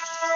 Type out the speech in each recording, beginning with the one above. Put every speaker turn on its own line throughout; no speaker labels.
Thank you.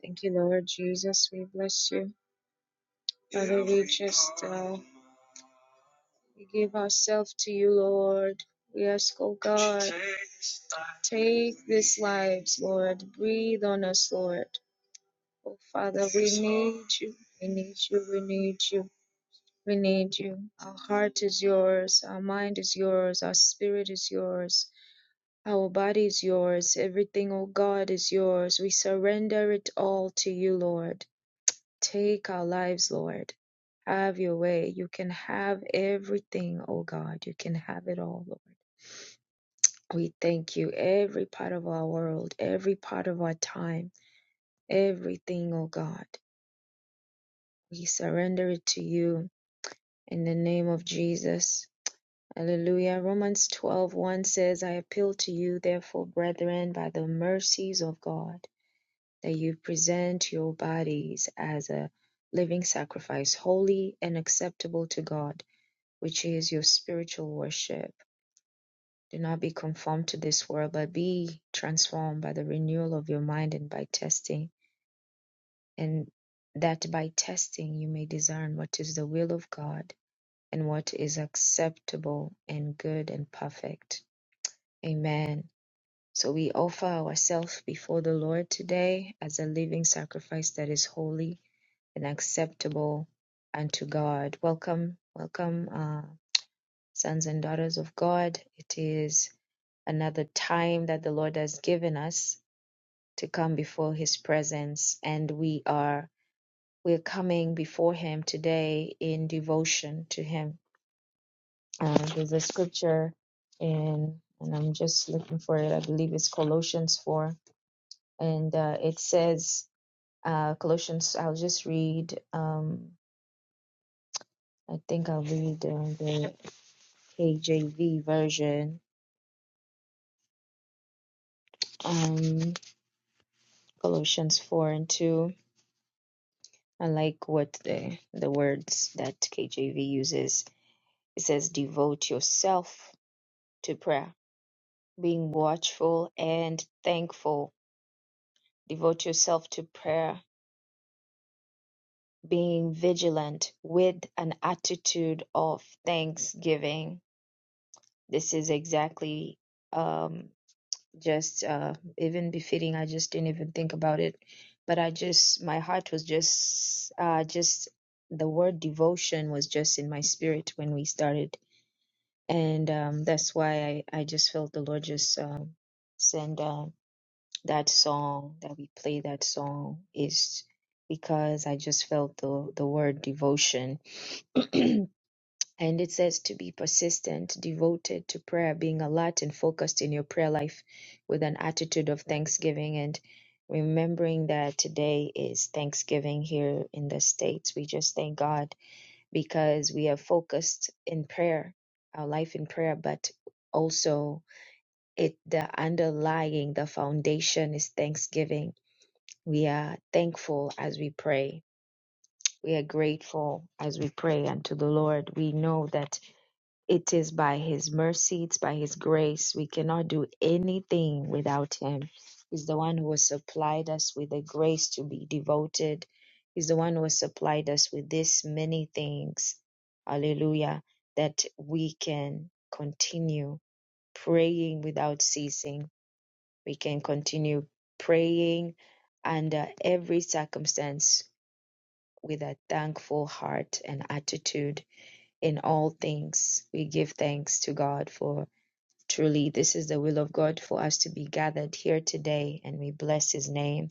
Thank you, Lord Jesus. We bless you. We give ourselves to you, Lord. We ask, oh guides, Lord. Breathe on us, Lord. Oh Father, we need you. We need you. We need you. We need you. Our heart is yours. Our mind is yours. Our spirit is yours. Our body is yours. Everything, oh God, is yours. We surrender it all to you, Lord. Take our lives, Lord. Have your way. You can have everything, oh God. You can have it all, Lord. We thank you. Every part of our world, every part of our time, everything, oh God. We surrender it to you in the name of Jesus. Hallelujah. Romans twelve one says, I appeal to you, therefore, brethren, by the mercies of God, that you present your bodies as a living sacrifice, holy and acceptable to God which is your spiritual worship. Do not be conformed to this world, but be transformed by the renewal of your mind and by testing, and that by testing you may discern what is the will of God and what is acceptable and good and perfect. Amen. So we offer ourselves before the Lord today as a living sacrifice that is holy and acceptable unto God. Welcome, welcome, uh, sons and daughters of God. It is another time that the Lord has given us to come before his presence and we are we're coming before him today in devotion to him. Um, there's a scripture in and I'm just looking for it. I believe it's Colossians 4 and uh, it says uh, Colossians I'll just read um, I think I'll read uh, the KJV version. Um, Colossians 4 and 2. I like what the, the words that KJV uses. It says, Devote yourself to prayer, being watchful and thankful. Devote yourself to prayer, being vigilant with an attitude of thanksgiving. This is exactly. um, just uh, even befitting. I just didn't even think about it, but I just my heart was just uh, just the word devotion was just in my spirit when we started, and um, that's why I I just felt the Lord just um, send uh, that song that we play. That song is because I just felt the the word devotion. And it says to be persistent, devoted to prayer, being alert and focused in your prayer life with an attitude of thanksgiving and remembering that today is Thanksgiving here in the States. We just thank God because we are focused in prayer, our life in prayer, but also it the underlying the foundation is thanksgiving. We are thankful as we pray. We are grateful as we pray unto the Lord. We know that it is by His mercy, it's by His grace. We cannot do anything without Him. He's the one who has supplied us with the grace to be devoted. He's the one who has supplied us with this many things. Hallelujah. That we can continue praying without ceasing. We can continue praying under every circumstance with a thankful heart and attitude in all things. We give thanks to God for Truly, this is the will of God for us to be gathered here today, and we bless His name.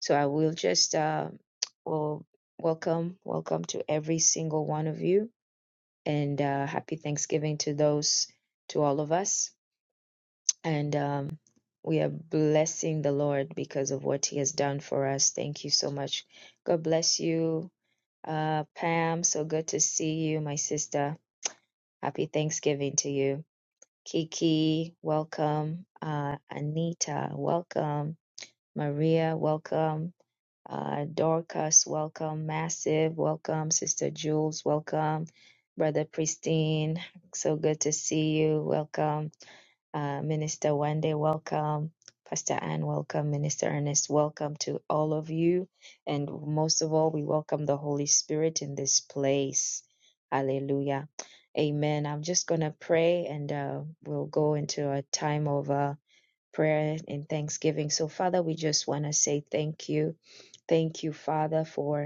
So I will just uh, well welcome, welcome to every single one of you, and uh, happy Thanksgiving to those, to all of us, and um, we are blessing the Lord because of what He has done for us. Thank you so much. God bless you, uh, Pam. So good to see you, my sister. Happy Thanksgiving to you. Kiki, welcome. Uh, Anita, welcome. Maria, welcome. Uh, Dorcas, welcome. Massive, welcome. Sister Jules, welcome. Brother Pristine, so good to see you. Welcome. Uh, Minister Wande, welcome. Pastor Ann, welcome. Minister Ernest, welcome to all of you. And most of all, we welcome the Holy Spirit in this place. Hallelujah. Amen. I'm just going to pray and uh, we'll go into a time of uh, prayer and thanksgiving. So, Father, we just want to say thank you. Thank you, Father, for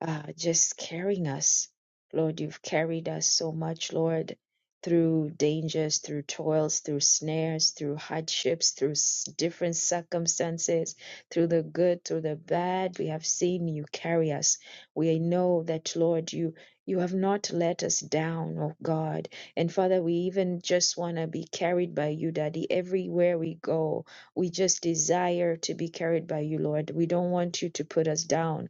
uh, just carrying us. Lord, you've carried us so much, Lord, through dangers, through toils, through snares, through hardships, through s- different circumstances, through the good, through the bad. We have seen you carry us. We know that, Lord, you you have not let us down, oh God. And Father, we even just want to be carried by you, Daddy, everywhere we go. We just desire to be carried by you, Lord. We don't want you to put us down.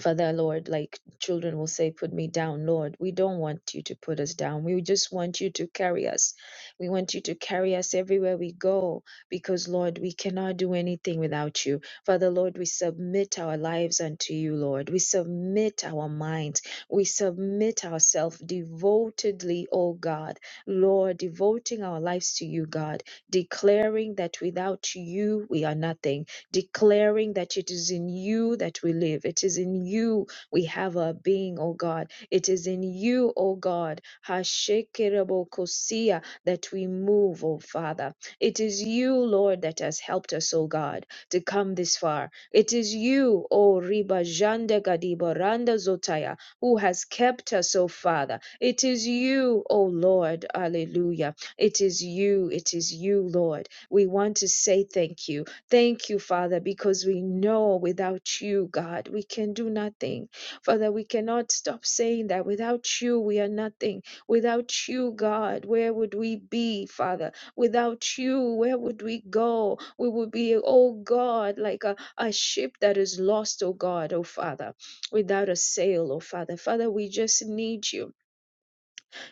Father, Lord, like children will say, Put me down, Lord. We don't want you to put us down. We just want you to carry us. We want you to carry us everywhere we go because, Lord, we cannot do anything without you. Father, Lord, we submit our lives unto you, Lord. We submit our minds. We submit ourselves devotedly, O God. Lord, devoting our lives to you, God, declaring that without you we are nothing declaring that it is in you that we live. It is in you we have our being, O God. It is in you, O God, Hashekerebokosia, that we move, O Father. It is you, Lord, that has helped us, O God, to come this far. It is you, O Riba Jande Gadiba Randa Zotaya, who has kept us, O Father. It is you, O Lord. Hallelujah. It is you. It is you, Lord. We want to say thank you. Thank you, Father, because we know without you, God, we can do nothing. Father, we cannot stop saying that without you, we are nothing. Without you, God, where would we be, Father? Without you, where would we go? We would be, oh God, like a, a ship that is lost, oh God, oh Father, without a sail, oh Father. Father, we just need you.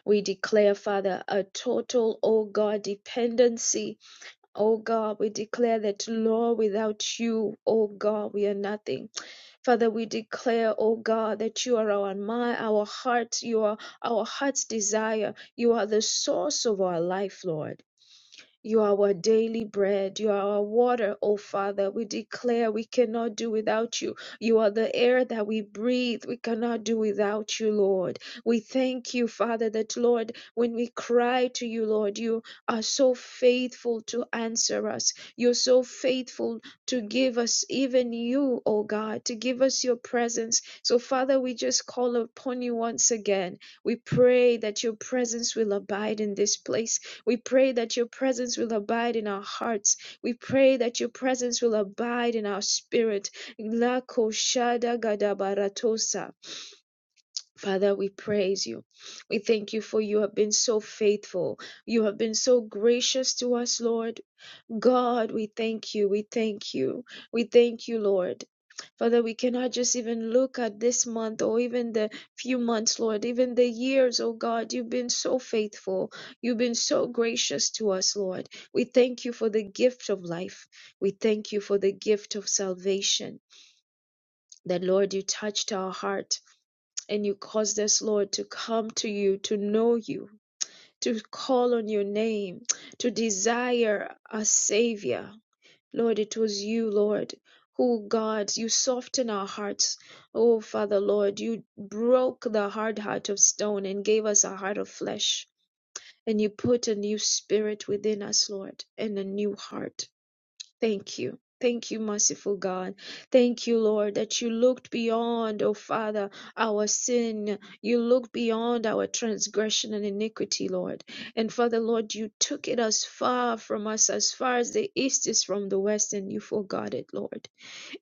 We declare, Father, a total, oh God, dependency Oh God, we declare that, Lord, without you, oh God, we are nothing. Father, we declare, oh God, that you are our mind, our heart, you are our heart's desire. You are the source of our life, Lord. You are our daily bread. You are our water, O Father. We declare we cannot do without you. You are the air that we breathe. We cannot do without you, Lord. We thank you, Father, that, Lord, when we cry to you, Lord, you are so faithful to answer us. You're so faithful to give us even you, O God, to give us your presence. So, Father, we just call upon you once again. We pray that your presence will abide in this place we pray that your presence will abide in our hearts. We pray that your presence will abide in our spirit. La koshada gadabaratosa. Father, we praise you. We thank you for you have been so faithful. You have been so gracious to us, Lord. God, we thank you. We thank you. We thank you, Lord. Father, we cannot just even look at this month or even the few months, Lord, even the years, oh God. You've been so faithful. You've been so gracious to us, Lord. We thank you for the gift of life. We thank you for the gift of salvation. That, Lord, you touched our heart and you caused us, Lord, to come to you, to know you, to call on your name, to desire a Savior. Lord, it was you, Lord, who, God, you softened our hearts. Oh, Father, Lord, you broke the hard heart of stone and gave us a heart of flesh. And you put a new spirit within us, Lord, and a new heart. Thank you. Thank you, merciful God. Thank you, Lord, that you looked beyond, oh Father, our sin. You looked beyond our transgression and iniquity, Lord. And Father, Lord, you took it as far from us, as far as the east is from the west, and you forgot it, Lord.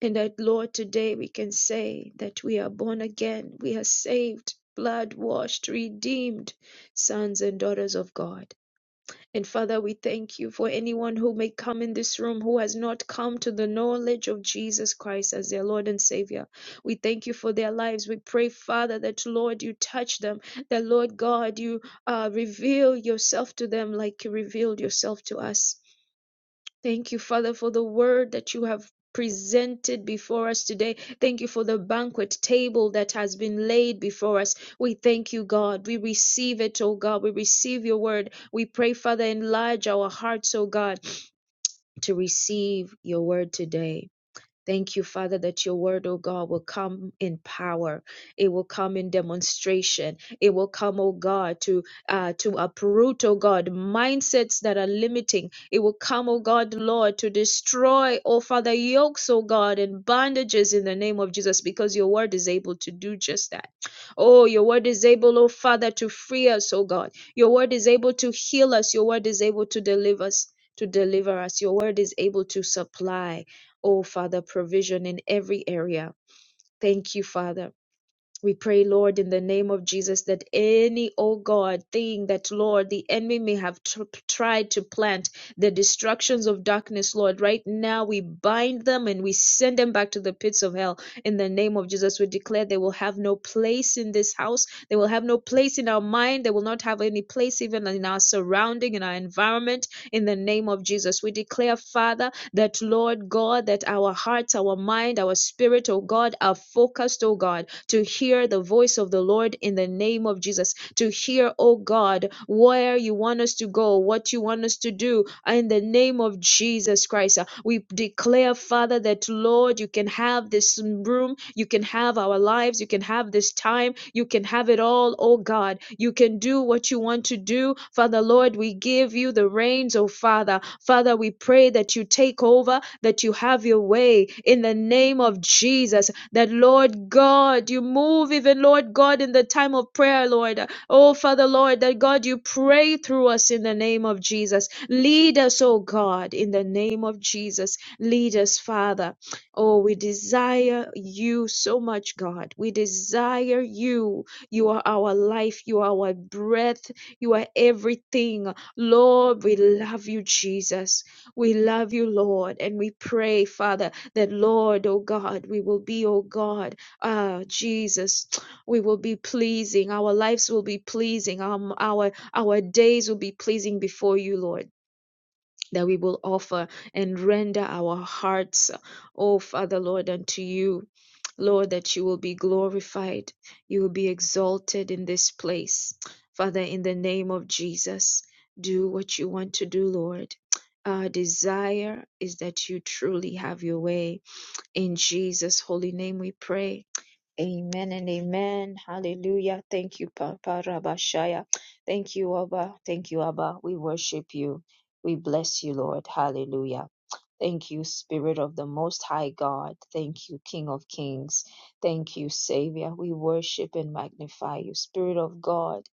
And that, Lord, today we can say that we are born again, we are saved, blood washed, redeemed, sons and daughters of God. And Father, we thank you for anyone who may come in this room who has not come to the knowledge of Jesus Christ as their Lord and Savior. We thank you for their lives. We pray, Father, that Lord, you touch them, that Lord God, you uh, reveal yourself to them like you revealed yourself to us. Thank you, Father, for the word that you have presented before us today. Thank you for the banquet table that has been laid before us. We thank you, God. We receive it, oh God. We receive your word. We pray, Father, enlarge our hearts, oh God, to receive your word today. Thank you, Father, that your word, oh God, will come in power. It will come in demonstration. It will come, oh God, to uh, to uproot, oh God, mindsets that are limiting. It will come, oh God, Lord, to destroy, oh Father, yokes, oh God, and bondages in the name of Jesus, because your word is able to do just that. Oh, your word is able, oh Father, to free us, oh God. Your word is able to heal us. Your word is able to deliver us. To deliver us. Your word is able to supply. Oh, Father, provision in every area. Thank you, Father. We pray, Lord, in the name of Jesus, that any, oh God, thing that, Lord, the enemy may have tr- tried to plant, the destructions of darkness, Lord, right now we bind them and we send them back to the pits of hell. In the name of Jesus, we declare they will have no place in this house. They will have no place in our mind. They will not have any place even in our surrounding, in our environment. In the name of Jesus, we declare, Father, that, Lord God, that our hearts, our mind, our spirit, oh God, are focused, oh God to hear the voice of the Lord in the name of Jesus, to hear, oh God, where you want us to go, what you want us to do in the name of Jesus Christ. Uh, We declare, Father, that Lord, you can have this room, you can have our lives, you can have this time, you can have it all, oh God. You can do what you want to do. Father, Lord, we give you the reins, oh Father. Father, we pray that you take over, that you have your way in the name of Jesus that Lord God, you move even Lord God in the time of prayer, Lord. Oh Father Lord, that God, you pray through us in the name of Jesus. Lead us, oh God, in the name of Jesus. Lead us, Father. Oh, we desire you so much, God. We desire you. You are our life, you are our breath, you are everything. Lord, we love you, Jesus. We love you, Lord, and we pray, Father that Lord, oh God, we will be, oh God, ah, Jesus, we will be pleasing. Our lives will be pleasing. Um, our our days will be pleasing before you, Lord. That we will offer and render our hearts, oh Father Lord, unto you, Lord, that you will be glorified, you will be exalted in this place. Father, in the name of Jesus, do what you want to do, Lord. Our desire is that you truly have your way in Jesus' holy name we pray. Amen and amen. Hallelujah. Thank you, Papa Rabashaya. Thank you, Abba. Thank you, Abba. We worship you. We bless you, Lord. Hallelujah. Thank you, Spirit of the Most High God. Thank you, King of Kings. Thank you, Savior. We worship and magnify you, Spirit of God.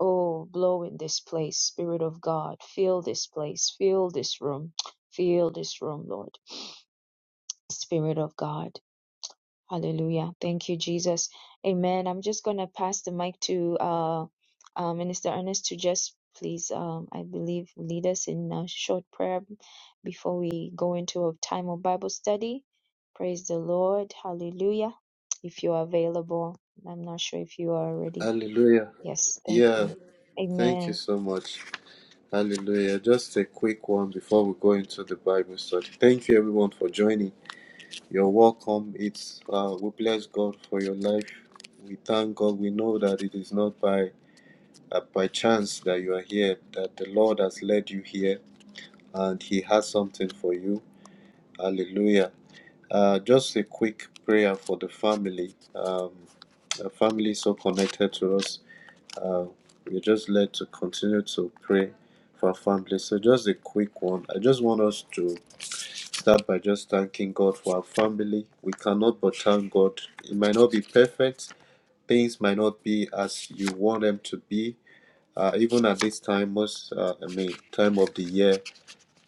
Oh, blow in this place, Spirit of God. Fill this place, fill this room, fill this room, Lord. Spirit of God. Hallelujah. Thank you, Jesus. Amen. I'm just going to pass the mic to uh, uh, Minister Ernest to just please, um, I believe, lead us in a short prayer before we go into a time of Bible study. Praise the Lord. Hallelujah. If you are available, I'm not sure if you are already.
Hallelujah.
Yes, thank
Yeah.
you.
Thank you
Amen.
so much. Hallelujah. Just a quick one before we go into the Bible study. Thank you everyone for joining. You're welcome. It's uh we bless God for your life. We thank God. We know that it is not by uh, by chance that you are here, that the Lord has led you here and he has something for you. Hallelujah. Uh just a quick prayer for the family. Um a family so connected to us. Uh, we're just led to continue to pray for our family. So, just a quick one. I just want us to start by just thanking God for our family. We cannot but thank God. It might not be perfect, things might not be as you want them to be. Uh, even at this time, most uh, I mean, time of the year,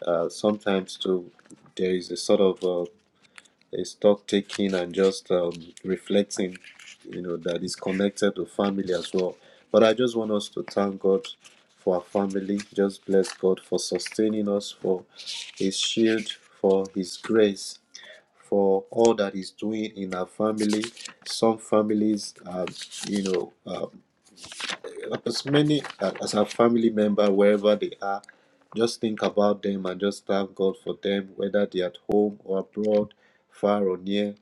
uh, sometimes too, there is a sort of uh, a stock taking and just um, reflecting, you know, that is connected to family as well. But I just want us to thank God for our family. Just bless God for sustaining us, for His shield, for His grace, for all that He's doing in our family. Some families, um, you know, um, as many uh, as our family member, wherever they are, just think about them and just thank God for them, whether they're at home or abroad, far or near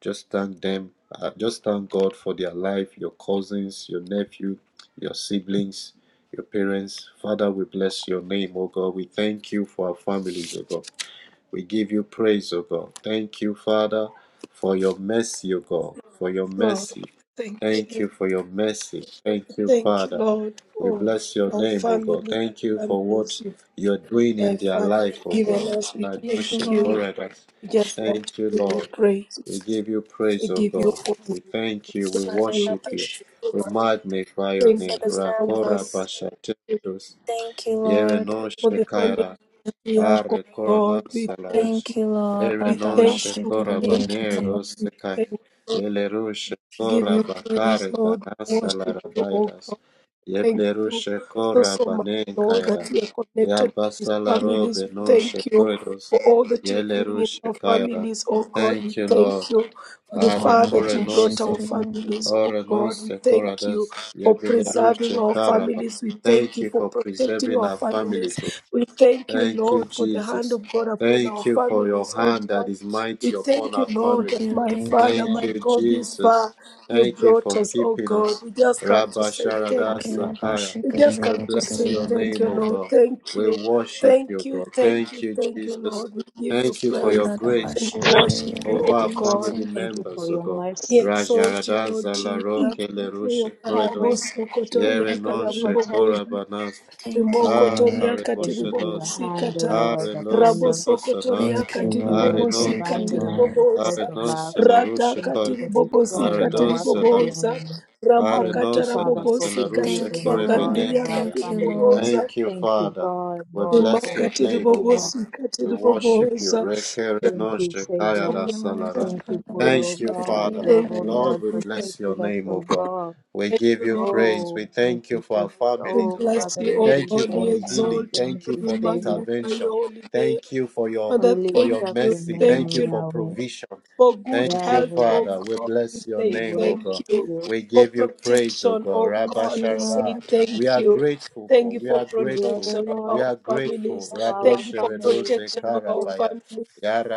just thank them. Uh, just thank God for their life, your cousins, your nephew, your siblings, your parents. Father, we bless your name, oh God. We thank you for our families, oh God. We give you praise, O God. Thank you, Father, for your mercy, O God, for your
Lord,
mercy.
thank
Thank
you.
you for your mercy. Thank you,
Thank you,
Father.
Lord,
We
for
bless your
our
name, O God.
family,
Thank you for what
families you've,
you're doing
my
in
Lord,
their
Father,
life, O
Thank
given
God.
you.
us. We
Thank you,
Radoshe
thank
Lord.
you.
Koradas.
We just want to
Thank you,
give you
Lord.
praise.
We give you
We
praise, O
give you
God.
honor.
We thank you.
Thank
We
you.
worship
Thank
you.
Karedabash.
you so
We
much.
magnify
Thank
your
you
Thank
for
name.
the
you so much
Rakora
families.
Bashatedos.
Thank you, Lord.
Yereno
for the family
Shekaya
that we have, oh
are corona
God. We thank
salash.
Thank
you.
you, Lord.
Ere
We
non
thank you.
shekora
Thank
banere
you,
Radabashikiriyekete.
Lord. We
rosekai.
thank you.
Ele rushe
We give
kora
you praise,
bakare
Lord. We
banasa
Worship you, oh
larabairas.
God. Thank
Yeble
you
rushe
so,
kora
so much,
banen
Lord, that
kaira.
we are connected with these
Yabasalaro
families. We
benon
thank you
shekoidos.
for all that you're
Yele
doing in
rushe
our
kaira.
families, oh God.
Thank
We
you, Lord.
thank you for the
Are
far that you brought our
corenosa.
Abaradabashikiriye.
families, oh
Ore
God. We
nose
thank you
coradas.
for
Yebele
preserving
rushe
our
karaba.
families. We thank
Thank
you
you
for
for
protecting
preserving
our
our
families.
families,
We thank you,
Thank you,
Lord, for the hand
Jesus.
of God upon our
Thank you for your
families, oh
hand that
God.
is
We
mighty upon
thank you,
our
Lord,
family.
Thank
that
you.
my
Thank you,
Father,
Thank
my
you,
Lord.
God, this
Jesus.
far you
Thank you
brought
for
us, oh
keeping
God.
us.
We just come to
Rabba
say
Sharada
thank you.
Sakaya.
We just
We
come to
bless
say
your
thank
name,
you,
O
Karedabashikiriyekete.
Lord.
God.
Thank
We
you.
worship
Thank
you,
you,
God.
thank
Thank
you,
you,
thank you,
Jesus.
Lord. We give you
Thank you for your
praise
grace, O
and we
God,
worship
over
you, oh
our family
God.
Karadabashikiriyekete.
members, O God.
We exalt you,
Rajarada
Lord Jesus.
Zalaro Kelerushe
Rabo
Koredos.
Thank
Yere
sokotoria
you for
non
katiribobo
Shekorabanas.
Thank you,
Ah,
Rimokotoria
Lord.
Thank you for
Kariboshenos.
your hand, O
katiribobosikata,
Lord,
Are nos
upon them.
nos
rabosokotoria
nos.
Thank you,
Thank you,
Are
Lord.
Lord, for
nos.
Thank you,
binding us to
Lord.
the cords
Are
katiribobosikatiribobosa,
of
nos
love.
la
rata
rushe
Thank you
koi.
for
Are
destroying the work
dos
of the
la
katiribobosikatiribobosa,
enemy.
are
Thank
no
ramakata
you,
sana
Father, for provision,
Thank you,
O
kore
God,
bene
Lord.
of
rabobosikatiribakandiria
our
kaya.
Thank you,
family.
Lord.
katiribobosa,
Thank you,
Thank you,
Father.
God,
We
Lord,
bless
for
your name, O
keeping
God.
us.
We worship you.
rimakatiribobosikatiribobosa,
Reke
Thank
reno
you,
shekaya
Savior.
you,
da salara.
Lord.
Thank you for,
rabobosikatiribobosa.
oh
Thank you,
God,
Father.
you
Abashikiriya
have,
Thank
oh
you,
Kariya.
Lord,
Lord,
we
Jesus.
bless your
protected us,
name, O
oh
God.
God.
We
Thank
give
you,
you
Lord.
praise.
Oh,
We
thank
thank you
you
for
for,
our
We
families,
oh
O
bless
God.
Father,
you, O
we
Thank
lift
you
God. We
for
thank
the
you,
healing.
exalt you.
thank
Thank you
you,
for
We
the
Savior.
magnify your
intervention.
holy name.
Thank you for your
We
Father,
lift
for your
thank
up
you.
your
mercy. Thank
name,
Thank
you
you
for
Yahweh,
provision.
for good
Thank you,
health,
Yahweh.
oh
Father. We
God. We
bless your
We
say
name, O
worship
God.
thank you.
you.
We
For
give you praise, O
protection,
God.
oh
Rabba
Thank you,
God, we say
Sharada.
Lord.
We
thank
are
you.
grateful
Thank
for.
you
We
for
are
You are
grateful.
the
protection of
Lord
We
our
are grateful.
families.
of our
Thank you
Radoshe
for
family.
redoze
protection
Thank
of our
you.
karabaya.
families.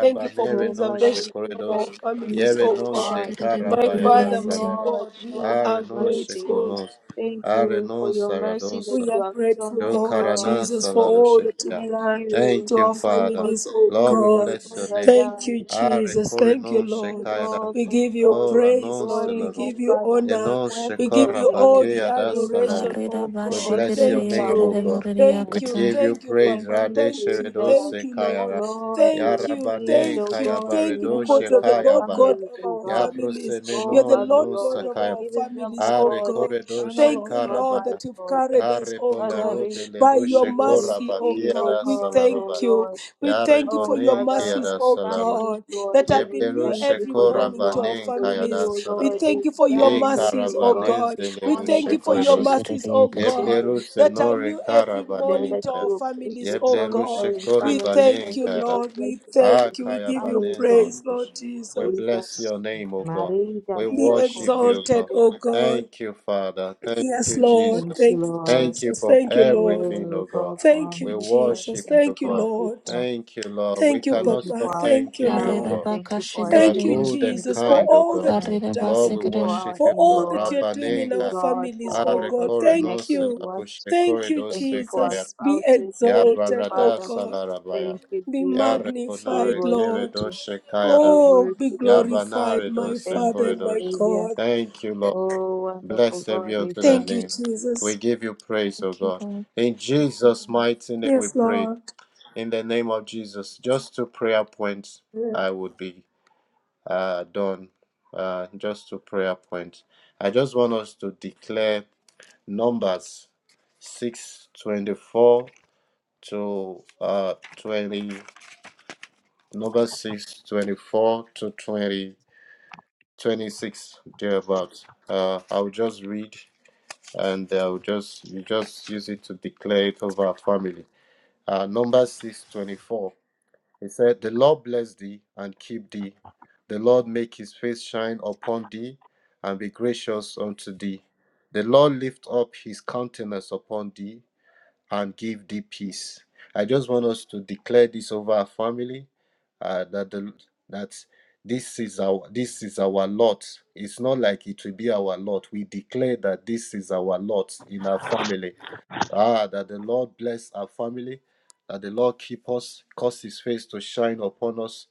Thank you for
Oh,
non
Father, we
preservation of
just
shekoredos.
our
um, thank
families,
Yere
oh
you, O
non
God.
ze
God,
Shikiri
My
that
karabaya
you
da
have,
Father, my
Kuriente.
salara.
Lord,
God, we
shown us
Are
are
non
mercy.
grateful.
shekonos.
Thank
Are
you for
non
your mercy that
We
saradosa.
you
are
have shown
grateful,
Yo
us,
Lord
Lord.
karana
Jesus, for all that you've
salarushekaya.
Thank
done
you.
Thank
to
you,
our
Thank you
Father.
for
families, oh
this,
Lord, we
uh,
God.
bless your
Father
name.
God.
Thank you,
Are
Jesus. Thank you,
korino
Thank you,
Lord.
shekayada.
Lord,
We
for
give you
all
Ora
praise,
non
Lord. We
destroying,
salarush.
oh
give you
Father,
honor.
Eno
We
weapons
give
of
shekora
you
the
all the
enemy.
bakeya da
Thank you.
salaru.
adoration,
Karida
oh
We
God.
Thank you
bless
for
your
Thank
Bashikiri
name, O
you.
God.
salvation.
Thank
We
you,
Kuriakata.
give you
thank you,
praise.
Thank
Papa.
you,
Thank you,
Jesus,
Radesheredo
thank you,
that
Lord.
sekayara.
Lord, you
Thank
have
you,
saved,
Yarabane
oh
thank you,
God, the
thank you,
kayabaredo
members
because you're
of
the
our
Lord
shekayabara.
God
families,
of
oh
our
God.
families.
Oh,
You're the
Yabrosemeno
Father,
Lord
renon
God
Lord,
of
and
sakaya.
our
giving them,
families,
oh
oh
Are
God,
God.
koredo
eternal,
Thank
oh
you,
God,
Lord,
life,
shekarabara.
that you've
Lord.
carried us,
Yare
oh
Father,
bolaro
God,
receive,
by
belero
your
we
shekora
mercy, oh
receive,
God.
oh
bakiara
We
God, oh
salaroba.
thank you.
Lord.
We thank
Yare
Thank you
Oh,
for your
bonen
Father, our
mercies,
kiara
oh
salaro.
families,
God,
Lord,
that
and
have
we
been
Yebero
new
thank you
every
for
shekora
them,
morning to
Lord.
our
banen
For you,
families.
kayara
oh
We
Lord,
salaro.
thank you for your
E
designed us,
mercies,
oh
oh
God,
karabanen
to
God.
be
We
zelero
born in
thank
this
you
Karida
for your
koiros.
family.
mercies, oh
Bashikiri
We
Kate.
God,
Yeblero
thank you.
that are
senore
new every
We say
morning
karabanen
that
to
kaya.
our
you place
families,
the
oh
Yeblero
God.
solitary in
shekori
We
families.
thank
banen
Thank
you,
you for
Lord. We
placing us in
thank you.
the
We
Akaya
give you
families,
Banenze
Lord.
praise,
Kosh.
Lord
We
Jesus.
bless
Jesus.
your name, O God.
Maria,
We
Be
worship
Joko,
you, O
exalted,
God.
oh God.
Thank you, Father. Thank
Yes,
you,
Lord.
Thank
Jesus.
you,
Thank you,
Lord.
Thank you
Jesus.
for
Thank you,
Pray,
Lord.
everything, O
will
God.
go for our
Thank
We
you,
midwife.
Jesus.
worship
Thank you
you,
Thank you,
for our
God.
Lord.
patriarchs.
Thank you, Lord. We
Thank you,
Thank
cannot
you
Papa.
for
stop
our
Thank you,
thanking you, O
parents.
Lord.
Karida
God.
Thank
Baka
you for our
You are
Thank you,
Shikiri.
siblings.
good and
Thank you
Jesus,
for
for
our
kind, O
all
God.
that
children.
you've
Karida
Lord,
Thank
done,
we
you for
Basikiri.
worship
our
you,
for
O
all
God.
that
in-laws.
you're doing
Thank
in
you,
our
Rabbanenka.
God, for
families, oh
all
Are
those
God.
kore no
Thank
connected
se
you.
to us.
Thank you,
Thank you for our
la
Jesus. Be
spouses.
Ya
Thank you,
exalted, oh
barada
Father.
God.
salarabaya.
Thank you,
Be
Ya
Jesus. We
magnified,
rekonore
worship
kere
Lord.
you.
doshe kayada.
We
Oh,
worship
be
Ya
you.
glorified,
banare
We
my
doshe
thank
Father
you,
and my
koredosh.
Savior.
God.
Thank you, Lord.
Oh, wonderful
Blessed
God,
be
we
unto thy
Thank
thank
you,
you.
name. We
Jesus.
give you praise, O
Thank you,
God.
Lord.
In Jesus' mighty name we
Yes,
pray.
Lord.
In the name of Jesus. Just two prayer points I would be uh, done. Uh, just two prayer points. I just want us to declare Numbers 624 to uh 20 number 6 24 to 20 26 thereabouts uh i'll just read and i'll just you just use it to declare it over our family uh number 6 24. it said the lord bless thee and keep thee the lord make his face shine upon thee and be gracious unto thee the lord lift up his countenance upon thee and give thee peace. I just want us to declare this over our family uh, that the, that this is our this is our lot. It's not like it will be our lot. We declare that this is our lot in our family. Ah, that the Lord bless our family, that the Lord keep us, cause His face to shine upon us,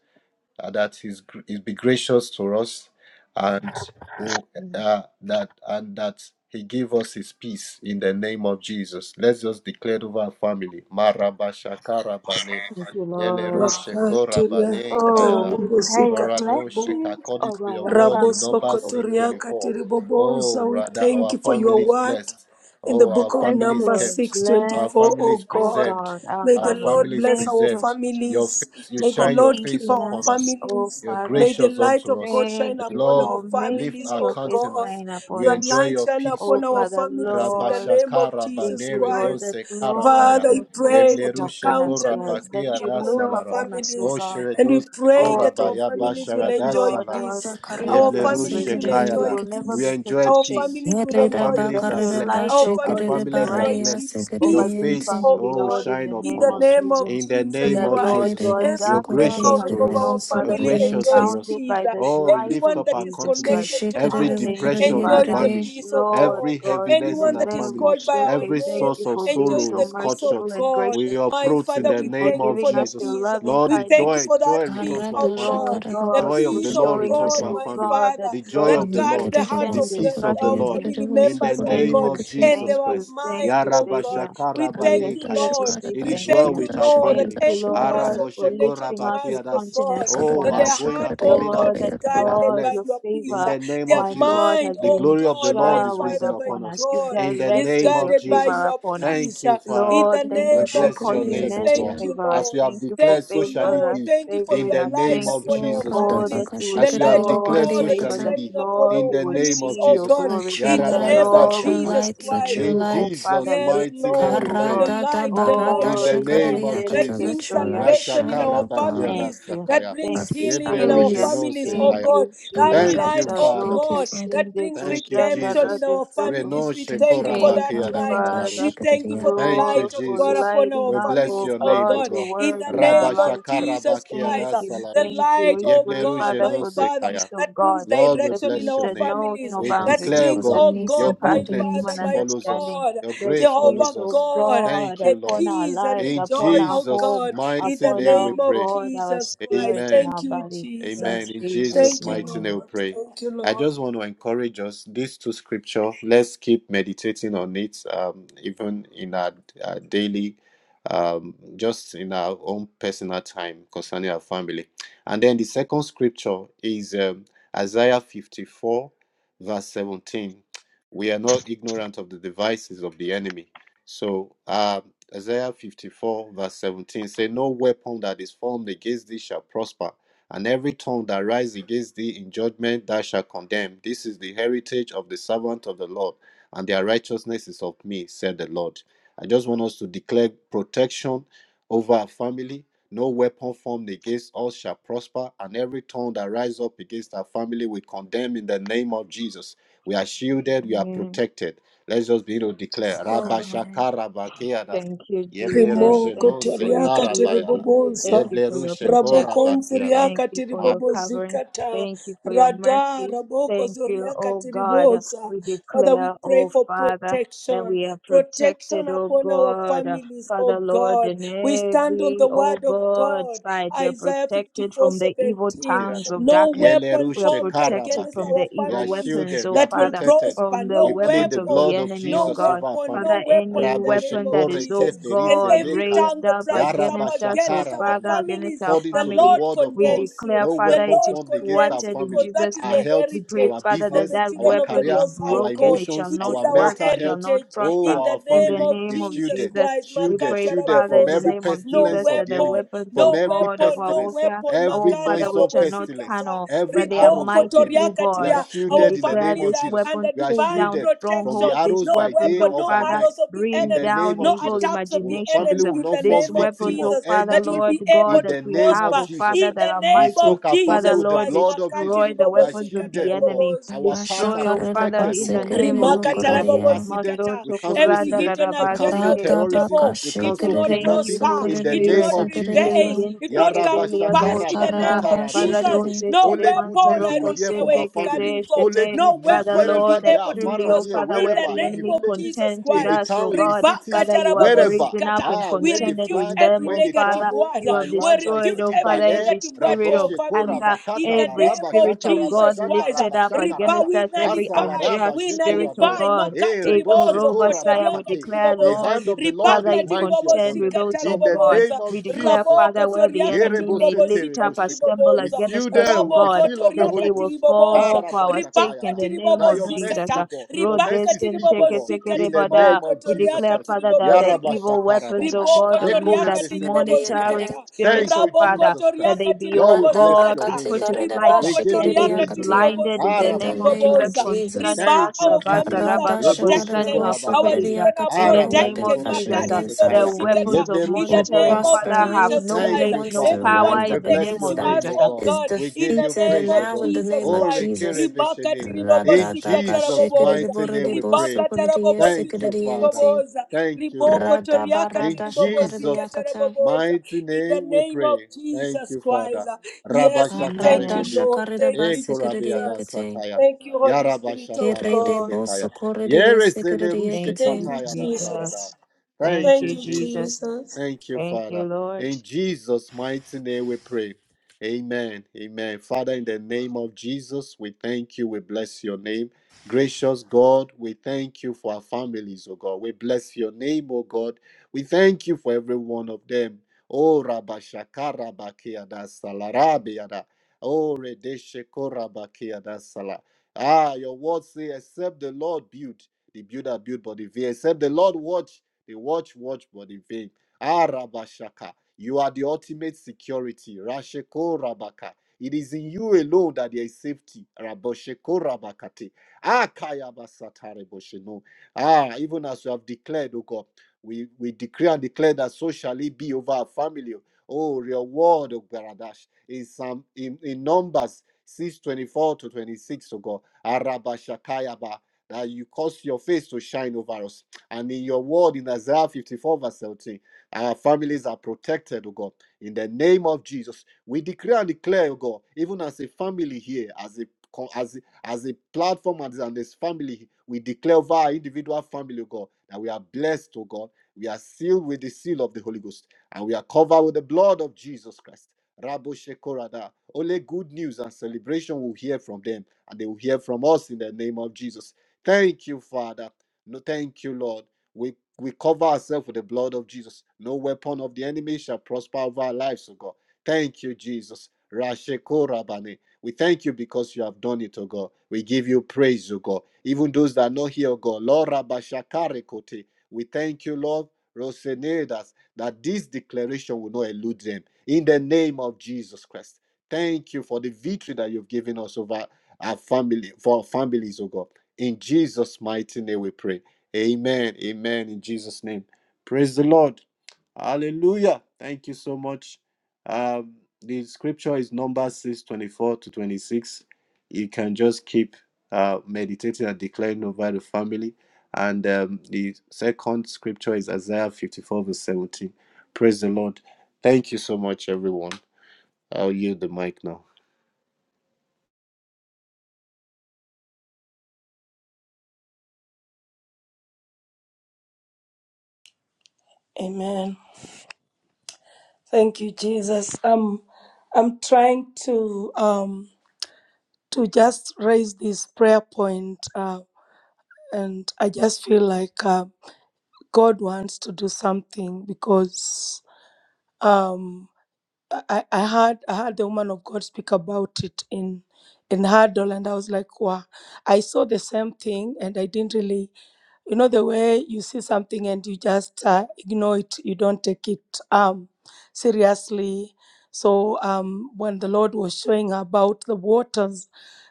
uh, that he's gr- he'll be gracious to us and who- uh, that and that he give us his peace in the name of Jesus. Let's just declare it over our family. Marabashakarabane,
Thank you, Lord.
Wakatiria
yelerushekorabane
Oh, we
kayada.
declare
katarabobosi
your
Paradoshek,
katarabo.
blessings
according
over
to your
our
word in
family.
Numbers
Oh,
Rabosokotoria
624. Oh,
katiribobosa. We
rather,
thank
our
you for your
family is
word.
blessed.
in the
Oh, our
book of
thank
family
you,
is
Numbers
Lord.
kept.
six twenty
Bless,
Our
four, O
family is
oh
God.
preserved.
God, our
May the
Our
family.
Lord
family is
bless
Thank
our
you
preserved. Your
families.
face, you
May the
for
shine your
Lord
face
keep
keeping
our
upon us.
us, oh
families.
You're
Father.
May the
gracious
light
unto
of
us.
God
Thank
shine
The
you
upon
Lord
our
for
lift
families,
making
our
your
oh
face
God.
countenance.
shine
We
upon
Your
us,
enjoy
light
your
shine
peace, O
oh
upon
God.
our
Father,
families in the
Lord.
name of
Rabashakara
Thank
Jesus
banere
you, Lord,
Christ.
that
Neredose
Lord,
Karabaya.
Father, we
your
pray
face is
that your
Yeblerushe
upon us, Lord,
countenance
that
will be
Korabakia
you
da
upon
look
our
salara.
upon us, oh
families.
God.
oshere
And we
Osheredose
pray
Oh,
that our
thank
Korabaya
you,
families will
bashara
that
enjoy
Lord,
Basharadasalara.
our
peace.
face
Our
Shakarida
will be
Yeblero
families will
radiant. We
Basikiri
enjoy
Shekayada.
will
Kate.
never
We
be
peace.
put
enjoy
to
Our
shame.
peace.
families will
Our
Karida
Thank
enjoy
you that
families are
peace.
your
Bakarida
blessed.
light,
Our
O
Our
God, is
families
Bashikiri
will
families are
bright
enjoy
Baradia
blessed.
peace.
Your
over
Peace,
this
peace,
Sikiriente.
face,
oh
family,
oh,
God.
Lord, in
shine
the
In
name
upon
the
of
us.
name of
In
Jesus.
the
Jesus
name
That,
of
Lord
Christ,
Jesus,
Yekiri
God,
every
you're
darkness
gracious
Vosukuri
member
has
to
of
been,
us.
oh
our
You're
Father,
family
gracious
Kiri
to
enjoys
us.
confounded
peace.
by the
Oh, you
light
lift
of
Everyone
up
that
our
is
Jesus
countenance.
Christ.
connected
Keshe
to
Every
karere
us
Thank
vakurere
you,
depression is
enjoys
Father.
the
yekarere.
banished.
peace of
Lord
God.
Every
God, in
heaviness
the
in
Anyone
our
that is
name
family,
of
called by our
Sheke,
every
thank
name
source
you
of
for being
sorrow
enjoys
so
the
is cut
peace of
short.
merciful and
God.
We
gracious.
My
approach in
Father,
Thank
the
you
we
for
name
thank you
of
for
giving
the
us your
Jesus.
peace.
loving
Lord,
We
the
thank you
kindness.
joy,
for
joy
that
return
Thank
peace,
Karra
to our
oh
you,
dasha
family.
Lord
God
Kishikiriri wakuriri yikiriri. Karada shakarada
the
God,
Joy
dasha
of
for
the
peace
Lord
of
showing
return
us,
to
God,
our
yikiriri.
oh
my
family.
God, that,
Father,
The joy
Lord,
of
that
the
we
guards
can
Lord,
the
Yikiriri
hearts
the
of
depend and
the
peace of
trust
wasukuriri
the
our
in you.
Lord,
yikiriri
family
in the
members, oh
wasukuriri
Thank
name
God,
you.
of
yikiriri.
and
Jesus
Thank
their
you.
Christ.
Thank
mind,
you,
oh God.
Savior.
We
We
thank
are
you,
Karada
here
Yarabashakarabanekaya.
to
Lord.
say
It
shakarada
We
is
thank
well
thank
you.
you,
shakarada
with our
Lord, that
Thank
family.
shakarada
you,
every
Lord,
shakarada.
person
for
connected
lifting
to
up your
us, oh
Araboshekorabakiadas.
God,
countenance
Shakarada
Oh,
upon
that
our
their
us.
going
heart,
and
vashakarada
oh
coming
God,
out,
Lord,
yakarada
that
is
we
yakarada.
are
guarded
God,
by
your
blessed.
your
In
peace.
favor,
the name
Their
of
my
Jesus,
God, has
mind,
the
oh
been
glory of the
God, my
Lord is
showered
risen
Father, my
upon
upon us.
us.
You've
God,
In the
is
name
directed your
of
guarded by
Jesus,
favor
your
upon us.
thank
peace.
you, Father.
In
Lord,
the
Karada
thank
We
name
you for
of
bless your
causing
vashikiriri
name,
Jesus,
O
men to
thank
God.
rada
you,
favor us.
As we
Lord.
have
Thank you for
declared,
Thank
so
you,
shall it
Lord.
favor,
be
Thank you for
in
favoring
your
the
us.
name
light
Thank
of
you.
upon our
Jesus
Esorada
Oh,
Christ.
that
families,
you would
the
As we have
vakashikiriri
light of
show us
declared,
wakuriri
so
God that
shall
favor,
is
it
yakata.
that
shining
be
upon
Lord,
in
our
we
the
would
name
families,
of
see
oh
your
Jesus.
God,
glory.
Let your
in the
The
light,
name
Yarabayada
of
let
Lord, we
your
would
Sakaya.
Jesus
light,
see
let
Christ.
your
In
you, O
light.
Father,
Jesus'
Yes,
mighty
lifted
name
up,
Lord,
we
O
that
pray.
the
God.
light, the light,
In
Oh,
the
oh God,
name of
that
Karadadabaradashakaridiakata,
brings
Let
Jesus.
your
Rishenderekesoya.
light
salvation in
shine,
our
Rashakara
O God.
Thank
Bakiada
families,
you.
that
Sakaya.
Thank
Our
brings
you,
healing in our
Yebleruje
Savior.
families.
no
families, oh
Thank
Mm.
Sekaya.
God,
you,
that
Jesus.
Thank you,
light,
Abaradash.
oh
Father.
Thank you,
Adoko
God,
Father.
that
Sende
brings
Thank you,
Kushanda
redemption in
Jesus.
our
Radesoko.
Reno
families. We
Thank
thank
you,
you
Shekora
for
God.
Thank
that
you,
Bakiada
light.
Father,
We
Salarush.
thank you for
Arirabashakaridia.
the
Thank you,
Lord,
light of
for
God
Jesus.
upon
lighting
our
We
up,
bless
oh
families,
your
oh
name, O
God,
God,
your
God.
in
word
the
in our
Rabba
name of Jesus.
lives.
shakara
Jesus
bakia
Thank
da
Christ, uh,
you,
the
salarush.
thank you.
light,
We
oh
Yeble
pray,
God,
ruje
Father,
my
non
for the
Father,
peace
sekaya.
of
that brings
God,
Lord, we
the
direction in
peace
bless
our
your
that
name.
knows
families,
no
We
that
boundaries,
declare, O
brings,
the
God,
oh
peace that
God,
your
my
passes
goodness
Father,
human
Aridibosokorodiesokoridiente.
my
follows us.
understanding,
God,
Your
the
grace
peace
follows
Jehovah
of
us.
God,
God
Thank
the
you,
upon
Lord.
our
peace and
lives,
the
In
upon
joy,
our
oh
Jesus'
home,
God, in
mighty
the
upon
name we
our
name of
pray.
God, our
Jesus Christ.
spirit, and
Amen.
our
Thank you,
body. In
Jesus.
Amen. In
Jesus'
Jesus'
Thank you,
mighty
name,
name, we
Lord.
pray.
Thank
I
you,
just want to encourage us. These two scripture. Let's keep meditating on it, um, even in our, our daily, um, just in our own personal time concerning our family. And then the second scripture is um, Isaiah fifty-four, verse seventeen. We are not ignorant of the devices of the enemy. So uh, Isaiah fifty-four, verse seventeen, say, "No weapon that is formed against thee shall prosper." And every tongue that rises against thee in judgment thou shalt condemn. This is the heritage of the servant of the Lord, and their righteousness is of me, said the Lord. I just want us to declare protection over our family. No weapon formed against us shall prosper, and every tongue that rises up against our family we condemn in the name of Jesus. We are shielded, we are
amen.
protected. Let's just begin to declare.
Lord.
Amen.
Rabashakarabakeada.
Thank you.
Yeblerushe
Thank
Rimoko
no
toriaka
mercy.
sekarabaya.
Thank
tiribobosa,
you for your
Yeblerushe
rabokon
protection.
korabakeada.
Thank
zoriaka
you for your covering.
tiribobozikata,
Thank you for your
rada
mercy.
raboko
Thank you,
zoriaka
oh God.
tiribosa.
We
Father, we
declare,
pray
oh
for
Father, that
protection,
we are
protection
protected, oh
upon our
God.
families,
Father,
oh
Lord,
God.
in
We stand on the
every, oh
word of
God,
God,
side, we are
Isaiah
protected from the evil
54:17.
tongues
Kirado.
of
No
darkness.
Yele
weapon
We are
rushe
formed
protected
against
from
karabake.
our
the
for
We
evil
are
families
weapons,
shielded. We
oh
are
that will
Father,
protected.
prosper.
from the
We
No
plead
weapons
the
of the
blood
weapon,
of
enemy, oh
no
Jesus
God.
over our
weapon, no
family.
Father, any
weapon in the
Rabo
name
weapon
of
that
shekore
is, oh
Jesus. And
God,
every
nekaya.
tongue
raised
that
up
rises up
Yaraba
against us, oh
against our
Father, against
families,
our
According
the
to the
families,
Lord
word of
we
God,
condemns you.
declare,
no
The
Father,
weapon
it is
Lord
formed against our
condemns you
thwarted in
family,
because that
Jesus'
is
our
the
name.
health,
We pray,
our
heritage
Father,
of
that
the
business,
that
our
children of
weapon
the
is
career,
Most High
our
broken.
God.
It shall
emotions,
It
not
is
our
our
work.
mental
It shall
health.
not
heritage
Oh,
prosper.
in
our
the
In the
name
family
of
name
is
of
Jesus
shielded,
Jesus,
Christ.
we
shielded,
pray,
Makata
shielded
Father,
from
in the
every
raboboza.
name of
No
Jesus,
pestilence of
that
the
the
enemy
weapon,
weapons,
from
oh
no
every
God, of
weapon,
our
no
pestilence,
warfare,
weapon.
our
every
Makaria
Father,
noise
which
of
are not
pestilence,
bobosikata.
carnal,
every
but they are
arrows
Riboko
of the
mighty
enemy.
through
We
God
are
toriakatria.
we
Our
shielded in the
declare
name
families
of
this
are
Jesus.
under
weapon,
We are
pull
divine
down
shielded from the
strongholds,
protection.
these
arrows
No
by
weapons,
day
oh
weapon,
or
no
by
Father,
arrows
night.
of the
In
bring
the
enemy,
name
down
of
no
evil
Jesus,
attacks of the
our family
imaginations.
enemy
uh,
will
in the
not fall
These
name of
victim
weapons,
of
oh
Jesus
Father,
that
any
will
Lord
evil.
be able
God,
In
that
to
the
we
name
have,
of
prosper
oh
Jesus
Father,
in
that
Christ,
the
are
we
name
mighty.
soak
of
our family
Father,
Jesus
with the
Lord,
Christ.
blood of
Makati
Jesus.
destroy the
We are
weapons of the
shielded, O God.
enemy.
ribobosikata
Our paths are
Destroy, oh Father,
protected, O
in the
God.
name of
No, we
Jesus.
cancel
Abashakarirabasikiridibokoridia.
accident,
Rimakatarabobozikata.
we
Mazoto
cancel
Every
kuranda
incident,
hidden
we
agenda
cancel
of
rarabaseke.
the
terrorism,
devil,
we
it will
cancel
I
not
thank
kidnapping
you,
prosper,
Holy
in the
it will
name
Spirit.
not
of Jesus
Eh,
prevail,
Christ.
Radabakashikiridibosokoridiesikiridibo.
it will
yente
not
que
come
te
to
liado
pass in the name
shata,
of
para
Jesus.
Yarabashakarabakatarabosheko.
Yakaradabashikiridi.
doce te
No
de
Only good
weapon,
news we
I
will
mantaroko
don't
hear
care
from
where
our
sende
it's
que
family.
de
coming from,
Only
shete.
good
no
news,
Father
weapon will
wherever
be
Lord,
they
that
able
are,
to
far
truly,
and
oh
near,
prosper
Father,
in
where
the
wherever,
the
in the
name
enemy
of
villages,
Jesus
contends with
in the
us,
Christ.
oh
town, in the
God,
cities,
Father, you have
wherever.
risen up
Ribakatarabobozikata.
and
Ah,
We
when they
contended
refute
fly,
with them,
every
when
oh
they
negative
Father.
travel
You
word,
by
have
we
land, by
destroyed,
refute
oh
sea, by
every
Father,
air.
every
negative word to
spirit
our
of
Rabosheko
families
anger,
in
rabakata
the
la
every
name of
spirit,
rabashaka
oh God,
Jesus
rabashaka
Christ.
lifted up
rabashaka
Ripa,
raba.
against
we
us, every
nullify,
Asalaraba
unjust
we
spirit, oh
Jekorabaya.
nullify.
God.
Eh,
Makati
Eh,
ribozo,
Koroba Saya,
kotoria
we
kati
declare,
The
riboboza,
Lord, if
hand of the
ripa
Lord
Father,
is
you
kati
mighty upon
contend
ribobozi
them.
with us, O
In the
God.
name
kataraboboza,
of
We declare,
Jesus
rabo
Father,
Christ.
where the
kotoria kati
enemy may
ribobozi
lift
Yerebosetere
up,
kati
assemble
We
riboboza,
seal
against us,
them
O
with
rabo
the
God,
seal of the
kotoria
that
Holy
they
kati
will
Ghost.
riboboza,
fall for our
ripa
sake in
Arabashakayada.
kati
the name
By
of
your
ribobozi
Jesus.
mercy, O
kata
Uh,
God. Your
ribaka
mercy speak, O
tiribobo
God.
zika
In the
tiribo
name of
We
Jesus
kotoriaka
declare,
Christ.
Father,
tiribobo
that the evil
zikata
weapons, O
Yarabashakarabana.
riboko
God, of
Ashkarada
toriaka
that
tiribobo
basakadeya
Rekorebeselerushekaya.
monitoring
grede,
zikata
spirits,
Thank
O
you,
raboko
Father,
Jesus
that
Christ.
they
toriaka
be,
Lord,
O
we
tiribobo
randa
bless
God,
your
be
zikata
name,
bakate
O
put to
God.
karede
flight uh,
We
riboko
give you
and they
bashikedeya
be
toriaka
praise, O God.
kateya.
tiribobo
blinded in the
zika
In the
name of
name of
Jesus
tiriboboza
Arabashakaredos.
Jesus.
concerning
riba
Thank
us,
you,
our
Sabata
Jesus.
families are
Karada
Rabaka,
Redoshe
shakarede
concerning
protected
our
our
families. uh,
korabakati.
bosokodeya
children are
kata.
in the
No
name
Arabaye
weapon
protected
of
fashioned
Jesus.
makati
Uh,
against our
ribobo
the
korabenosakaya.
families
zikata
weapons of
in
Yeblerushe
the
will
name
monitoring,
of
Father,
prosper.
korabakati.
have
Any
Jesus
no
tongue that
Christ
Thank
place,
you,
wants
no
to
Father.
everyone
power
rise
We
in
up
the
bless
connected
name
to
of
your
against them
name,
us,
Jesus.
O
Uh,
oh
God.
is
God,
We
in
give
the
you
defeated. And
name
praise, O
of
now,
God.
in the
Jesus
name
O
of
Christ.
Jesus.
Ribaka
rekerebeshene. In
Rada
tiribobosika
daka
Jesus'
shikarede
taraboboza,
mighty name
borede
we pray.
ribaka
bosokodeya
Thank
tarabobosika
you,
sikadeya
Father.
inting.
tiriboboza,
Thank you,
riboko
Lord.
Rada
toriaka
In
barada
tiribobosika
Jesus'
shakadeya
taraboboza,
mighty
in the
name we
name of
pray. Thank
Jesus
you,
Christ.
Father.
Yes, we thank you,
Arada
Amen.
Rabashakarebode.
Lord.
shakarida
Thank you,
basikiridia
Ekorabeada
Jesus.
kete.
sataya.
Thank you, Holy Spirit of
Kerede
God.
boso
Yarabashakaradosekaya.
koridia sikiridia
Yerezelerushe
Thank
Thank
you,
kete.
you,
kataya da sarada.
Jesus.
Jesus.
Thank
Thank
Thank
you,
you,
you,
Jesus.
Jesus.
Jesus.
Thank you,
Thank you,
Father.
Lord.
In Jesus' mighty name we pray. Amen. Amen. Father, in the name of Jesus, we thank you. We bless your name. Gracious God, we thank you for our families, oh God. We bless your name, oh God we thank you for every one of them. Oh, Rabashakara Bakiada Salarabiada. Oh, Redeshekora Bakiada Sala. Ah, your words say, except the Lord build, the builder build, but in vain. Except the Lord watch, the watch watch, but in vain. Ah, Rabashaka. You are the ultimate security. Rasheko Rabaka. It is in you alone that there is safety. Rabosheko Rabakate. Ah, Kayabasatare Bosheno. Ah, even as you have declared, O God. We we decree and declare that so shall it be over our family. Oh, reward of Baradash in some in, in Numbers 6 24 to 26, oh God. Araba Shakayaba, that you cause your face to shine over us. And in your word in Isaiah 54, verse 17, our families are protected, oh God. In the name of Jesus, we decree and declare, oh God, even as a family here, as a co- as a- as a platform and as this family, we declare over our individual family, oh God, that we are blessed, oh God we are sealed with the seal of the Holy Ghost, and we are covered with the blood of Jesus Christ. Rabo Shekorada. Only good news and celebration will hear from them, and they will hear from us in the name of Jesus. Thank you, Father. No, thank you, Lord. We we cover ourselves with the blood of Jesus. No weapon of the enemy shall prosper over our lives, O God. Thank you, Jesus. Rashekorabane. We thank you because you have done it, O God. We give you praise, O God. Even those that are not here, O God. Lord Rabashakare Kote. We thank you, Lord. Rosenadas, that this declaration will not elude them in the name of Jesus Christ. Thank you for the victory that you've given us over our family, for our families, oh God. In Jesus' mighty name we pray. Amen. Amen. In Jesus' name. Praise the Lord. Hallelujah. Thank you so much. Um, the scripture is Numbers 6 24 to 26. You can just keep uh, meditating and declaring over the family. And um, the second scripture is Isaiah 54 verse 17. Praise the Lord. Thank you so much, everyone. I'll yield the mic now.
Amen. Thank you, Jesus. Um, I'm trying to um to just raise this prayer point, uh, and I just feel like uh, God wants to do something because um I, I I heard I heard the woman of God speak about it in in Hurdle, and I was like, wow, I saw the same thing, and I didn't really you know the way you see something and you just uh, ignore it you don't take it um, seriously so um, when the lord was showing about the waters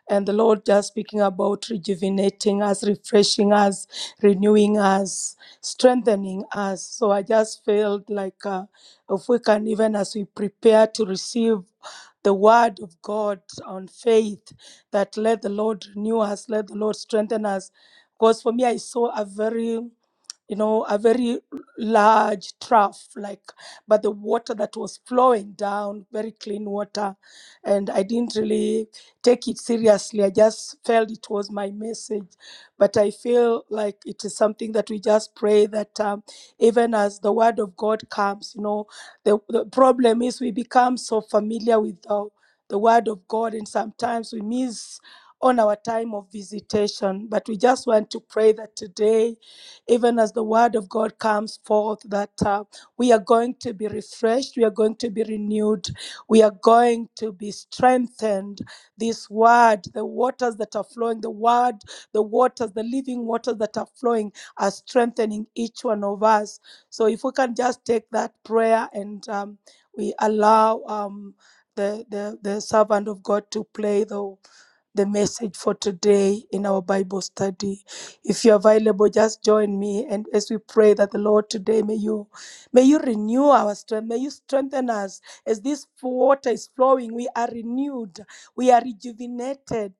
and the lord just speaking about rejuvenating us refreshing us renewing us strengthening us so i just felt like uh, if we can even as we prepare to receive the word of god on faith that let the lord renew us let the lord strengthen us because for me, I saw a very you know, a very large trough, like, but the water that was flowing down, very clean water. And I didn't really take it seriously. I just felt it was my message. But I feel like it is something that we just pray that um, even as the word of God comes, you know, the, the problem is we become so familiar with the, the word of God and sometimes we miss on our time of visitation. But we just want to pray that today even as the word of God comes forth, that uh, we are going to be refreshed, we are going to be renewed, we are going to be strengthened. This word, the waters that are flowing, the word, the waters, the living waters that are flowing are strengthening each one of us. So if we can just take that prayer and um, we allow um, the, the, the servant of God to play though the message for today in our Bible study. If you're available, just join me. And as we pray that the Lord today may you may you renew our strength, may you strengthen us as this water is flowing. We are renewed, we are rejuvenated,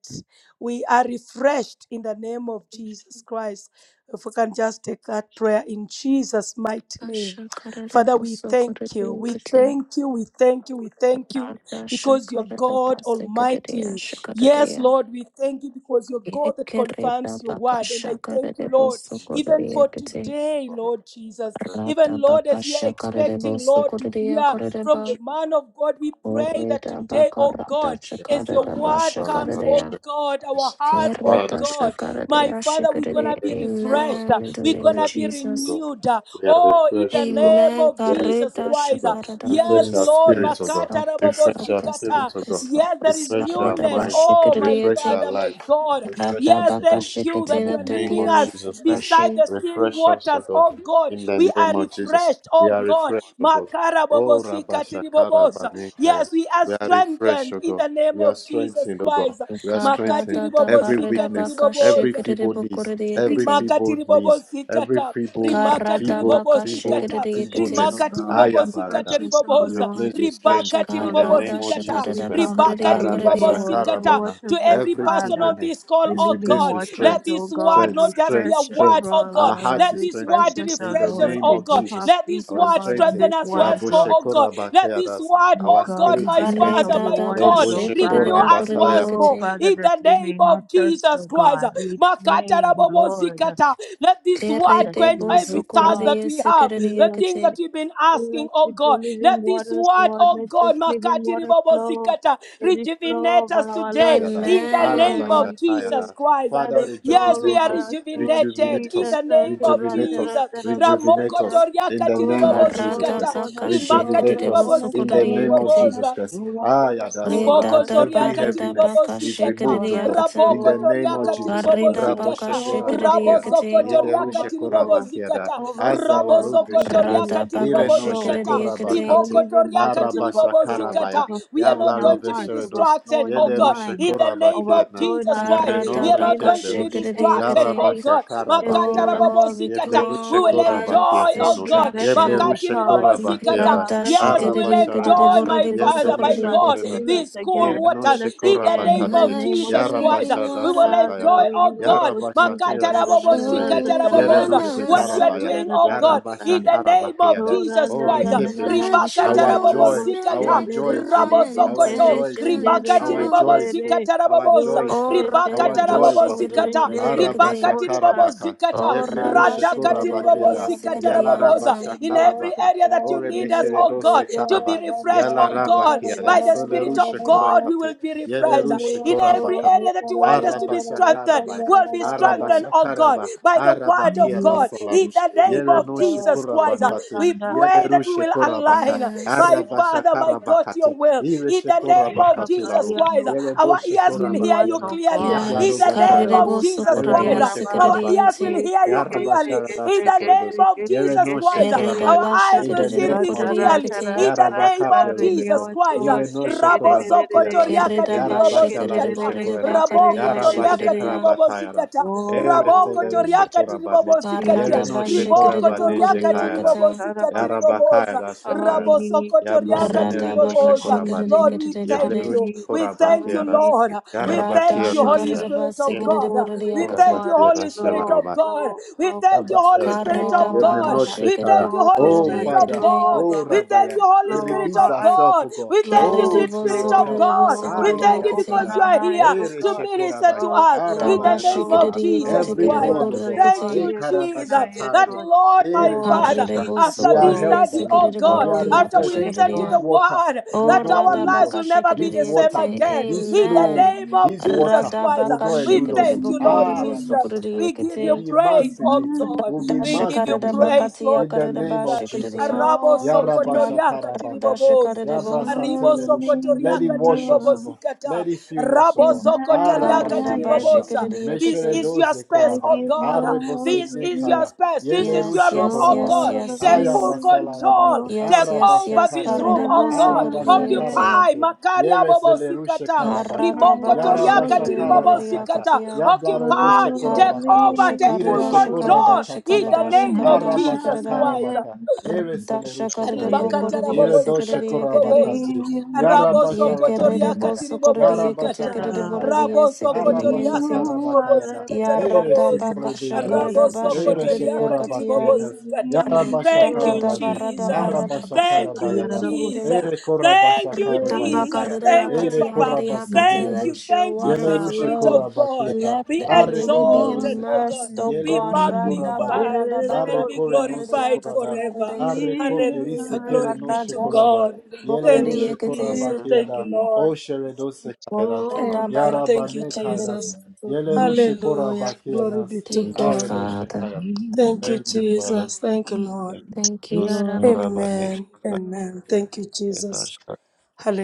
we are refreshed in the name of Jesus Christ. If we can just take that prayer in Jesus' mighty name.
Kashakarida
Father, we
boso
thank you.
koridia
We
kete.
thank you. We thank you. We thank you
Arada
because you're
shakarida
God
basikiridia
Almighty. Yes,
shakaridia.
Lord, we thank you because you're God that
Yekerida
confirms your
baka
word. And I thank you,
shakarida
Lord,
boso
even
koridia
for
kete.
today, Lord Jesus.
Arada
Even, Lord,
baka
as we are
shakarida
expecting,
boso
Lord, to
koridia
hear from the
ba
man of God, we pray that
koreda
today,
baka
oh
rada
God, as your
shakarida ba
word comes,
shakaridia.
oh God, our
Amen.
hearts,
In
oh
Father,
God. My Father, we're going to be
Refreshing, to God.
refreshed. uh,
the
We're
name
going
of
to be
Refreshing, to
Jesus.
God.
renewed. uh,
We are
Oh, in
refreshed,
the
O God.
name
Amen.
of
We are
Jesus
Karita
refreshed, O
Christ. uh,
God.
shakarada.
Yes,
Refresh
Holy
our
Lord.
Spirit,
spirits, O God.
Makata
help us,
rabobo
Refresh
help
our
us, help
zikata.
spirits, O God.
us, help
Yes, there
us.
is
Refresh our
Karita
newness.
mind.
Oh, my
Refresh
bashikaradiete.
our
Father, my
life.
God.
Refresh
Rata
Yes,
us, O God.
thank you thank you
In
bakashikate.
that
the
you are
Let there
name
be
leading
a
of
us
Jesus Christ.
beside
refreshing.
the still
Refresh us, O
waters,
God.
oh God.
In
We
the
are
name of Jesus.
refreshed,
We
oh
are
God.
refreshed, O God.
Makara
Oh,
bobosika
Rabashakara
tiribobosa.
Banekaya.
Yes, we are
We are refreshed,
strengthened
O
in
God.
the name
We are
of Jesus
strengthened, O God.
Christ.
We are
Makati
strengthened.
Karada da
Every
ribobosika
barida
weakness, every
tiribobosa
feeble knees, every
bakashikaridibukuradiekate.
rimaka
feeble knees, every
tiribobosikata
feeble,
rimaka
God,
Karada
feeble, feeble,
tiribobosikata
Refresh us,
bakashikaridiekate.
oh
feebleness.
rimaka
God.
tiribobosikata
Refresh
Ayabarada
us, oh
is
riboboza
Lord.
replaced with
Refresh
ribaka
strength
us, oh
in the
Lord.
name
Karada
of
tiribobosikata
Jesus
We
shakarada
Christ.
come
ribaka
before you,
bakaradiakaradia.
Lord, the
tiribobosikata
Arabashakarabana.
to
waters, O
every
Every
person
Father,
on this
feebleness
call
the
is
oh
living
replaced
god
with
waters,
let
strength,
O
this word
God.
strength,
not just be
strength,
a
Refresh us,
word
strength.
oh
Lord
god
Our
God.
heart
let
is
this
strengthened
Refresh
word
us, O
in the
refresh us
Lord.
name
We
oh
of
god
dip our
Jesus.
let
feet,
this
Our
O
word
God, on
strengthened.
strengthen
these
us
waters,
once more
Lord.
oh god let this
Raboshekorabakeadas.
word
O
Our
oh
God,
god
we
spirit
my
is
drink
Arre
father
of
strengthened.
da
your
my
da ba
waters,
god
O
shekere de
renew
bo
Father.
us
kore
Reboshekorabakaya
once
O
more
Father,
in
that
the
we
name
may not
of
thirst,
Jesus
O
Christ.
God. We pray, Lord,
Makatarabobozikata. Let this
Kere
word
that
de
quench
you
bo
would,
every
O
so kore
thirst
de
that
God,
we have,
fill
the
us
things that we've been
Fill
asking,
us
oh
with your
God.
living
Let this
waters,
word,
Lord.
oh
Let this
God,
living water flow.
makatiribobozikata,
Let it flow
rejuvenate
over
us
our
today
lives.
Yada,
Let
in
it
the
flow
name
over our
of
Amen.
Jesus
spirit.
Arabashatayada.
Christ.
Let
Father,
it flow
Yes, we
rejuvenate
over
are
us,
our soul,
rejuvenated
rejuvenate
in
Jesus.
us,
the name of
rejuvenate us,
Jesus.
rejuvenate
Ramoko
Aturantaratarabasanda.
us in
toriaka
the name
Oh,
tiribobo
of
Kara
Jesus
flow
da
Christ.
zikata.
upon us,
Rimaka
shekere
flow
Rejuvenate
de bo
us
tiribobo
upon
so
us,
in
kore
the
zikata
flow
name of
upon us,
Jesus
riboboza
Christ.
flow upon us,
Ayada
oh
Re
Salah.
da
God.
riboko
da ba
Every
zoriaka
re da ba
heaviness is
shekere
tiribobozikata
de
removed, O
Lord,
God, in
raboko
the
flow,
name of
toriaka
flow,
Jesus.
Kare da
Jesus,
ba
tiribobozikata
Rabosheko
shekere
flow,
de
Rabakia.
rabozoko
yekete.
overflow,
Yeleru
toriaka
Sheko
overflow,
Rabakiada.
tiribobozikata
overflow,
Azalaru
rabozoko
Holy
Ra
Beshenos.
Spirit,
toriaka
Ireno
shekere
overflow.
de
Sheko
tiribobozikata
Let your
yekete.
Rabakati.
rimoko
living
toriaka
waters overflow,
Arabashakarabaya.
tiribobozikata we are
overflow in
Yabla
not
our
going to be
hearts,
Robesherenos.
overflow
distracted
in
Ye
oh
our
god
lerushe
mind,
in the name of
korabakiana.
overflow in
jesus
our
Ye
christ
Kara
spirit.
we are
menore
not
Fill us
going to be
keblerush.
every
shekere de
Ya
empty
distracted oh
space,
rabasha
god
every
makata
Oh
karabakiana.
Lord,
empty
we
Ye
rabobozikata
place,
blerush
we
come
oh
will
Father,
enjoy
against
korabakiasa
oh
no.
every
god
Ye
distraction
vessel,
blerush
makati
God, we bring
ribobozikata
korabakiana.
our
yes we
vessel,
will
oh
Arabasha
Father,
enjoy
redos.
my
that
Ye
you
father my my
blerushe
fill us
God,
Radashikiridikiridiboridibosokoridikiti.
Fill
korebani.
us
these
Ye
cool
again,
waters
fill
renoshe
us
in the
again
name
in the
korabakati.
of
name
Let
of
your
Jesus
Jesus.
Christ.
yarabasha
living
rabasha
We will
water
Father,
enjoy,
dasakayaba.
we
oh
will
God,
go
Yarabasha rabasha
see the
tira noshe
Makatarabobo
korede.
tarararaza,
flow
Ye
over
zikataraboboza,
tararaza,
renoshe
my
what you are
tararaza,
karabaya.
soul.
doing, oh
tararaba
God,
Yarabasha rabasha
in
sanda.
the name of
karabakiana.
No
Jesus
Oh
randa
Christ.
na na na na
rekeblerush.
Let
Ribaka
your
Our
masanda
Holy
tarabobo
joy.
rabo
Our
zikata
Spirit
joy
shendere
is full.
come
tere
and
Our
rabozokoto
kentere
joy
take
is full.
shendere
ribaka
Our
control.
tiribobo
joy is full.
desere.
Our
zikataraboboza
joy is full.
Oh,
Roshete
ribaka
Our joy
tarabobo
reko
overflow.
zikata ribaka
radabashikiridiboridikiti.
shende
tiribobo
Arabashakarabaka.
zikata
Oh,
in you of
radaka
the
tiribobo
Yeblerushekorabakeda.
baba baba
Yala
baba
zikataraboboza
radashikiridiboridiyasikiridiyanta.
Bada,
in every
rabashakarabaka.
area that you need us, oh
Orebesheredose
God, to be
karaba.
refreshed,
Yala
bada,
oh
bada, bada, bada, Yes, baba baba baba baba
God,
baba
by
rabakeda.
the
baba baba
Spirit
baba
of
bada, bada,
God,
bada.
we
Selerushekorekate.
will be refreshed.
Yes,
In every
Yelerushekorabaka.
baba
area that you want us to
baba
be
bada, baba
strengthened,
Arabashakarabaya.
baba
we'll be
bada, bada, bada.
strengthened, oh God,
Arabashakaraba.
by the word of
Arabakiada
Yes,
God. In
Holy
salarush.
the name
Spirit of
of
God.
Jesus
Bada, baba baba bada,
Christ, we
maskanda,
pray that we will
Yerenoshekorabakate.
align,
Yes.
my
rama,
Father, my
korea,
God, to
nana.
your
Arabashakarabakati,
will. In the name of
Osika,
Jesus
Irishakorabakatilaru,
paria,
Christ,
nosa.
Yeredo
our ears will hear
Yes,
you
Shekorabakiana,
oh
clearly.
God.
In
Yablaru
Yes,
the name of
Basharados,
Karidebo
Ikorobo,
Jesus
Yereno
Christ,
Sokoridi
sakaya,
our ears
Shekorabakati,
Sekiridi
will hear
कैसे
you
कैसे
clearly. In
Yarabasharadas
कैसे
the name
Sekoridos,
कैसे
of
कैसे
Jesus
Yereno
कैसे
Christ,
करे
Kerida
Shekorabaya,
our
दोषा
eyes
in
will
the
see
name
Bashikiridibo
things
Radha
of Jesus,
clearly.
Radha
Koridi
In the
Radha
the name
Radha
of
renew
Jesus
Yarabakaplerobeko,
us
Christ.
Lord
Ireno
shake re re re
Rabozo
re re
Shekorabatiadas,
kete
toriaka
Kerida
re re
ba
re kete
shikiri
Yarabashalaru
re re
tiribobozikata.
re
boridi ba
Shekoreba,
shete re re
Raboko
karidia
re re re re
toriaka
re
shikiridia.
Yarabashekarabatayara,
tiribobozikata. Raboko
Ereseleru
oh
toriaka
Shekorabane,
tiribobozikatia.
Karada
Jesus
Yereno
ba
Jesus
Riboko
shikiri
no
Shekorabane
toriaka
bokoridia
Shekayada,
mercy
kata.
tiribobozika
karavasi
tiriboboza.
Yarabakayada
how we
Shakayada.
Rabozo
need you how we
toriaka
Rada
Yabrosenere
need
ba
doshe
ka
you how
tiriboboza.
we
korabani.
shikiri
Lord,
need
we
you
kiridi
how
thank
kiridi.
we
you.
Yeblerushe
need
We
you how
thank
we
you,
korabakiaras.
need
Lord.
you
We
Rada
how
thank you,
we
Holy
need
Yarabakianasa.
you.
shikarida ba
Spirit of
Yebre
sikiri
God.
Oh,
We
boridia
living
kata.
thank you,
waters,
Holy Spirit
flow,
of
korabakiarashalaraba.
God.
flow,
We
flow,
thank you, Holy
Yabasarados.
Spirit of
Karida
Flow of
ba ka
our
God.
hearts,
Yemenoshe
We
shikiri
kaya.
thank you,
flow of
Holy
our
Oh,
Spirit
bokoridia
minds,
of
Father.
kiridi.
flow
God.
of
Oh,
We.
our
We thank
Rabaya.
you,
spirit,
Holy
We
flow of
Spirit
release
our
of
eyes,
ourselves,
God.
O God.
We thank you,
flow,
Oh,
Kerede
sweet
bo
to
Spirit
your
of
flow,
help.
sokorede bo
God. We
sokorede
thank
flow.
you
Open
kete.
because you
Ayadasalara.
our
are
eyes,
here
oh
Ere
to
God.
minister
shekorabai.
to
Oh,
us
Da
in
flow,
the
ba
Arabaya
name
shikiri
of
dasala.
flow,
kete
Jesus
flow,
kiridi
Christ.
Everyone, O
boridi
God.
Riabasai of
kete.
Thank
our
E
you,
ears, open our
Jesus.
ears,
karabashatai.
That
Lord.
Lord, my
Ere
Oh,
Father,
Karede
no
bo
after
Jesus,
we are
this
flow,
sokorede
helped by
study,
you.
oh
sikiri
God,
We
flow
are
in
boridia
this
after we
refreshed.
place,
listen to
kashikiridia.
This
the
Lord.
water
word,
will
Oh,
that
not
our
elude
lives
Radabaka
us.
will never be
This
the same
water,
Shikadiyakate,
We
again.
flow,
this
we
In the
flow,
amen.
name of
this
Jesus
water
Christ,
will
Radabaka
not
we
elude us.
thank you, Lord
Ah,
Shikadibokuridibo
Jesus.
flow,
Radashaka.
We give
We'll
you
Sukadiyakate,
be
we
praise,
immersed in
oh
it.
hide
God.
We'll be
from
We give
immersed
you
in this water.
everything.
praise, Lord
Radashikaridabakatia
In the
Karidaba
name of
They
Jesus
Jesus.
Christ.
Shikadiya,
Rabo
call of me,
sokotoriaka
Radakarada
Yarabashakarabakate.
tiriboboza.
Shikadibo,
Ribo
Yabrasatelerush. Let it
sokotoriaka
Darling,
wash us, O
Lord,
God.
tiribobosikata.
Let it fill us, O
Rabo
you
God.
have
zokotoriaka
my
Karidaba
Arabashakayaba.
tiriboboza.
everything.
This
Shikadiyakate.
is your
Mesheredoze
space,
I
koraba.
oh
give
God.
all
This
of
is
me,
your
Arebosedekaya.
space. This is
Yes,
your
Yelerushe
room,
yes,
oh
yes,
God.
korabaka.
all of
yes,
Take full
yes.
me,
Ayabasalaraba.
control.
Lord.
Yes,
Take
yes,
over
yes,
this
You
room,
Arabashakarabaya.
Karidibo
oh God.
have my
Sukadiyante,
Occupy
Arabashakarabake.
everything.
Makaria
Yerezelerushe
Bobosikata.
I
karabaka.
Karadabaka
surrender all
Rimokotoriaka
of me,
Yarabashakarabakata.
tiribobosikata.
Shikadiboridiakatia.
Occupy.
Yablareboshe
all of
Karda
Take
korabakate.
over.
me,
Take full
shakarda
Ireshe
Lord.
shakarda
control. In the
shakarda
korabakatelara.
You
name of
have
Jesus
shakarda
my
Christ.
Arabashakarabaka. Ere
everything.
arda
selerusha
shakarda
I
bo
korebe.
korda
Ribakatara
adore
ye
Ere
bobo
dosha
sikarda ye
zikatiri
karda
boboza.
koravakati.
you, my
Yara
Rabo
basha
ye karda
sokotoria
everything.
bo
radasakaya.
katiri bobo
sokorda
Yara
ye
Yes,
kete
basha
I
zikata.
karda
adore
borda
karavakaya.
ye
Rabo
sikarda
Ara
ye
basha
sokotoria
nti
katiri
Renew
karavakaya da.
our
ya
Ere
rada
se
ba
everything.
ribakatarabobozikatiriboboza
korebe
kasha
katiri rabosokotoriakatiribobozikataraboboza
yadas.
Hey,
karda ba
Ere
Akarabo,
she
shakarda ya katiya
koravakietas.
rabosokotoriakatiribobozikata
Yara
release
basha
rada
thank
da
you
your
da ba
karabadi.
rada ba
Ara
jesus
rada
everything.
basha
kasha
thank you
karabayadas.
karda
Ayarabosha,
jesus
Ere korabasha
Thank you,
break
Jesus.
karabayetaya.
Thank you,
our
Ere
Papa.
Dabakarayakatiyarayakata,
Thank you.
everything.
Let
korabaseneredush.
your
Thank you,
water
sweet
Yelerusha
Spirit
flow.
of
Ikabababosha,
God.
korabakiada.
Let,
Be
the,
Are
may we be
exalted,
anoint
oh
koperuseka.
our
God.
immersed, oh
Be
God.
Yelerusha
everything.
korabadi.
magnified
Erererabo,
Are
and be
kore
glorified
korada.
forever.
Radabaradabakatiyarayakatiyaraday.
Areko
heal
Hallelujah.
plerise
our
kere
Glory
no
be to
everything.
shekoraba.
God.
Yele
Thank
ru
Heal,
you,
Bakaradashakaradaboridayeketim.
shekoraba
Jesus.
heal,
Thank you,
keada.
heal,
O
Lord.
sheredose kairas.
restore.
Amen.
Yaraba
Thank you,
Mm,
kairas.
Jesus.
Boridabaradashakaradebukutum.
Yele ru
mm,
shekoraba
Hallelujah. Glory be
kenas.
to
Thank you,
God.
Aredo
Father.
shekaya.
mm,
Thank you,
Thank you, Father.
Jesus. Thank you,
mm.
Lord.
Yele
Thank you,
ru
mm.
Lord.
shekoraba ne
Amen. Amen. Thank you, Jesus.
kenas.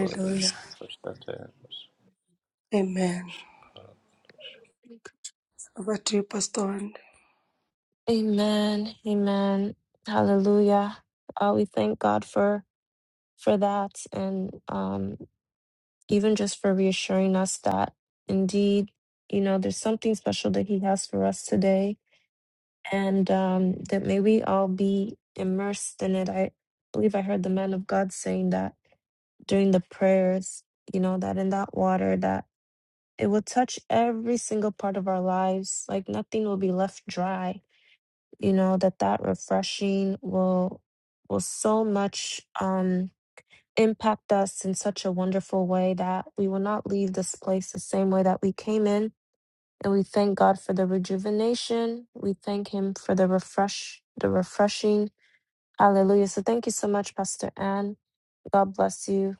Aredo shekaya.
Amen. Over to you, Pastor Wanda.
Amen. Amen. Hallelujah. Uh, we thank God for for that, and um, even just for reassuring us that indeed, you know, there's something special that He has for us today, and um, that may we all be immersed in it. I believe I heard the man of God saying that during the prayers, you know, that in that water, that it will touch every single part of our lives, like nothing will be left dry. You know that that refreshing will will so much. um impact us in such a wonderful way that we will not leave this place the same way that we came in. And we thank God for the rejuvenation. We thank Him for the refresh, the refreshing. Hallelujah. So thank you so much, Pastor Ann. God bless you.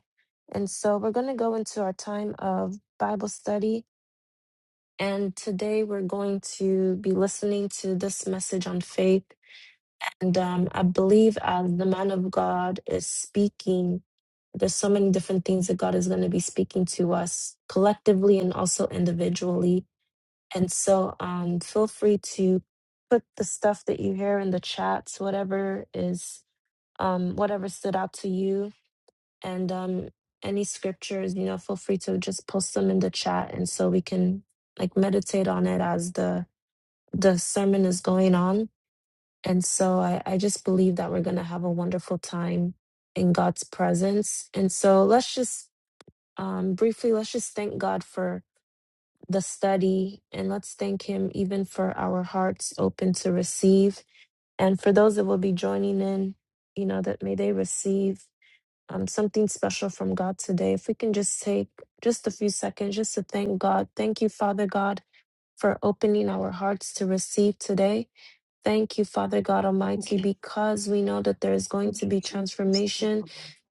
And so we're going to go into our time of Bible study. And today we're going to be listening to this message on faith. And um, I believe as the man of God is speaking, there's so many different things that God is going to be speaking to us collectively and also individually. And so um, feel free to put the stuff that you hear in the chats, whatever is, um, whatever stood out to you. And um, any scriptures, you know, feel free to just post them in the chat. And so we can like meditate on it as the, the sermon is going on and so I, I just believe that we're going to have a wonderful time in God's presence. And so let's just um, briefly, let's just thank God for the study and let's thank Him even for our hearts open to receive. And for those that will be joining in, you know, that may they receive um, something special from God today. If we can just take just a few seconds just to thank God. Thank you, Father God, for opening our hearts to receive today. Thank you, Father God
Thank
Almighty,
you.
because we know that there is going to
Thank you,
be
Jesus.
Thank
transformation.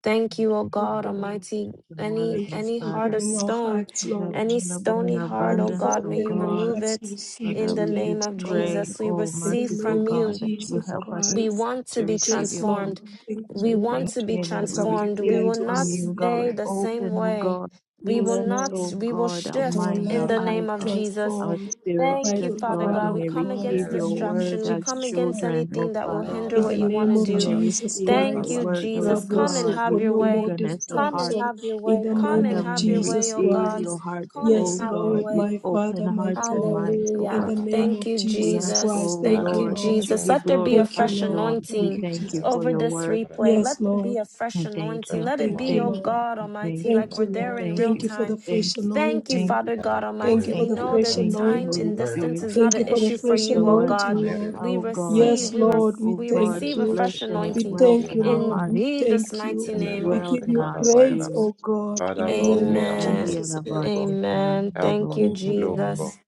Thank you, O
you,
Thank
God
you,
Father.
Lord.
Almighty.
The
Any
word,
Thank you
oh
any
for
heart
Father,
of
opening our
stone,
hearts,
is
Lord.
any
available in
stony heart,
Thank
O
you for
abundance,
God,
oh
may you
opening our
God.
remove
hearts to
it
receive
in
Father,
the
we
today,
name
oh
just
of
God,
pray,
Jesus. We
oh
in the
receive
merciful
from
name of
you.
God, that you will
Jesus
help us
We
Christ.
want to
to
be
receive
Yes,
your
Lord.
word
transformed.
Thank
We
with
you
want
that
to be
our
thanksgiving.
hearts
We
are
transformed. We
prepared
will
receive
to
from
not
you,
receive, oh
stay
God.
the
God.
same
Open, oh
way.
God.
We will
Yes,
Cleanse,
not,
Lord.
oh
we will
God, our
That our
shift
mind,
in
our
the
life will
eyes,
name
be
of Jesus.
our
transformed
spirits,
by
Thank you,
that,
the
Father
Lord,
power
we
God. We
of
may
come
God
against
receive
in
Yele
the
your
name of
word
distraction. We
as
come
Jesus
against
Christ.
children,
ru
oh
anything that will
Father.
hinder
In the
what you
shekoraba
want
ne
name
to
kenas.
We
of
do.
may
Jesus
receive
Thank
your
Christ,
you,
word, O
Jesus. Come and
God,
have
Rabosoko,
with
your
no more
way.
eagerness of
Come
heart
and
distraction.
have your
In
way.
the
Come
name
Father,
and
of
we
have
may
your way,
Jesus
oh
receive
God.
your
Christ.
heart,
Come and
O
Yes,
have your
God,
Lord,
with
way.
my
open
Father, my
hearts and
God.
minds, O
In
Hallelujah.
God.
the name
Thank
of
you,
We
Jesus
ask,
Jesus.
Christ.
O
Thank
Thank
you,
you,
Lord, that
Lord.
you
Jesus.
Aredo
be
Let there be a
Thank you,
glorified,
fresh
Lord.
Lord.
Thank
We
anointing
you,
thank
shekaya.
you
Jesus.
for
over
your
this
word.
Father,
replay. Let
Yes,
there be
Lord.
a fresh
I thank
anointing.
you.
Let
I
it
Thank you,
be, oh
thank you.
Lord.
God
I thank
Almighty,
you.
like
Thank
we're
you,
I
there
Lord.
in
thank
real
Thank
you.
you for
I
the
time.
thank
fresh
you.
Thank you,
Thank
anointing.
you.
Father God
Thank you
Almighty.
for
We
Thank
the
you.
know
fresh
that
Thank you,
time
Holy
and
anointing.
distance
Spirit.
is
Thank
not
you
an
for the
issue for
let
fresh
you,
your
oh
word
anointing,
God.
comes,
Lord.
We
O God,
Yes,
receive, we were
like,
Lord, we
O
we
God,
thank
receive a
you.
flesh,
fresh
and it
We
anointing
dwells
thank
in
you,
our
Lord.
in
heart.
We
Jesus'
thank you.
mighty
It
name.
We
dwells
give
in
you
our
praise,
spirit.
O God, in the
Lord,
name
we
of
are
Amen.
open to
Nashandia
Jesus
you, God.
Christ.
Rabatia
Amen.
Help
Thank
us,
Rivo
you,
Thank you,
Lord, God.
Lord.
Jesus.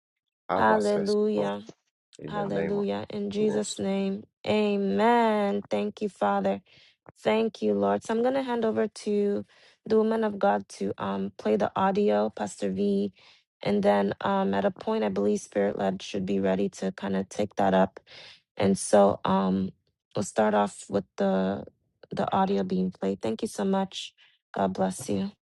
Have access, God,
Hallelujah.
in the name of
Hallelujah. In
Jesus.
Jesus' name, amen. Thank you, Father. Thank you, Lord. So I'm going to hand over to the woman of God to um, play the audio, Pastor V. And then um, at a point, I believe Spirit led should be ready to kind of take that up. And so um, we'll start off with the the audio being played. Thank you so much. God bless you.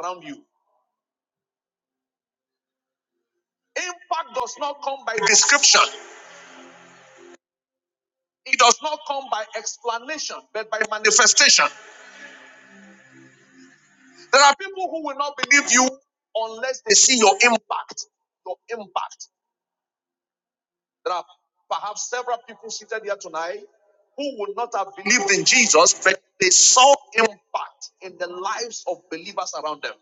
around you. Impact does not come by description. It does not come by explanation, but by manifestation. There are people who will not believe you unless they see your impact. Your impact. There are perhaps several people seated here tonight who would not have believed in Jesus, but they saw impact in the lives of believers around them.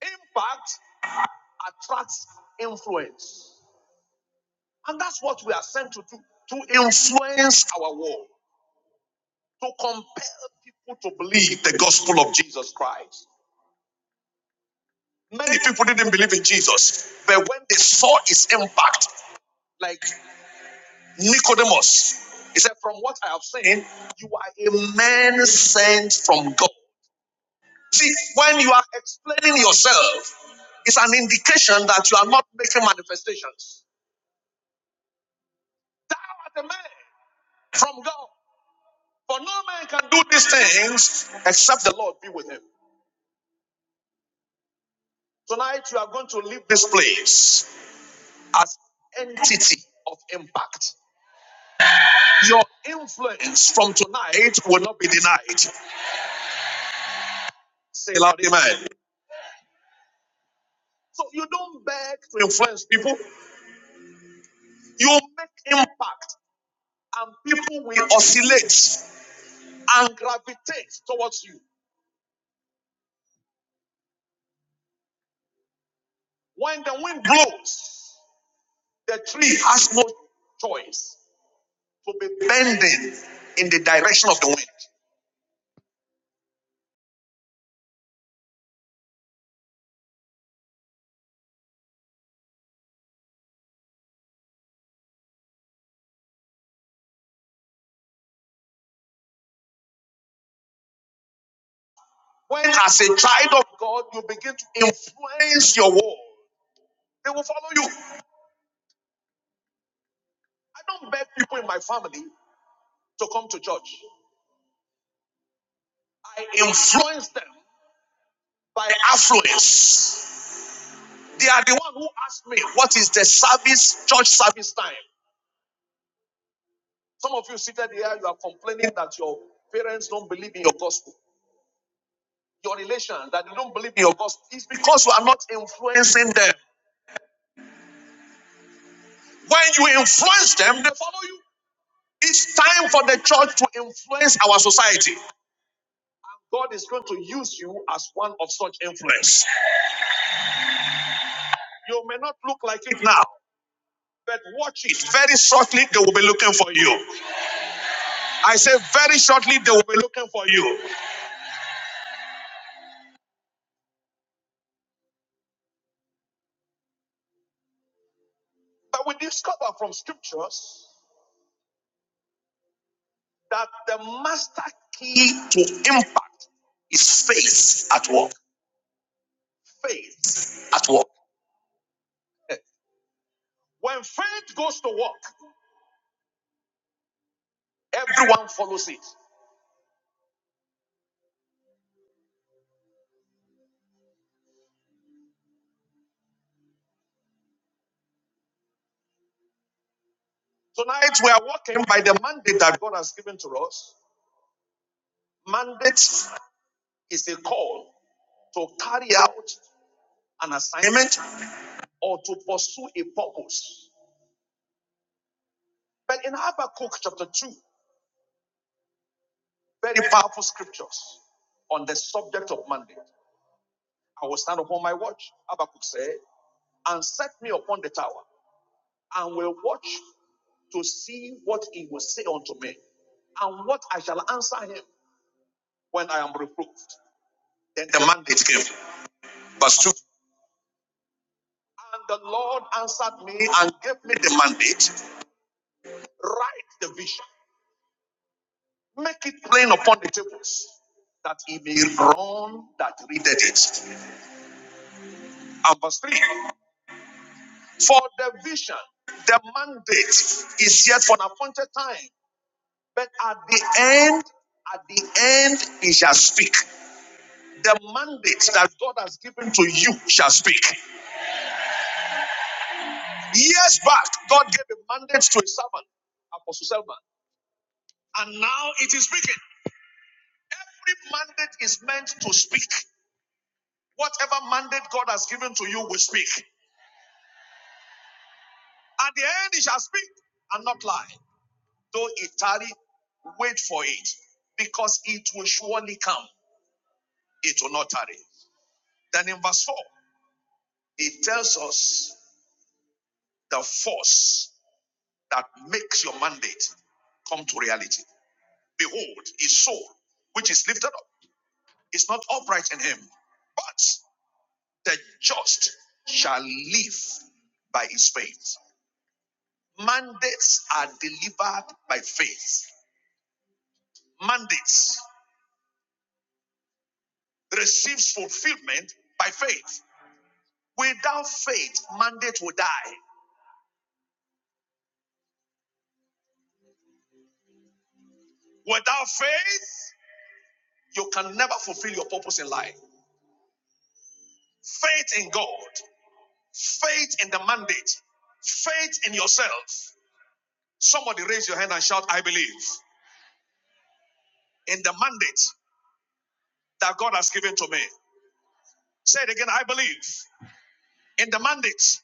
Impact attracts influence. And that's what we are sent to do to influence our world. to compel people to believe the gospel of Jesus Christ. Many people didn't believe in Jesus, but when they saw his impact, like Nicodemus, he said, From what I have seen, you are a man sent from God. See, when you are explaining yourself, it's an indication that you are not making manifestations. Thou art a man from God, for no man can do these things except the Lord be with him. Tonight, you are going to leave this place. as entity of impact. Your influence from tonight will not be denied. Say loud, amen. So you don't beg to influence people. You make impact and people will oscillate and gravitate towards you. The three. when as a child of God, you begin to influence your world, they will follow you. I don't beg people in my family to come to church. I influence them by affluence. They are the one who asked me, what is the service, church service time? Some of you seated here, you are complaining that your parents don't believe in your gospel. Your relation, that they don't believe in your gospel. It's because you are not influencing them. When you influence them, they follow you. It's time for the church to influence our society. God is going to use you as one of such influence. You may not look like it now, but watch it. Very shortly, they will be looking for you. I say, very shortly, they will be looking for you. But we discover from scriptures that the master key to impact is faith at work. Faith at work. When faith goes to work, everyone follows it. Tonight we are working by the mandate that God has given to us. Mandate is a call to carry out an assignment or to pursue a purpose. But in Habakkuk chapter 2, very powerful scriptures on the subject of mandate. I will stand upon my watch, Habakkuk said. and set me upon the tower, and will watch to see what he will say unto me, and what I shall answer him when I am reproved. Then the mandate came. Verse 2. And the Lord answered me and gave me the mandate write the vision, make it plain upon the tables, that he may run that readeth it. And verse 3 For the vision, the mandate is yet for an appointed time, but at the end, at the end, he shall speak. The mandate that God has given to you shall speak. Years back, God gave a mandate to a servant, Apostle Selman, and now it is speaking. Every mandate is meant to speak. Whatever mandate God has given to you will speak. At the end, it shall speak and not lie. Though it tarry, wait for it, because it will surely come. It will not tarry. Then in verse 4, it tells us the force that makes your mandate come to reality. Behold, his soul, which is lifted up, is not upright in him, but the just shall live by his faith. Mandates are delivered by faith. Mandates receives fulfillment by faith. Without faith, mandate will die. Without faith, you can never fulfill your purpose in life. Faith in God, faith in the mandate, faith in yourself. Somebody raise your hand and shout, I believe. in the mandate that God has given to me. Say it again. I believe in the mandate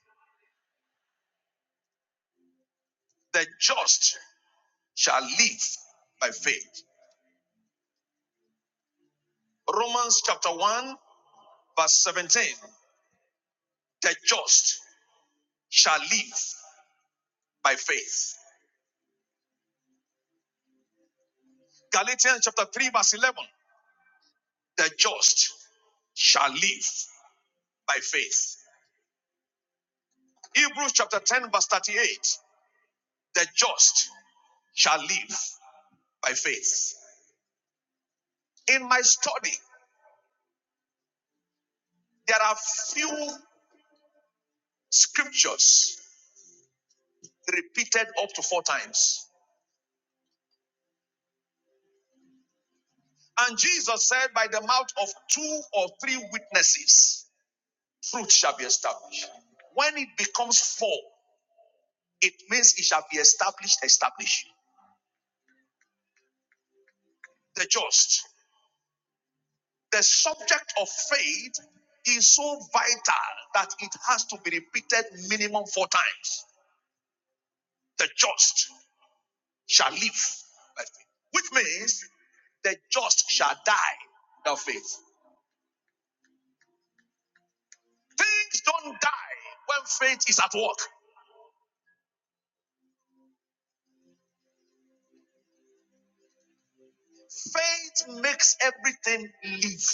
the just shall live by faith. Romans chapter 1, verse 17. The just shall live by faith. Galatians chapter 3, verse 11. The just shall live by faith. Hebrews chapter 10, verse 38. The just shall live by faith. In my study, there are few scriptures repeated up to four times. And Jesus said, By the mouth of two or three witnesses, truth shall be established. When it becomes four, it means it shall be established, established. The just. The subject of faith is so vital that it has to be repeated minimum four times. The just shall live by faith, which means the just shall die without faith. Things don't die when faith is at work. Faith makes everything live.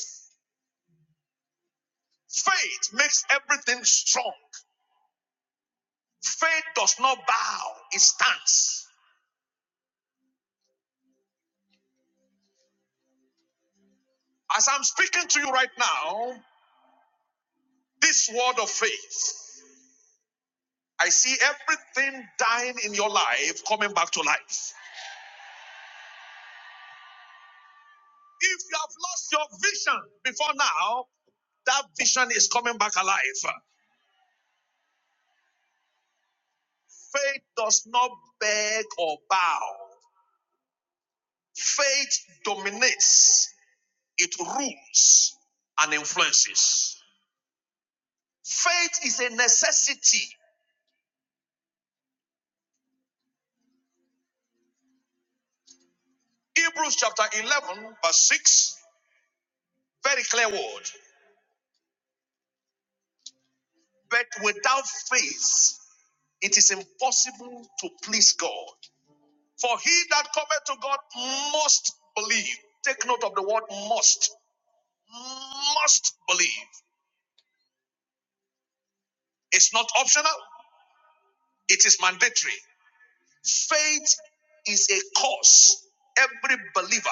Faith makes everything strong. Faith does not bow, it stands. As I'm speaking to you right now, this word of faith, I see everything dying in your life coming back to life. If you have lost your vision before now, that vision is coming back alive. Faith does not beg or bow, faith dominates. it rules and influences. Faith is a necessity. Hebrews chapter 11, verse 6, very clear word. But without faith, it is impossible to please God. For he that cometh to God must believe. Take note of the word must. Must believe. It's not optional, it is mandatory. Faith is a course every believer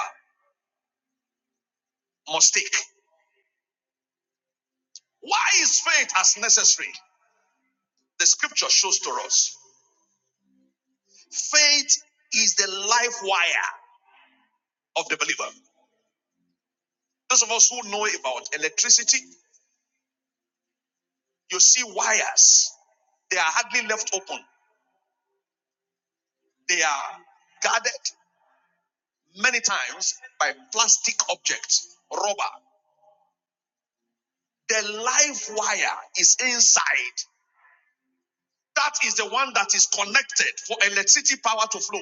must take. Why is faith as necessary? The scripture shows to us faith is the life wire of the believer. Those of us who know about electricity, you see wires, they are hardly left open. They are guarded many times by plastic objects, rubber. The life wire is inside. That is the one that is connected for electricity power to flow.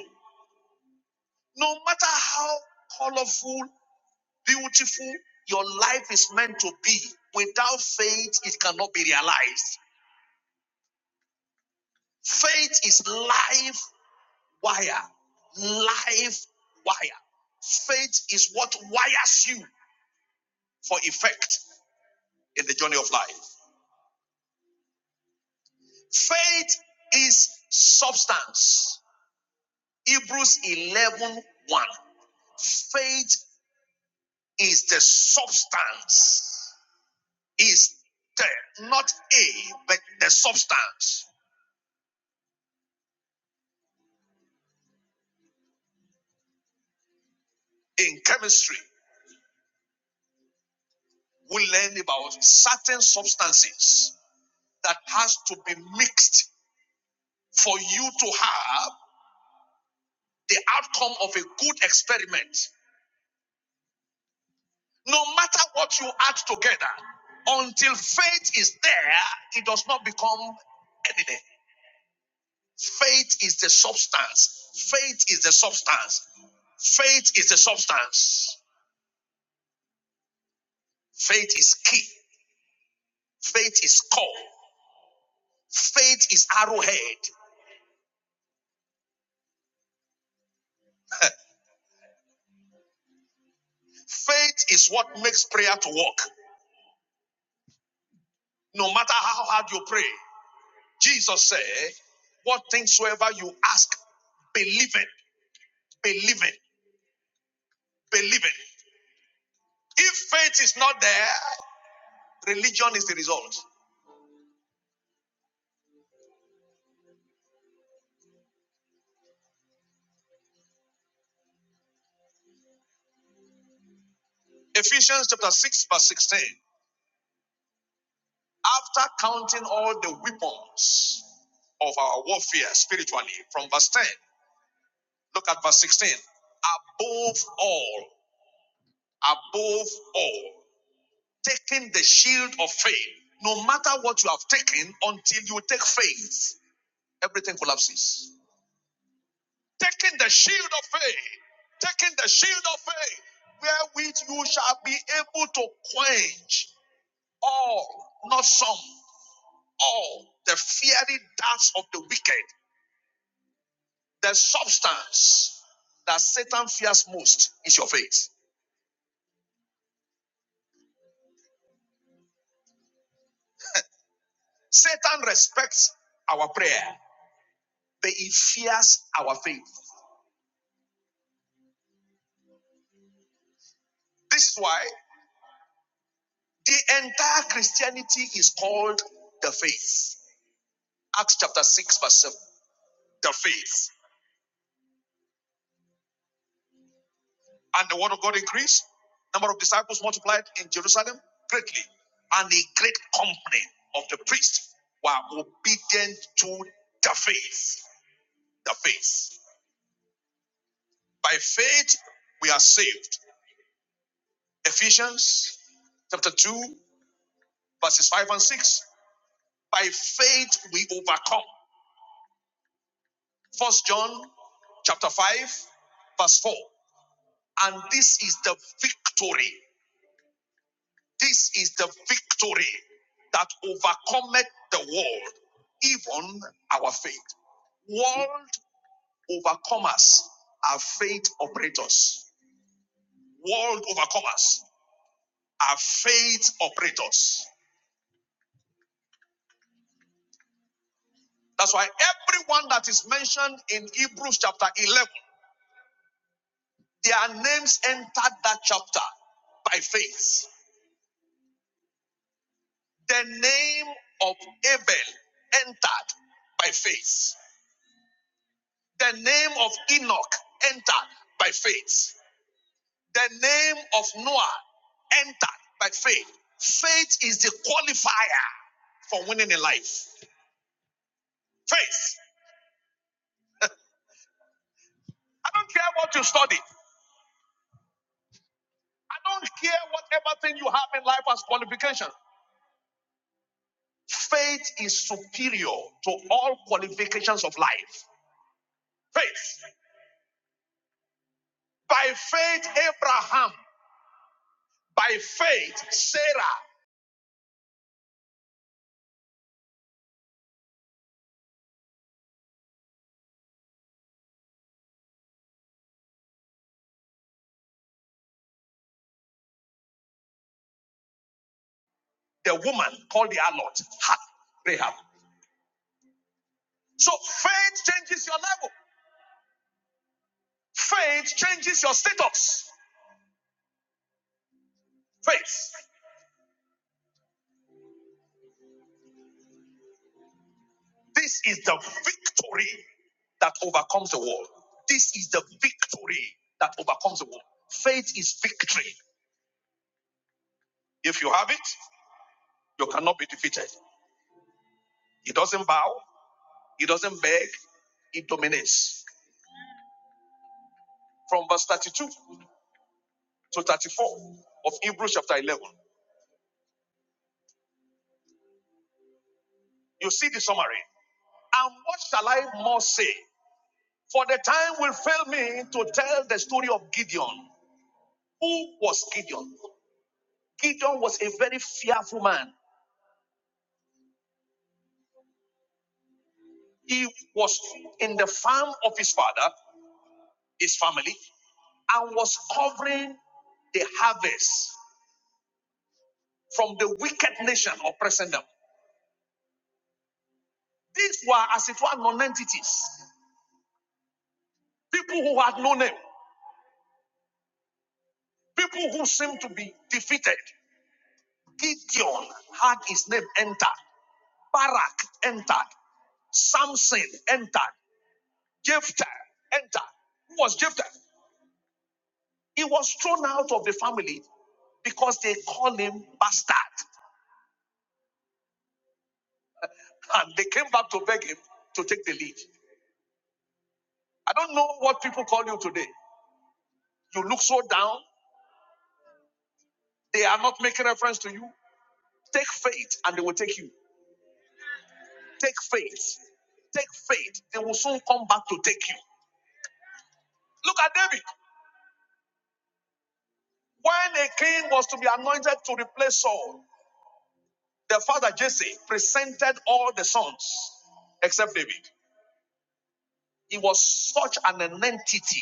No matter how colorful Beautiful, your life is meant to be. Without faith, it cannot be realized. Faith is life wire. Life wire. Faith is what wires you for effect in the journey of life. Faith is substance. Hebrews eleven one. faith is the substance is there not a but the substance in chemistry we learn about certain substances that has to be mixed for you to have the outcome of a good experiment. No matter what you add together, until faith is there, it does not become evident. Faith is the substance. Faith is the substance. Faith is the substance. Faith is key. Faith is core. Faith is arrowhead. Faith is what makes prayer to work. No matter how hard you pray, Jesus said, What things soever you ask, believe it, believe it, believe it. If faith is not there, religion is the result. Ephesians chapter 6, verse 16. After counting all the weapons of our warfare spiritually, from verse 10, look at verse 16. Above all, above all, taking the shield of faith, no matter what you have taken, until you take faith. everything collapses. Taking the shield of faith, taking the shield of faith, wherewith you shall be able to quench all, not some, all the fiery darts of the wicked. The substance that Satan fears most is your faith. Satan respects our prayer, but he fears our faith. This is why the entire Christianity is called the faith. Acts chapter 6, verse 7. The faith. And the word of God increased. Number of disciples multiplied in Jerusalem greatly. And a great company of the priests were obedient to the faith. The faith. By faith, we are saved. Ephesians chapter 2, verses 5 and 6. By faith, we overcome. First John chapter 5, verse 4. And this is the victory This is the victory that overcometh the world, even our faith. World overcomers are faith operators. World overcomers are faith operators. That's why everyone that is mentioned in Hebrews chapter 11, their names entered that chapter by faith. The name of Abel entered by faith. The name of Enoch entered by faith. The name of Noah entered by faith. Faith is the qualifier for winning in life. Faith. I don't care what you study. I don't care whatever thing you have in life as qualification. Faith is superior to all qualifications of life. Faith. By faith, Abraham. By faith, Sarah, the woman called the harlot, had Rahab. So faith changes your level. Faith changes your status. Faith. This is the victory that overcomes the world. This is the victory that overcomes the world. Faith is victory. If you have it, you cannot be defeated. It doesn't bow, it doesn't beg, it dominates. From verse 32 to 34 of Hebrews chapter 11, you see the summary. And what shall I more say? For the time will fail me to tell the story of Gideon Who was Gideon? Gideon was a very fearful man. He was in the farm of his father, his family, and was covering the harvest from the wicked nation oppressing them. These were, as it were, non-entities, people who had no name, people who seemed to be defeated. Gideon had his name entered, Barak entered, Samson entered, Jephthah entered. Who was Jephthah? He was thrown out of the family because they called him bastard. And they came back to beg him to take the lead. I don't know what people call you today. You look so down, they are not making reference to you. Take faith and they will take you. Take faith. Take faith. They will soon come back to take you. Look at David. When a king was to be anointed to replace Saul, the father Jesse presented all the sons except David. He was such an entity.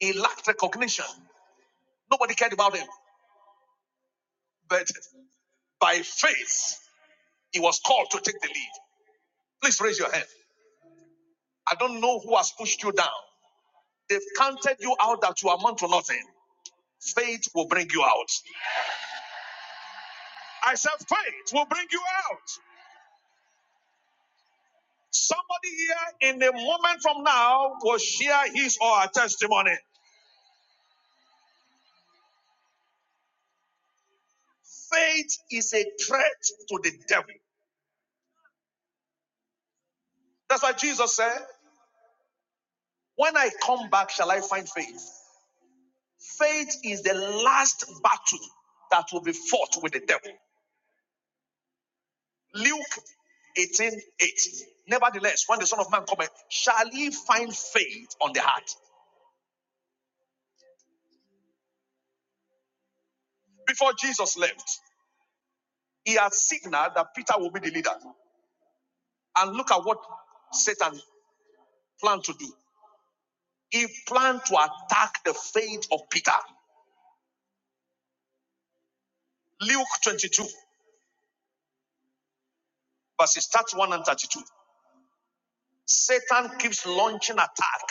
He lacked recognition. Nobody cared about him. But by faith, he was called to take the lead. Please raise your hand. I don't know who has pushed you down. They've counted you out that you amount to nothing. Faith will bring you out. I said, faith will bring you out. Somebody here in a moment from now will share his or her testimony. Faith is a threat to the devil. That's why Jesus said, When I come back, shall I find faith? Faith is the last battle that will be fought with the devil. Luke 18:8. Nevertheless, when the Son of Man cometh, shall he find faith on the heart? Before Jesus left, he had signaled that Peter will be the leader. And look at what Satan planned to do. He planned to attack the faith of Peter. Luke 22, verses 31 and 32. Satan keeps launching attack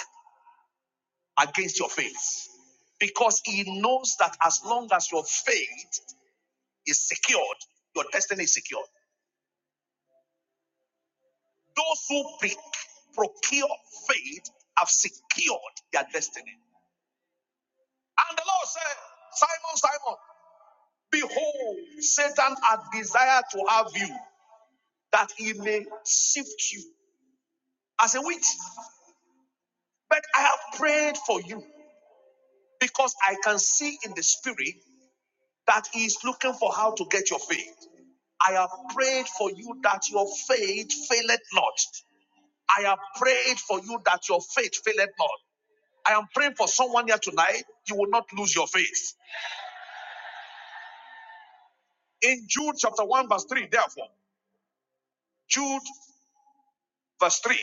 against your faith because he knows that as long as your faith is secured, your destiny is secured. Those who procure faith have secured their destiny. And the Lord said, Simon, Simon, behold, Satan had desired to have you that he may sift you as a wheat. But I have prayed for you because I can see in the spirit that he is looking for how to get your faith. I have prayed for you that your faith faileth not. I have prayed for you that your faith faileth not. I am praying for someone here tonight. You will not lose your faith. In Jude chapter 1, verse 3, therefore, Jude verse 3,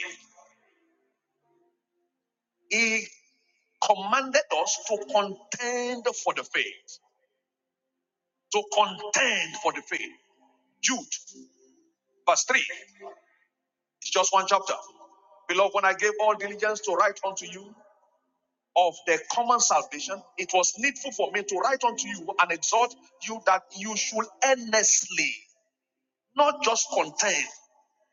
he commanded us to contend for the faith. To contend for the faith. Jude verse 3, it's just one chapter. Beloved, when I gave all diligence to write unto you of the common salvation, it was needful for me to write unto you and exhort you that you should earnestly, not just contend.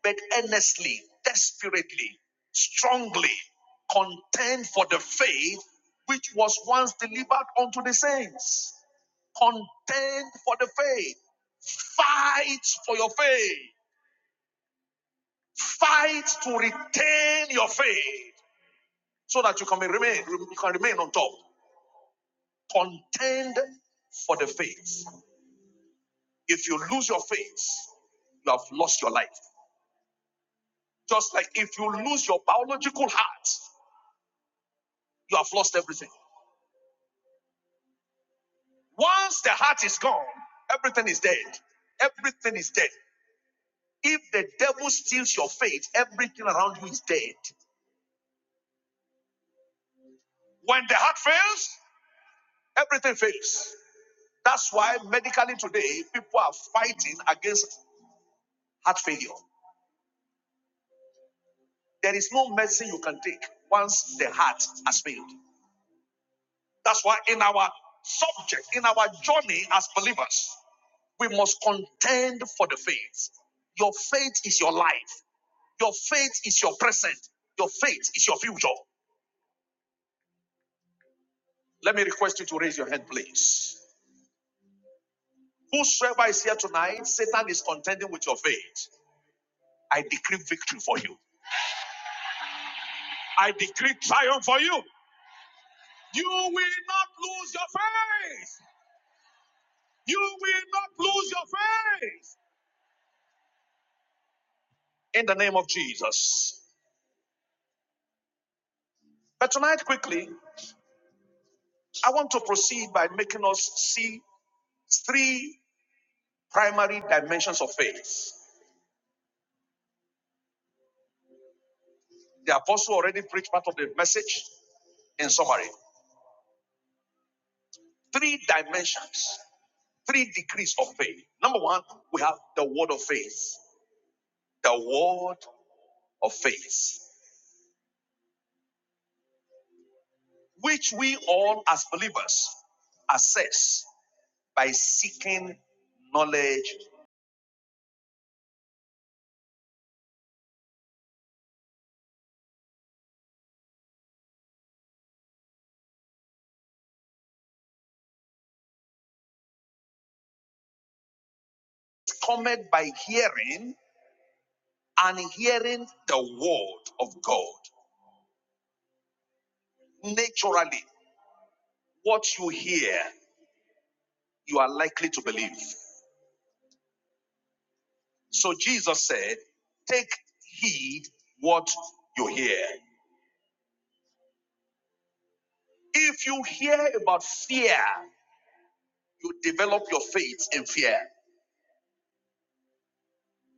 but earnestly, desperately, strongly contend for the faith which was once delivered unto the saints. Contend for the faith. Fight for your faith. Fight to retain your faith so that you can remain, you can remain on top. Contend for the faith. If you lose your faith, you have lost your life. Just like if you lose your biological heart, you have lost everything. Once the heart is gone, everything is dead. Everything is dead. If the devil steals your faith, everything around you is dead. When the heart fails, everything fails. That's why medically today, people are fighting against heart failure. There is no medicine you can take once the heart has failed. That's why in our subject, in our journey as believers, we must contend for the faith. Your faith is your life. Your faith is your present. Your faith is your future. Let me request you to raise your hand, please. Whosoever is here tonight, Satan is contending with your faith. I decree victory for you. I decree triumph for you. You will not lose your faith. You will not lose your faith. In the name of Jesus. But tonight, quickly, I want to proceed by making us see three primary dimensions of faith. The apostle already preached part of the message in summary. Three dimensions, three degrees of faith. Number one, we have the word of faith, the word of faith, which we all as believers assess by seeking knowledge, cometh by hearing and hearing the word of God. Naturally, what you hear, you are likely to believe. So Jesus said, Take heed what you hear. If you hear about fear, you develop your faith in fear.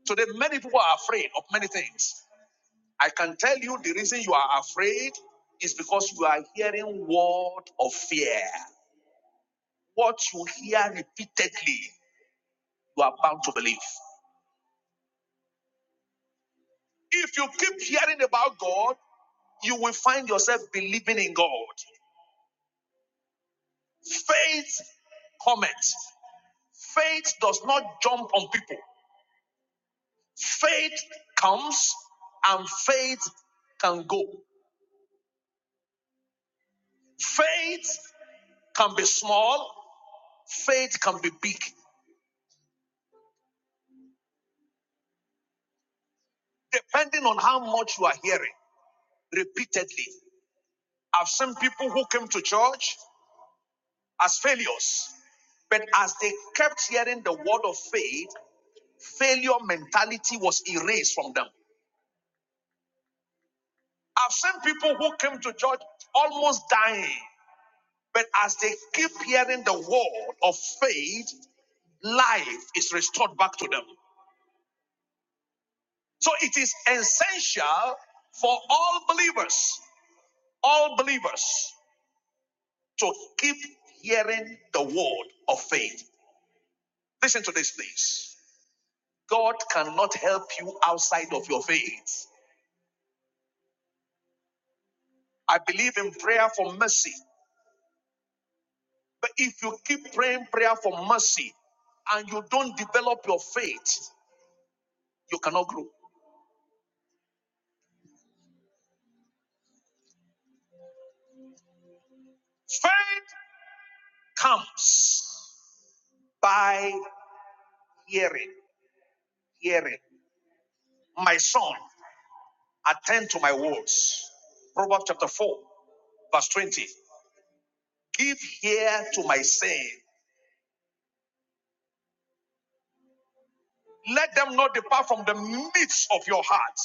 Today, many people are afraid of many things. I can tell you the reason you are afraid is because you are hearing word of fear. What you hear repeatedly, you are bound to believe. If you keep hearing about God, you will find yourself believing in God. Faith comments. Faith does not jump on people. Faith comes and faith can go. Faith can be small, faith can be big, depending on how much you are hearing repeatedly. I've seen people who came to church as failures, but as they kept hearing the word of faith, failure mentality was erased from them. I've seen people who came to church almost dying, but as they keep hearing the word of faith, life is restored back to them. So it is essential for all believers all believers to keep hearing the word of faith. Listen to this, please. God cannot help you outside of your faith. I believe in prayer for mercy, but if you keep praying prayer for mercy and you don't develop your faith, you cannot grow. Faith comes by hearing, hearing. My son, attend to my words. Proverbs chapter 4, verse 20. Give ear to my saying. Let them not depart from the midst of your heart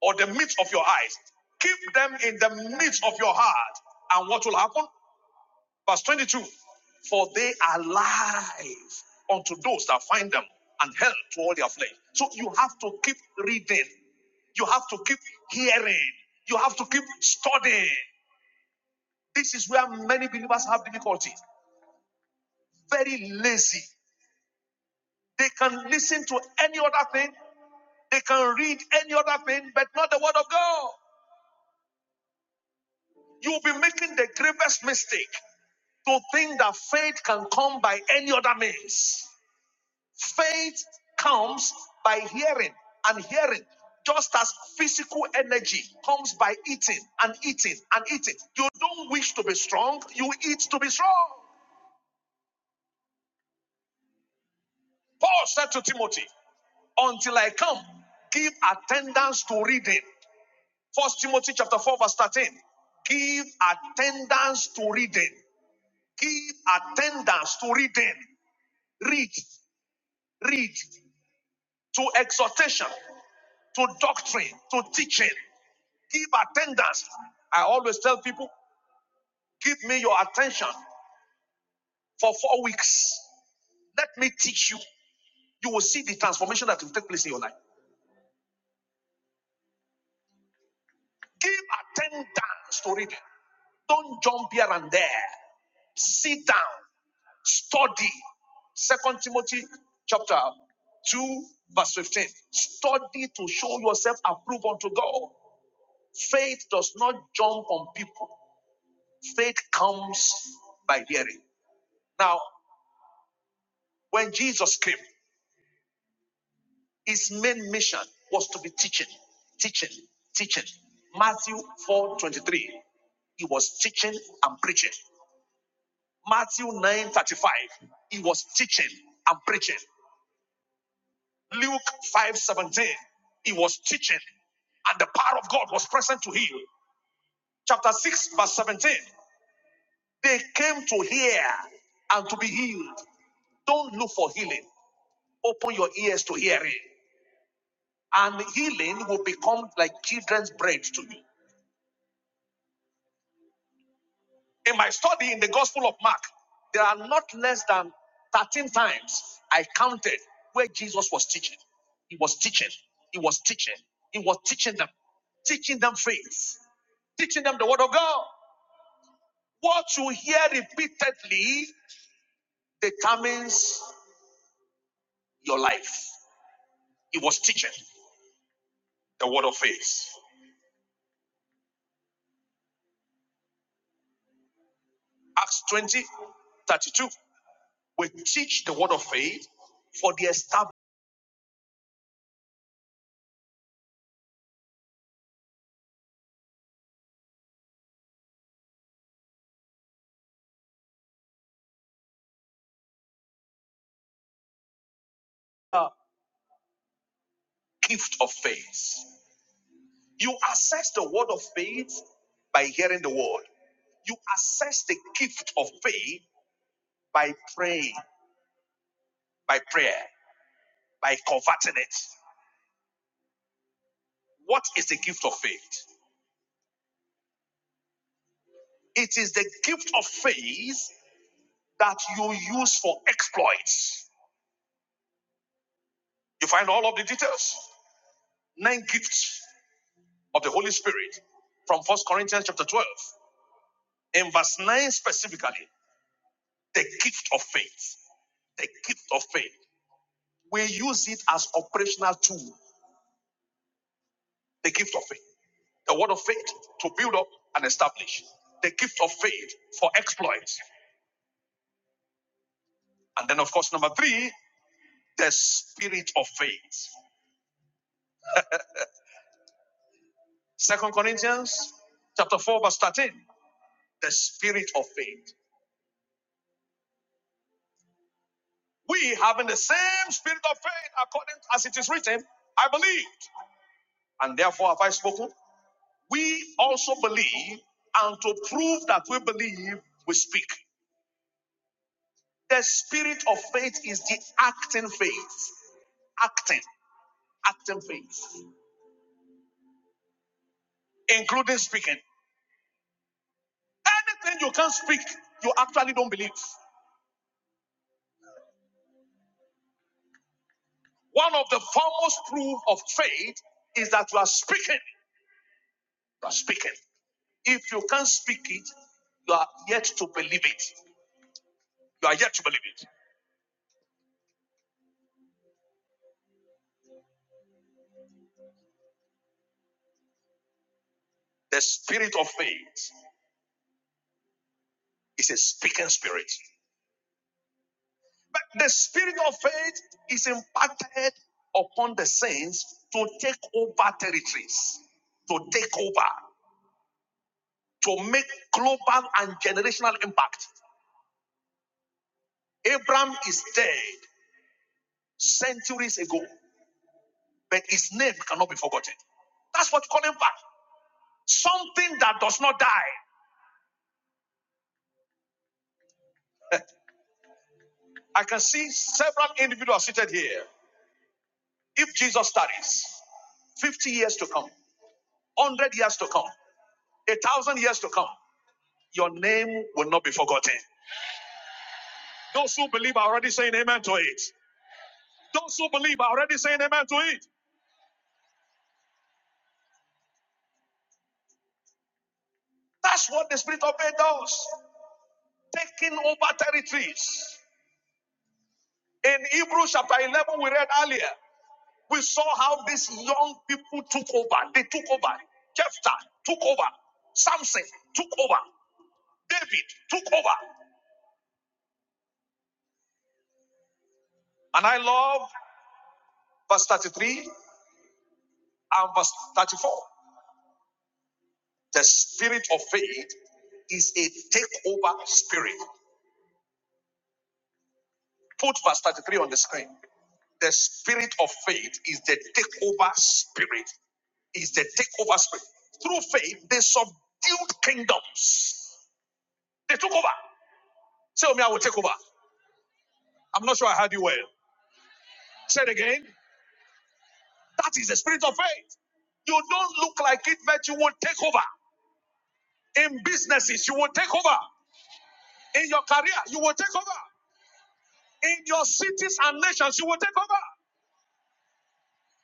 or the midst of your eyes. Keep them in the midst of your heart. And what will happen? Verse 22 For they are life unto those that find them and health to all their flesh. So you have to keep reading, you have to keep hearing, you have to keep studying. This is where many believers have difficulty. Very lazy. They can listen to any other thing They can read any other thing, but not the word of God. You'll be making the gravest mistake to think that faith can come by any other means. Faith comes by hearing and hearing, just as physical energy comes by eating and eating and eating. You don't wish to be strong, you eat to be strong. Paul said to Timothy, Until I come, give attendance to reading. First Timothy chapter 4, verse 13 give attendance to reading. give attendance to reading, read, read, to exhortation, to doctrine, to teaching. Give attendance. I always tell people, give me your attention for four weeks. Let me teach you. You will see the transformation that will take place in your life. Give attendance to reading. Don't jump here and there. Sit down, study. Second Timothy chapter 2, verse 15. Study to show yourself approved unto God. Faith does not jump on people. Faith comes by hearing. Now, when Jesus came, his main mission was to be teaching, teaching, teaching. Matthew 4:23, he was teaching and preaching. Matthew 9:35, he was teaching and preaching. Luke 5:17, he was teaching and the power of God was present to heal. Chapter 6, verse 17. They came to hear and to be healed. Don't look for healing. Open your ears to hearing. And healing will become like children's bread to you. In my study in the Gospel of Mark, there are not less than 13 times I counted where Jesus was teaching. He was teaching. He was teaching. He was teaching them, teaching them faith, teaching them the word of God. What you hear repeatedly determines your life. He was teaching the word of faith. Acts 20:32. We teach the word of faith for the established gift of faith. You assess the word of faith by hearing the word. You assess the gift of faith by praying, by prayer, by converting it. What is the gift of faith? It is the gift of faith that you use for exploits. You find all of the details. Nine gifts of the Holy Spirit from First Corinthians chapter 12. In verse 9 specifically, The gift of faith. The gift of faith. We use it as operational tool. The gift of faith. The word of faith to build up and establish. The gift of faith for exploits. And then, of course, number three, the spirit of faith. Second Corinthians chapter 4, verse 13. The spirit of faith. We having the same spirit of faith according as it is written, I believed, and therefore have I spoken. We also believe, and to prove that we believe, we speak. The spirit of faith is the acting faith. Acting, acting faith, including speaking. Anything you can't speak, you actually don't believe. One of the foremost proof of faith is that you are speaking. You are speaking. If you can't speak it, you are yet to believe it. You are yet to believe it. The spirit of faith is a speaking spirit. But the spirit of faith is impacted upon the saints to take over territories, to take over, to make global and generational impact. Abraham is dead centuries ago, but his name cannot be forgotten. That's what you call impact. Something that does not die. I can see several individuals seated here. If Jesus studies 50 years to come, 100 years to come, a thousand years to come, your name will not be forgotten. Those who believe are already saying amen to it. Those who believe are already saying amen to it. That's what the spirit of faith does, taking over territories. In Hebrews chapter 11, we read earlier, we saw how these young people took over. They took over. Jephthah took over. Samson took over. David took over. And I love verse 33 and verse 34. The spirit of faith is a takeover spirit. Put verse 33 on the screen. The spirit of faith is the takeover spirit, is the takeover spirit. Through faith, they subdued kingdoms. They took over. Tell me I will take over. I'm not sure I heard you well. Say it again. That is the spirit of faith. You don't look like it, but you will take over. In businesses, you will take over. In your career, you will take over. In your cities and nations, you will take over.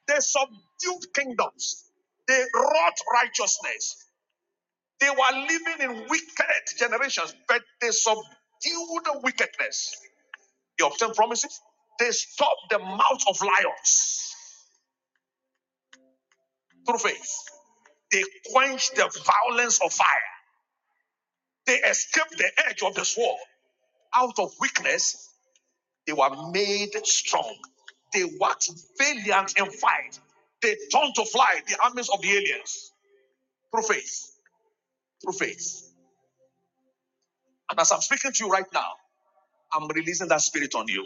They subdued kingdoms. They wrought righteousness. They were living in wicked generations, but they subdued the wickedness. They obtained promises? They stopped the mouth of lions through faith. They quenched the violence of fire. They escaped the edge of the sword. Out of weakness, they were made strong. They waxed valiant in fight. They turned to fly the armies of the aliens through faith. Through faith. And as I'm speaking to you right now, I'm releasing that spirit on you.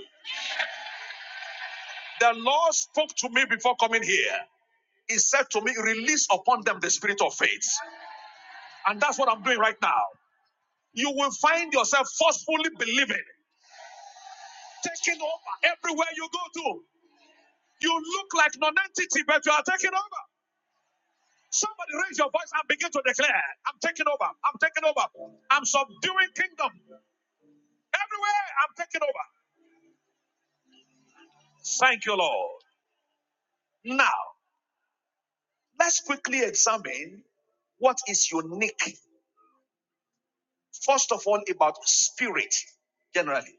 The Lord spoke to me before coming here. He said to me, Release upon them the spirit of faith. And that's what I'm doing right now. You will find yourself forcefully believing, taking over everywhere you go to. You look like non-entity, but you are taking over. Somebody raise your voice and begin to declare, I'm taking over, I'm taking over, I'm subduing kingdom. Everywhere I'm taking over. Thank you, Lord. Now, let's quickly examine what is unique First of all, about spirit, generally.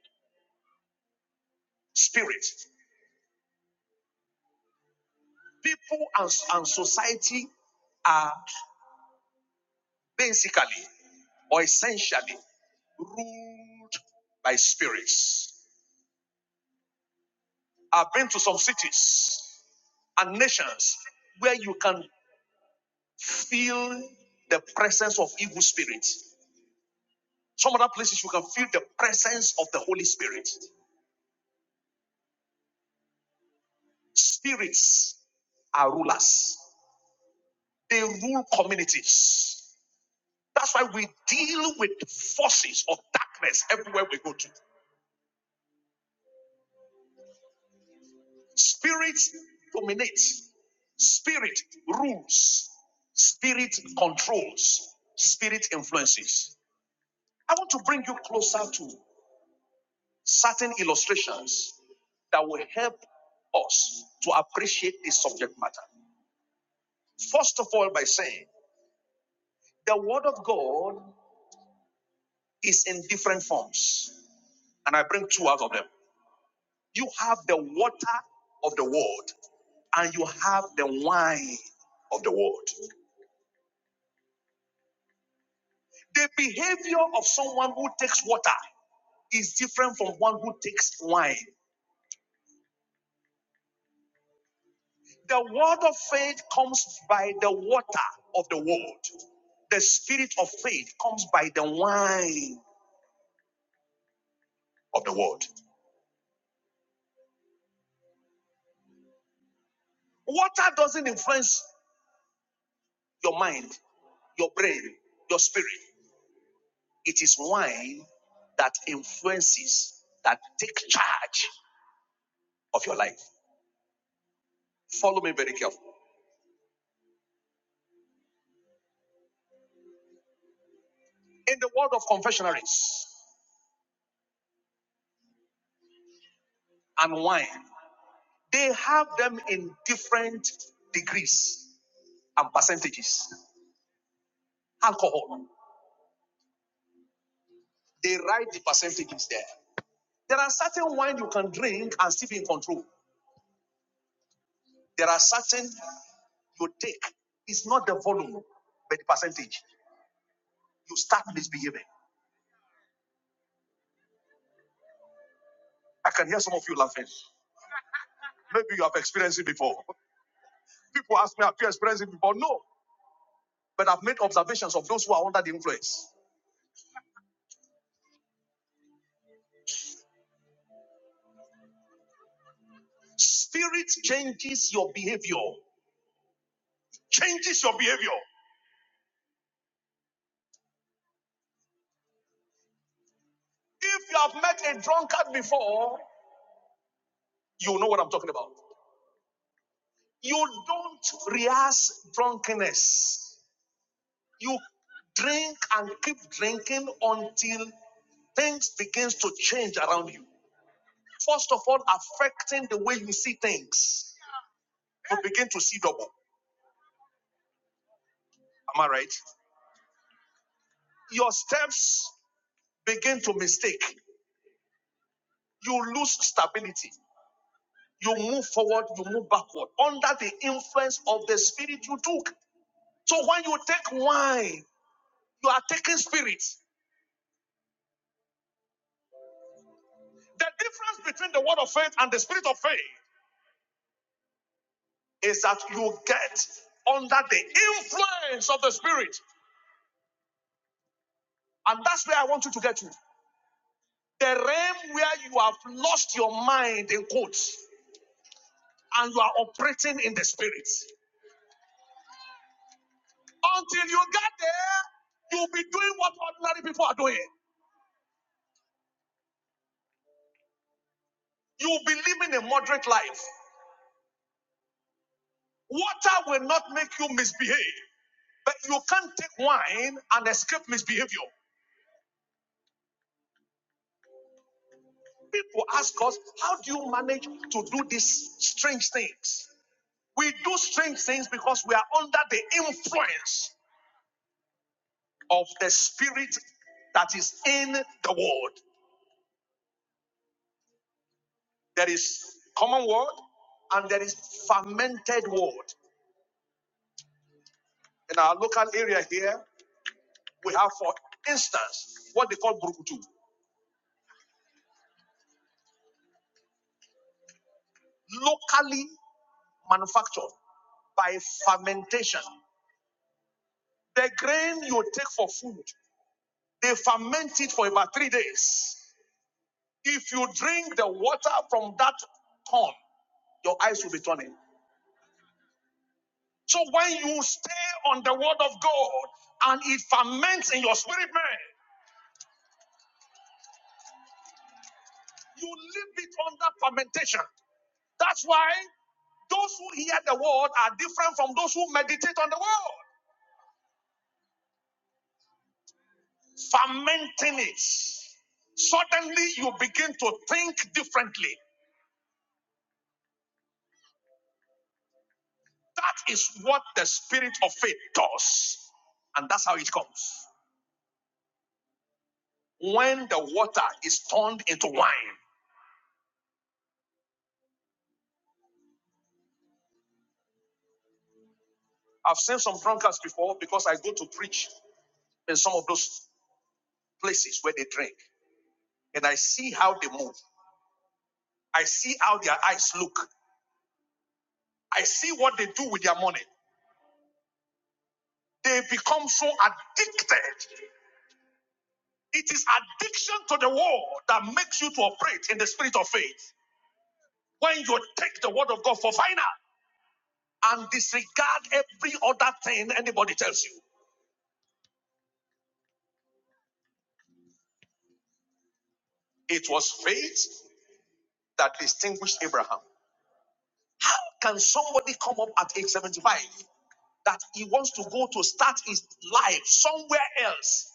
Spirit. People and, and society are basically or essentially ruled by spirits. I've been to some cities and nations where you can feel the presence of evil spirits. Some other places you can feel the presence of the Holy Spirit. Spirits are rulers, they rule communities. That's why we deal with forces of darkness everywhere we go to. Spirit dominates, spirit rules, spirit controls, spirit influences. I want to bring you closer to certain illustrations that will help us to appreciate this subject matter. First of all, by saying the Word of God is in different forms, and I bring two out of them. You have the water of the world and you have the wine of the world. The behavior of someone who takes water is different from one who takes wine. The word of faith comes by the water of the world. The spirit of faith comes by the wine of the world. Water doesn't influence your mind, your brain, your spirit. It is wine that influences, that take charge of your life. Follow me very carefully. In the world of confessionaries and wine, they have them in different degrees and percentages. Alcohol, they write the percentages there. There are certain wine you can drink and still be in control. There are certain you take. It's not the volume, but the percentage. You start misbehaving. I can hear some of you laughing. Maybe you have experienced it before. People ask me, have you experienced it before? No. But I've made observations of those who are under the influence. Spirit changes your behavior. Changes your behavior. If you have met a drunkard before, you know what I'm talking about. You don't rehearse drunkenness. You drink and keep drinking until things begins to change around you. First of all, affecting the way you see things. You begin to see double. Am I right? Your steps begin to mistake. You lose stability. You move forward, you move backward under the influence of the spirit you took. So when you take wine, you are taking spirit. The difference between the word of faith and the spirit of faith is that you get under the influence of the spirit. And that's where I want you to get to. The realm where you have lost your mind in quotes and you are operating in the spirit. Until you get there, you'll be doing what ordinary people are doing. You'll be living a moderate life. Water will not make you misbehave, but you can't take wine and escape misbehavior. People ask us, how do you manage to do these strange things? We do strange things because we are under the influence of the spirit that is in the word. There is common word and there is fermented word. In our local area here, we have, for instance, what they call brukutu, locally manufactured by fermentation. The grain you take for food, they ferment it for about three days. If you drink the water from that corn, your eyes will be turning. So when you stay on the word of God and it ferments in your spirit, man, you leave it under fermentation. That's why those who hear the word are different from those who meditate on the word. Fermenting it. Suddenly you begin to think differently. That is what the spirit of faith does. And that's how it comes. When the water is turned into wine. I've seen some drunkards before because I go to preach in some of those places where they drink. And I see how they move. I see how their eyes look. I see what they do with their money. They become so addicted. It is addiction to the world that makes you to operate in the spirit of faith. When you take the word of God for final. and disregard every other thing anybody tells you. It was faith that distinguished Abraham. How can somebody come up at age 75 that he wants to go to start his life somewhere else?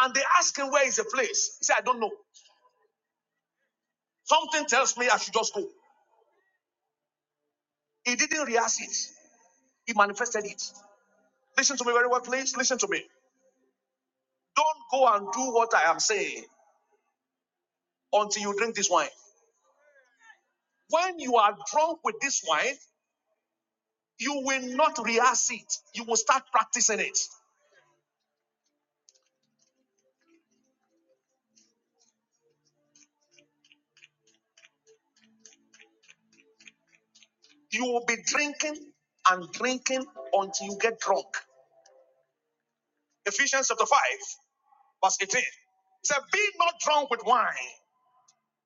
And they ask him where is the place. He said, I don't know. Something tells me I should just go. He didn't rehearse it, he manifested it. Listen to me very well, please. Listen to me. Don't go and do what I am saying until you drink this wine. When you are drunk with this wine, You will not rehearse it. You will start practicing it. You will be drinking and drinking until you get drunk. Ephesians chapter 5, verse 18. It said, Be not drunk with wine,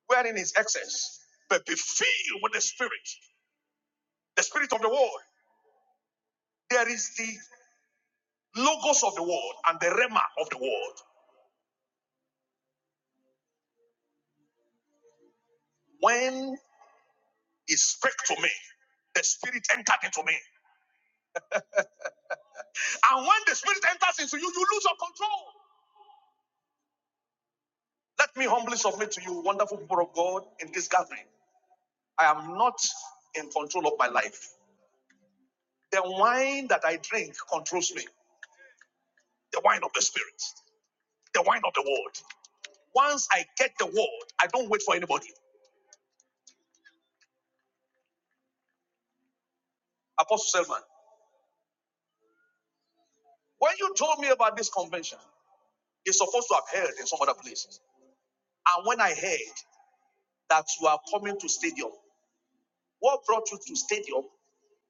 wherein is excess, but be filled with the Spirit, the Spirit of the world. There is the logos of the world and the rema of the world. When he spoke to me, the Spirit entered into me. And when the Spirit enters into you, you lose your control. Let me humbly submit to you, wonderful people of God, in this gathering. I am not in control of my life. The wine that I drink controls me, the wine of the Spirit, the wine of the Word. Once I get the Word, I don't wait for anybody. Apostle Selman, when you told me about this convention, it's supposed to have held in some other places. And when I heard that you are coming to stadium, what brought you to stadium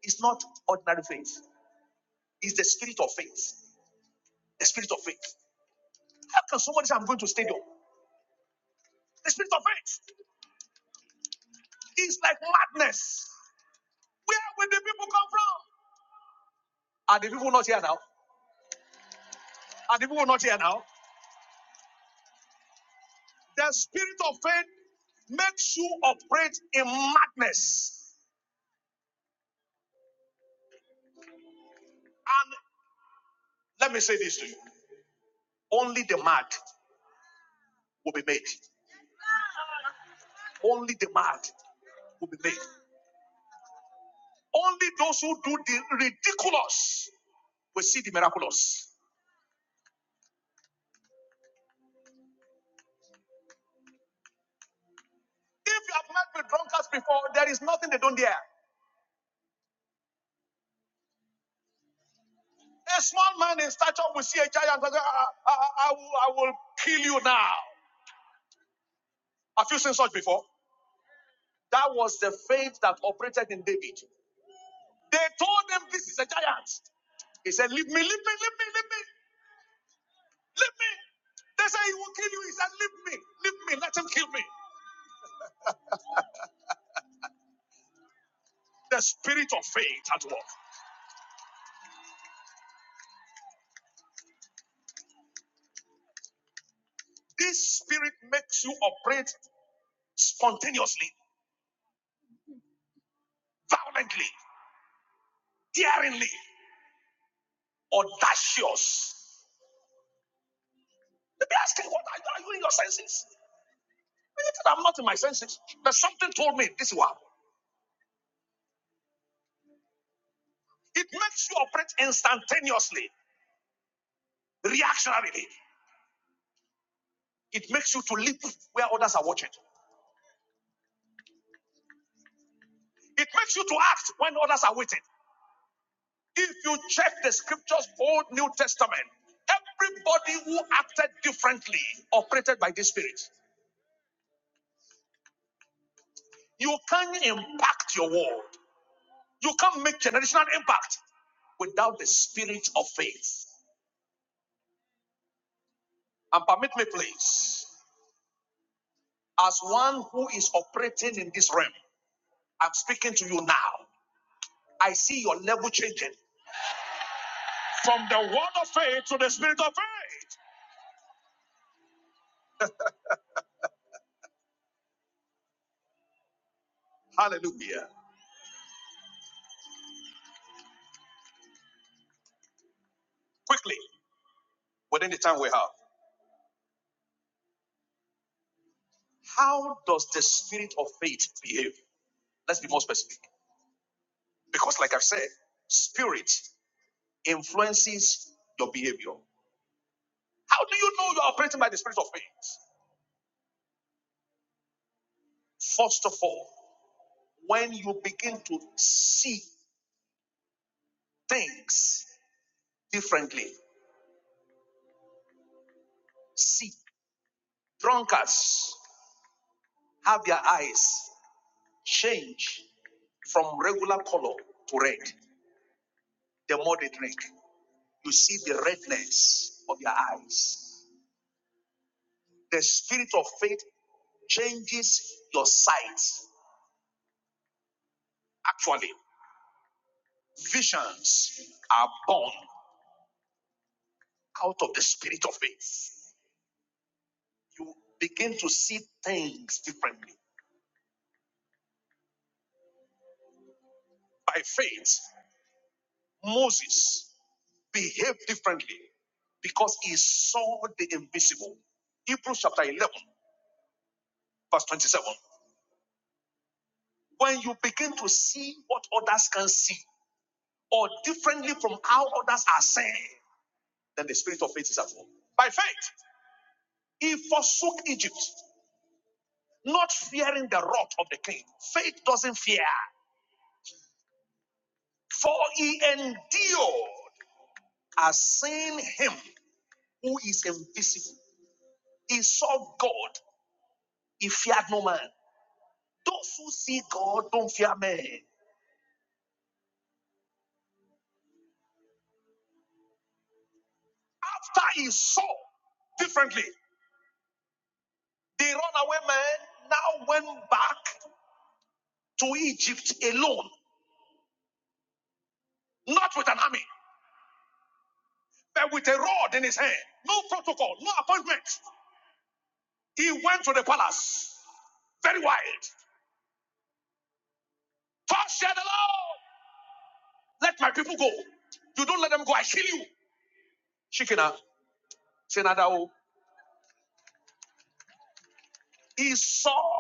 is not ordinary faith. It's the spirit of faith. The spirit of faith. How can somebody say I'm going to stadium? The spirit of faith is like madness. Where will the people come from? Are the people not here now? Are the people not here now? The spirit of faith makes you operate in madness. And let me say this to you only the mad will be made. Only the mad will be made. Only those who do the ridiculous will see the miraculous. If you have met with drunkards before, there is nothing they don't dare. A small man in stature will see a giant. and say, I, I, I will, I will kill you now. Have you seen such before? That was the faith that operated in David. They told him, This is a giant. He said, Leave me, leave me, leave me, leave me, leave me. They said, He will kill you. He said, Leave me, leave me, let him kill me. The spirit of faith at work. This spirit makes you operate spontaneously, violently, daringly, audacious. Let me ask you, what are you, are you in your senses? I'm not in my senses, but something told me this one. It makes you operate instantaneously, reactionarily. It makes you to leap where others are watching. It makes you to act when others are waiting. If you check the scriptures, Old New Testament, everybody who acted differently operated by this spirit. You can't impact your world. You can't make generational impact without the spirit of faith. And permit me, please, as one who is operating in this realm. I'm speaking to you now. I see your level changing from the word of faith to the spirit of faith. Hallelujah. Quickly, within the time we have, how does the spirit of faith behave? Let's be more specific. Because, like I've said, spirit influences your behavior. How do you know you're operating by the spirit of faith? First of all, when you begin to see things differently, see drunkards have their eyes change from regular color to red the more they drink. You see the redness of your eyes. The spirit of faith changes your sight. Actually, visions are born out of the spirit of faith. You begin to see things differently. By faith, Moses behaved differently because he saw the invisible. Hebrews chapter 11, verse 27. When you begin to see what others can see or differently from how others are seeing, then the spirit of faith is at work. By faith, he forsook Egypt, not fearing the wrath of the king. Faith doesn't fear, for he endured as seeing him who is invisible. He saw God, he feared no man. Those who see God don't fear men. After he saw differently, the runaway man now went back to Egypt alone, not with an army, but with a rod in his hand. No protocol, no appointment. He went to the palace, very wild. Thus said the Lord, let my people go. You don't let them go, I kill you. Shikina, Senadao. He saw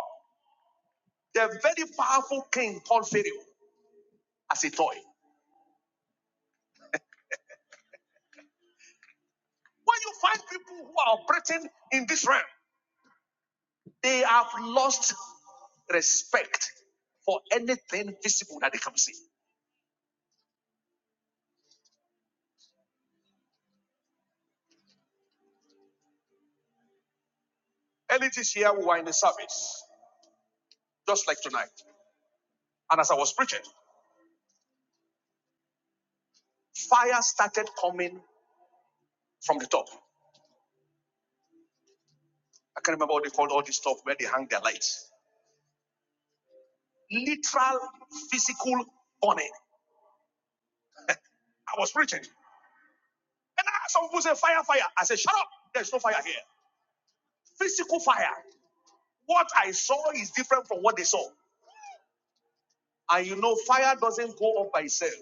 the very powerful king called Pharaoh as a toy. When you find people who are operating in this realm, they have lost respect for anything visible that they can see. Early this year, we were in the service. just like tonight. And as I was preaching, fire started coming from the top. I can't remember what they called all this stuff where they hang their lights. Literal physical burning. I was preaching. And I, some people say, fire, fire. I said, shut up. There's no fire here. Physical fire. What I saw is different from what they saw. And you know, fire doesn't go up by itself.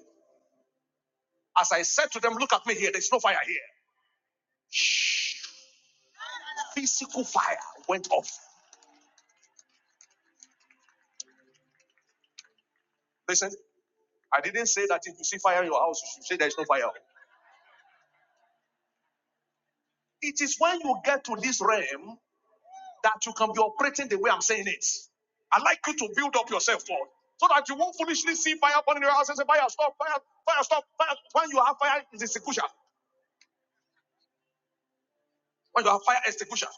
As I said to them, look at me here. There's no fire here. Shh. Physical fire went off. Listen, I didn't say that if you see fire in your house, you should say there's no fire. It is when you get to this realm that you can be operating the way I'm saying it. I like you to build up yourself for so that you won't foolishly see fire burning in your house and say, Fire, stop, fire, fire, stop, fire. When you have fire, it's execution. When you have fire, execution.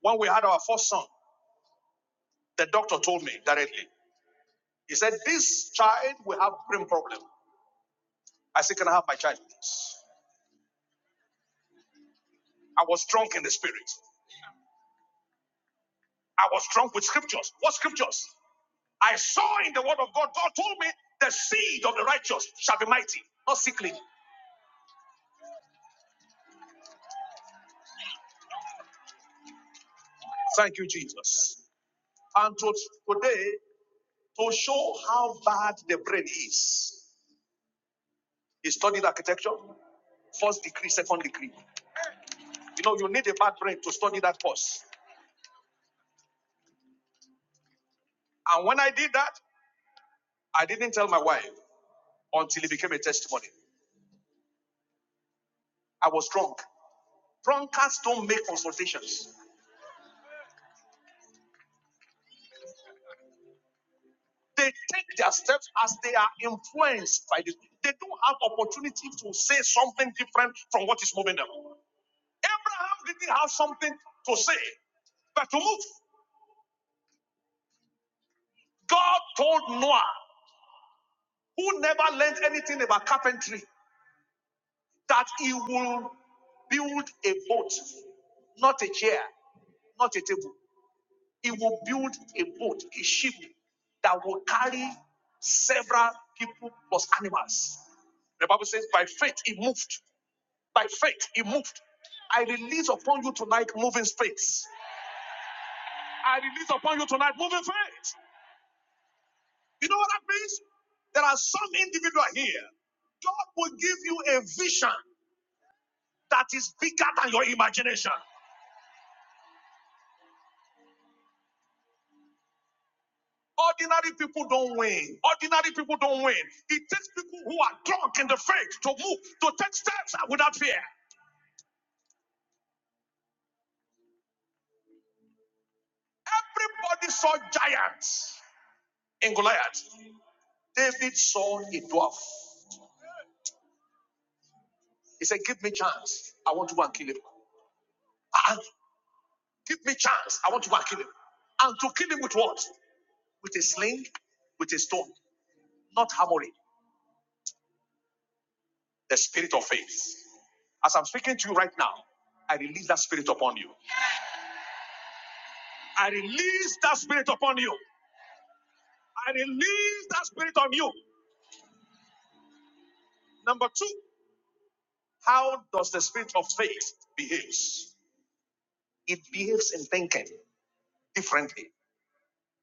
When we had our first son, the doctor told me directly, he said, This child will have brain problem. I said, Can I have my child? I was drunk in the spirit. I was drunk with scriptures. What scriptures? I saw in the word of God, God told me the seed of the righteous shall be mighty, not sickly. Thank you, Jesus. And to, today, to show how bad the brain is, he studied architecture, first degree, second degree. You know, you need a bad brain to study that course. And when I did that, I didn't tell my wife until it became a testimony. I was drunk. Drunkards don't make consultations. They take their steps as they are influenced by this. They don't have opportunity to say something different from what is moving them. Abraham didn't have something to say, but to move. God told Noah, who never learned anything about carpentry, that he will build a boat, not a chair, not a table. He will build a boat, a ship that will carry several people plus animals. The Bible says, by faith he moved. By faith he moved. I release upon you tonight moving faith. I release upon you tonight moving faith. You know what that means? There are some individual here. God will give you a vision that is bigger than your imagination. Ordinary people don't win. Ordinary people don't win. It takes people who are drunk in the faith to move, to take steps without fear. Everybody saw giants in Goliath. David saw a dwarf. He said, Give me chance. I want to go and kill him. Ah, give me chance. I want to go and kill him. And to kill him with what? With a sling, with a stone, not hammering. the spirit of faith. As I'm speaking to you right now, I release that spirit upon you. I release that spirit upon you. I release that spirit on you. Number two, how does the spirit of faith behaves? It behaves in thinking differently.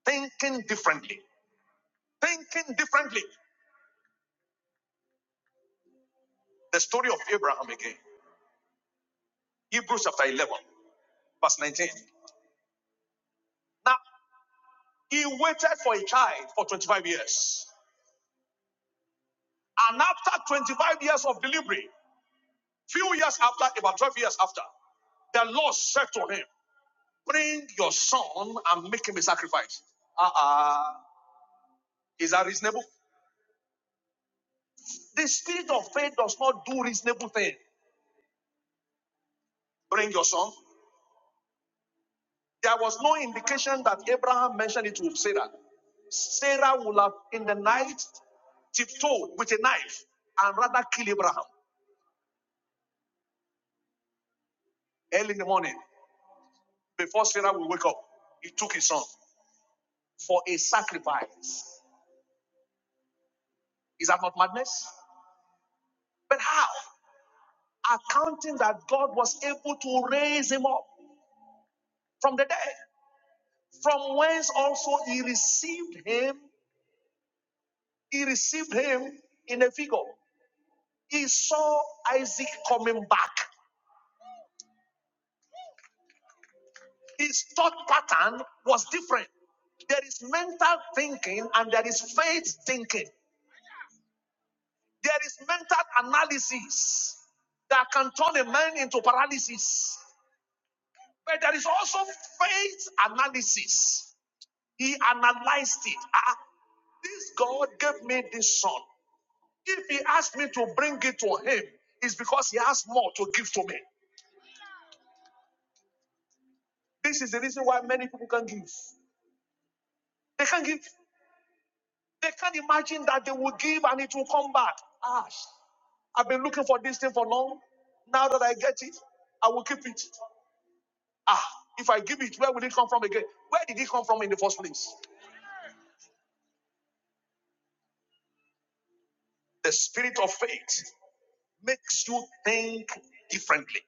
Thinking differently. Thinking differently. The story of Abraham again. Hebrews chapter 11, verse 19. Now, he waited for a child for 25 years. And after 25 years of delivery, Few years after, about 12 years after, the Lord said to him, Bring your son and make him a sacrifice. Ah, ah, is that reasonable? The spirit of faith does not do reasonable thing. Bring your son. There was no indication that Abraham mentioned it to Sarah. Sarah would have, in the night, tiptoed with a knife and rather kill Abraham early in the morning before Sarah will wake up. He took his son for a sacrifice. Is that not madness? But how? accounting that God was able to raise him up from the dead, from whence also he received him, he received him in a figure. He saw Isaac coming back. His thought pattern was different. There is mental thinking and there is faith thinking. There is mental analysis that can turn a man into paralysis. But there is also faith analysis He analyzed it. Ah, ah. this God gave me this son. If he asked me to bring it to him, it's because he has more to give to me. This is the reason why many people can give. They can't give. They can't imagine that they will give and it will come back. Ah, I've been looking for this thing for long. Now that I get it, I will keep it. Ah, if I give it, where will it come from again? Where did it come from in the first place? The spirit of faith makes you think differently.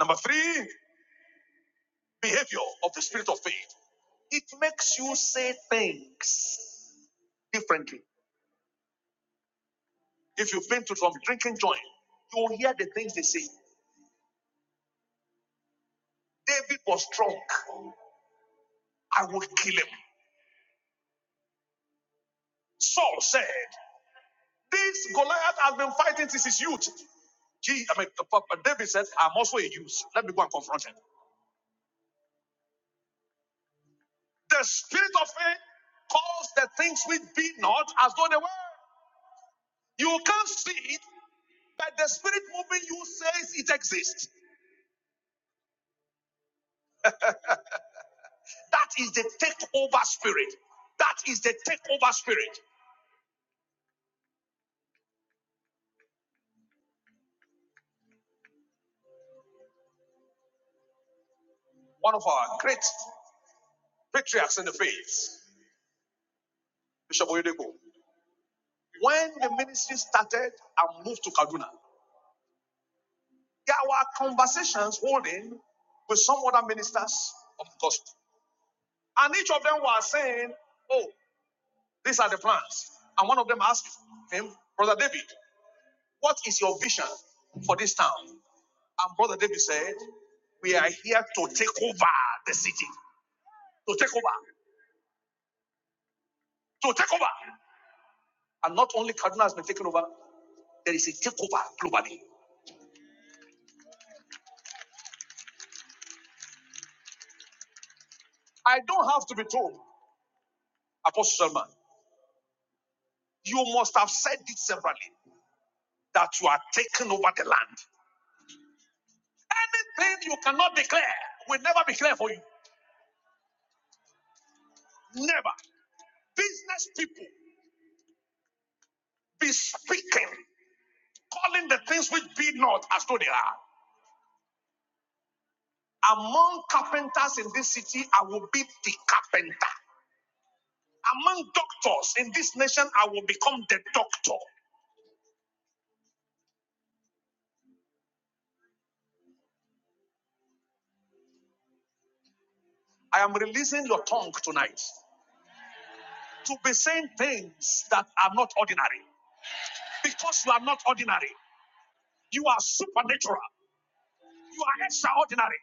Number three, behavior of the spirit of faith. It makes you say things differently. If you've been to some drinking joint, you will hear the things they say. David was drunk. I will kill him. Saul said, This Goliath has been fighting since his youth. He, I mean, David said, I'm also a youth. Let me go and confront him. The spirit of faith calls the things which be not as though they were. You can't see it, but the spirit moving you says it exists. That is the takeover spirit. That is the takeover spirit. One of our great patriarchs in the faith, Bishop Oyedeko, when the ministry started and moved to Kaduna, there were conversations holding with some other ministers of the gospel. And each of them were saying, Oh, these are the plans. And one of them asked him, Brother David, what is your vision for this town? And Brother David said, We are here to take over the city. To take over. to take over. And not only Kaduna has been taken over, there is a takeover globally. I don't have to be told, Apostle Selman, you must have said it severally that you are taking over the land. Anything you cannot declare will never be clear for you. Never. Business people be speaking, calling the things which be not as though they are. Among carpenters in this city, I will be the carpenter. Among doctors in this nation, I will become the doctor. I am releasing your tongue tonight to be saying things that are not ordinary because you are not ordinary. You are supernatural. You are extraordinary.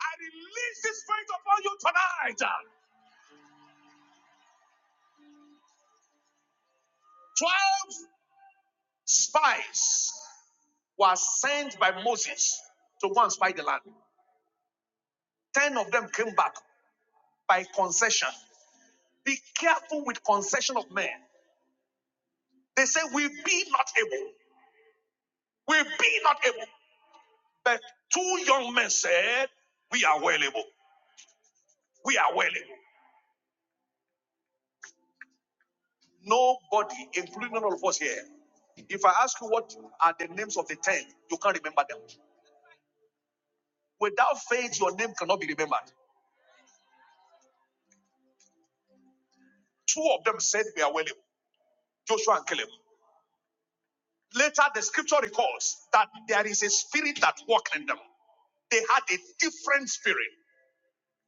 I release this spirit upon you tonight. Twelve spies were sent by Moses to go and spy the land. Ten of them came back by concession. Be careful with concession of men. They say, We be not able. We be not able. But two young men said, We are well able. We are willing. Nobody, including none of us here. If I ask you what are the names of the ten, you can't remember them. Without faith, your name cannot be remembered. Two of them said we are willing, Joshua and Caleb. Later, the scripture recalls that there is a spirit that walked in them. They had a different spirit.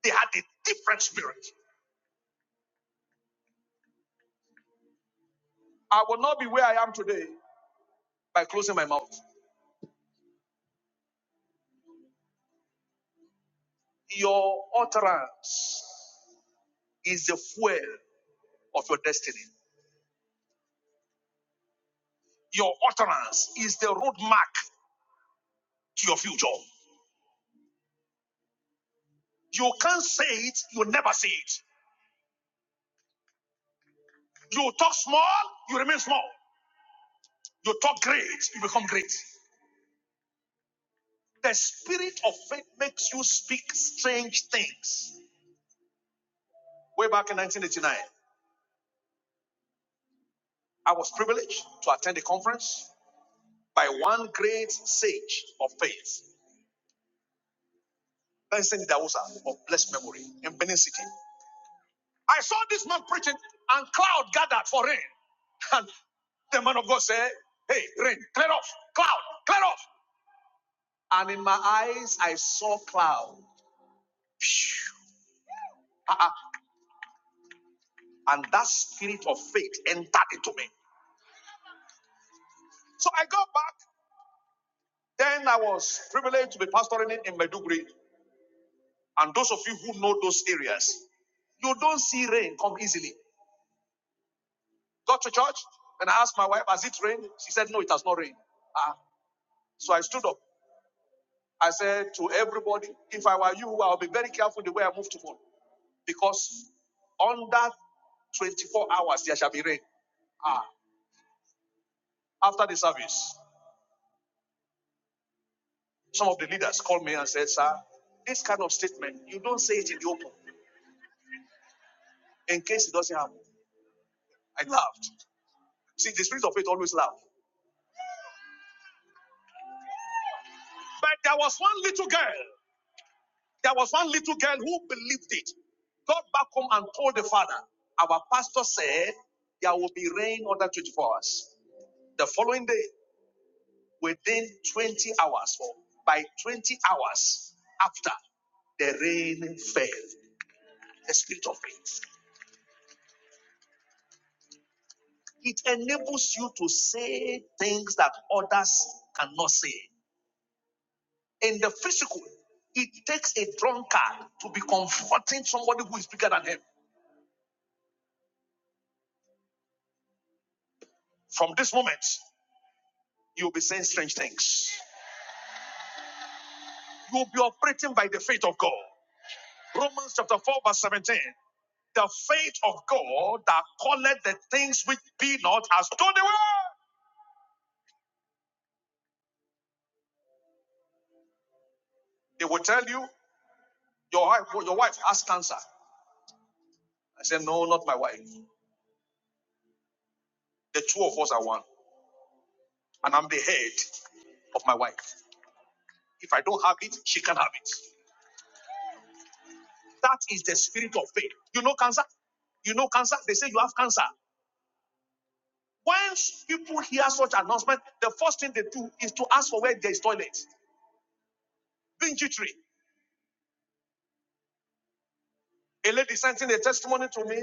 They had a different spirit. I will not be where I am today by closing my mouth. Your utterance is the fuel of your destiny. Your utterance is the roadmark to your future. You can't say it, you never say it. You talk small, you remain small. You talk great, you become great. The spirit of faith makes you speak strange things. Way back in 1989, I was privileged to attend a conference by one great sage of faith, Benson Dawusa of blessed memory in Benin City. I saw this man preaching, and cloud gathered for rain. And the man of God said, Hey, rain, clear off, cloud, clear off. And in my eyes, I saw clouds. Ah, ah. And that spirit of faith entered into me. So I got back. Then I was privileged to be pastoring in, Maiduguri. And those of you who know those areas, you don't see rain come easily. Got to church and I asked my wife, Has it rained? She said, No, it has not rained. Ah, so I stood up. I said to everybody, If I were you, I'll be very careful the way I move tomorrow because under 24 hours there shall be rain. Ah, after the service. Some of the leaders called me and said, Sir, this kind of statement, you don't say it in the open in case it doesn't happen. I laughed. See, the spirit of faith always laughs. But there was one little girl, there was one little girl who believed it. Got back home and told the father, Our pastor said there will be rain under 24 hours. The following day, within 20 hours, or by 20 hours after, the rain fell. The spirit of faith. It enables you to say things that others cannot say. In the physical, it takes a drunkard to be comforting somebody who is bigger than him. From this moment, you'll be saying strange things. You'll be operating by the faith of God. Romans chapter 4, verse 17. The faith of God that calleth the things which be not as though they were. They will tell you, your wife, your wife has cancer. I said, No, not my wife. The two of us are one. And I'm the head of my wife. If I don't have it, she can have it. That is the spirit of faith. You know cancer? You know cancer? They say you have cancer. Once people hear such announcement, the first thing they do is to ask for where there is toilet. Bingy tree. A lady sent in a testimony to me.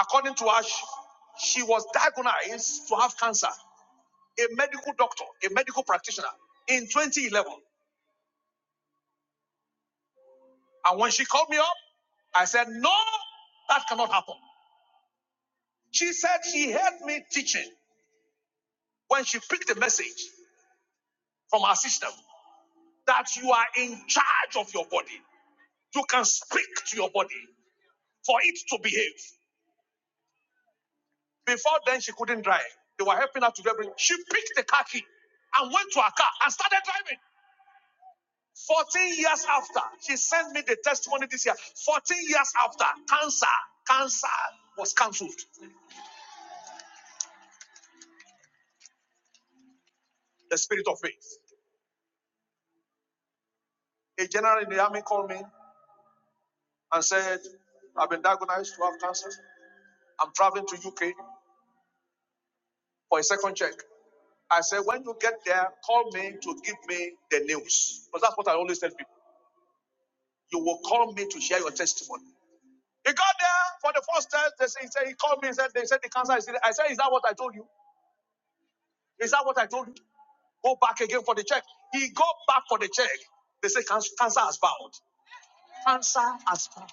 According to her, she was diagnosed to have cancer. A medical doctor, a medical practitioner in 2011. And when she called me up, I said, No, that cannot happen. She said she heard me teaching. When she picked the message, from our system that you are in charge of your body. You can speak to your body for it to behave. Before then, she couldn't drive. They were helping her to drive. She picked the car key and went to her car and started driving. 14 years after, she sent me the testimony this year. 14 years after, cancer, cancer was cancelled. The spirit of faith. A general in the army called me and said, I've been diagnosed to have cancer. I'm traveling to UK for a second check. I said, when you get there, call me to give me the news. Because that's what I always tell people. You will call me to share your testimony. He got there for the first test. They say, he, said, he called me and said, they said the cancer is in. it. I said, is that what I told you? Is that what I told you? Go back again for the check. He go back for the check. They say "Can- cancer has found. Cancer has found.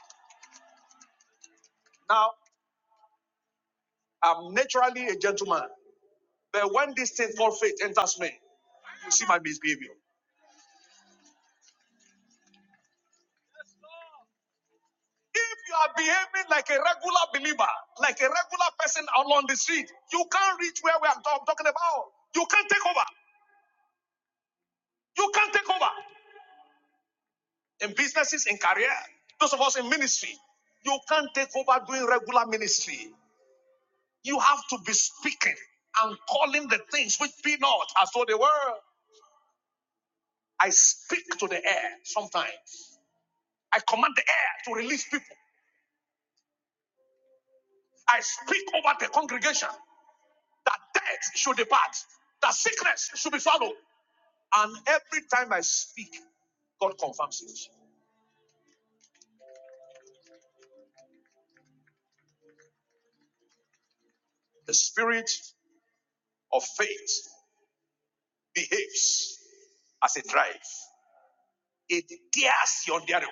Now, I'm naturally a gentleman. But when this thing called faith enters me, you see my misbehavior. If you are behaving like a regular believer, like a regular person along the street, you can't reach where we are talk- talking about. You can't take over. You can't take over in businesses, in career. Those of us in ministry, you can't take over doing regular ministry. You have to be speaking and calling the things which be not as though they were. I speak to the air sometimes. I command the air to release people. I speak over the congregation that death should depart, that sickness should be swallowed. And every time I speak, God confirms it. The spirit of faith behaves as a drive, it tears the unbearable.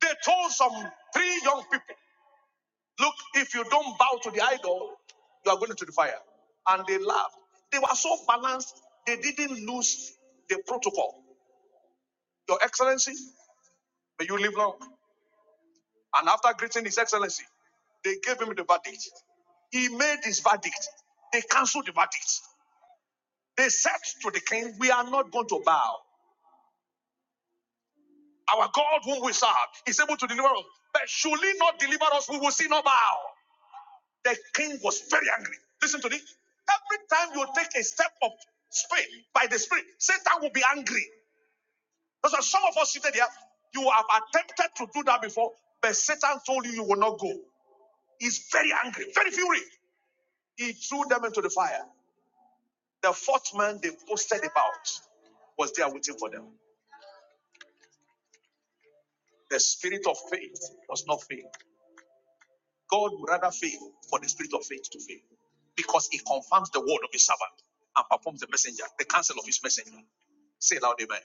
They told some three young people, Look, if you don't bow to the idol, you are going to the fire. And they laughed. They were so balanced, they didn't lose the protocol. Your Excellency, may you live long. And after greeting His Excellency, they gave him the verdict. He made his verdict. They canceled the verdict. They said to the king, We are not going to bow. Our God, whom we serve, is able to deliver us. But should he not deliver us, we will see no bow. The king was very angry. Listen to this. Every time you take a step of faith by the spirit, Satan will be angry. That's why some of us seated here, you have attempted to do that before, but Satan told you you will not go. He's very angry, very fury. He threw them into the fire. The fourth man they posted about was there waiting for them. The spirit of faith does not fail. God would rather fail for the spirit of faith to fail because it confirms the word of his servant and performs the messenger, the counsel of his messenger. Say loud, amen.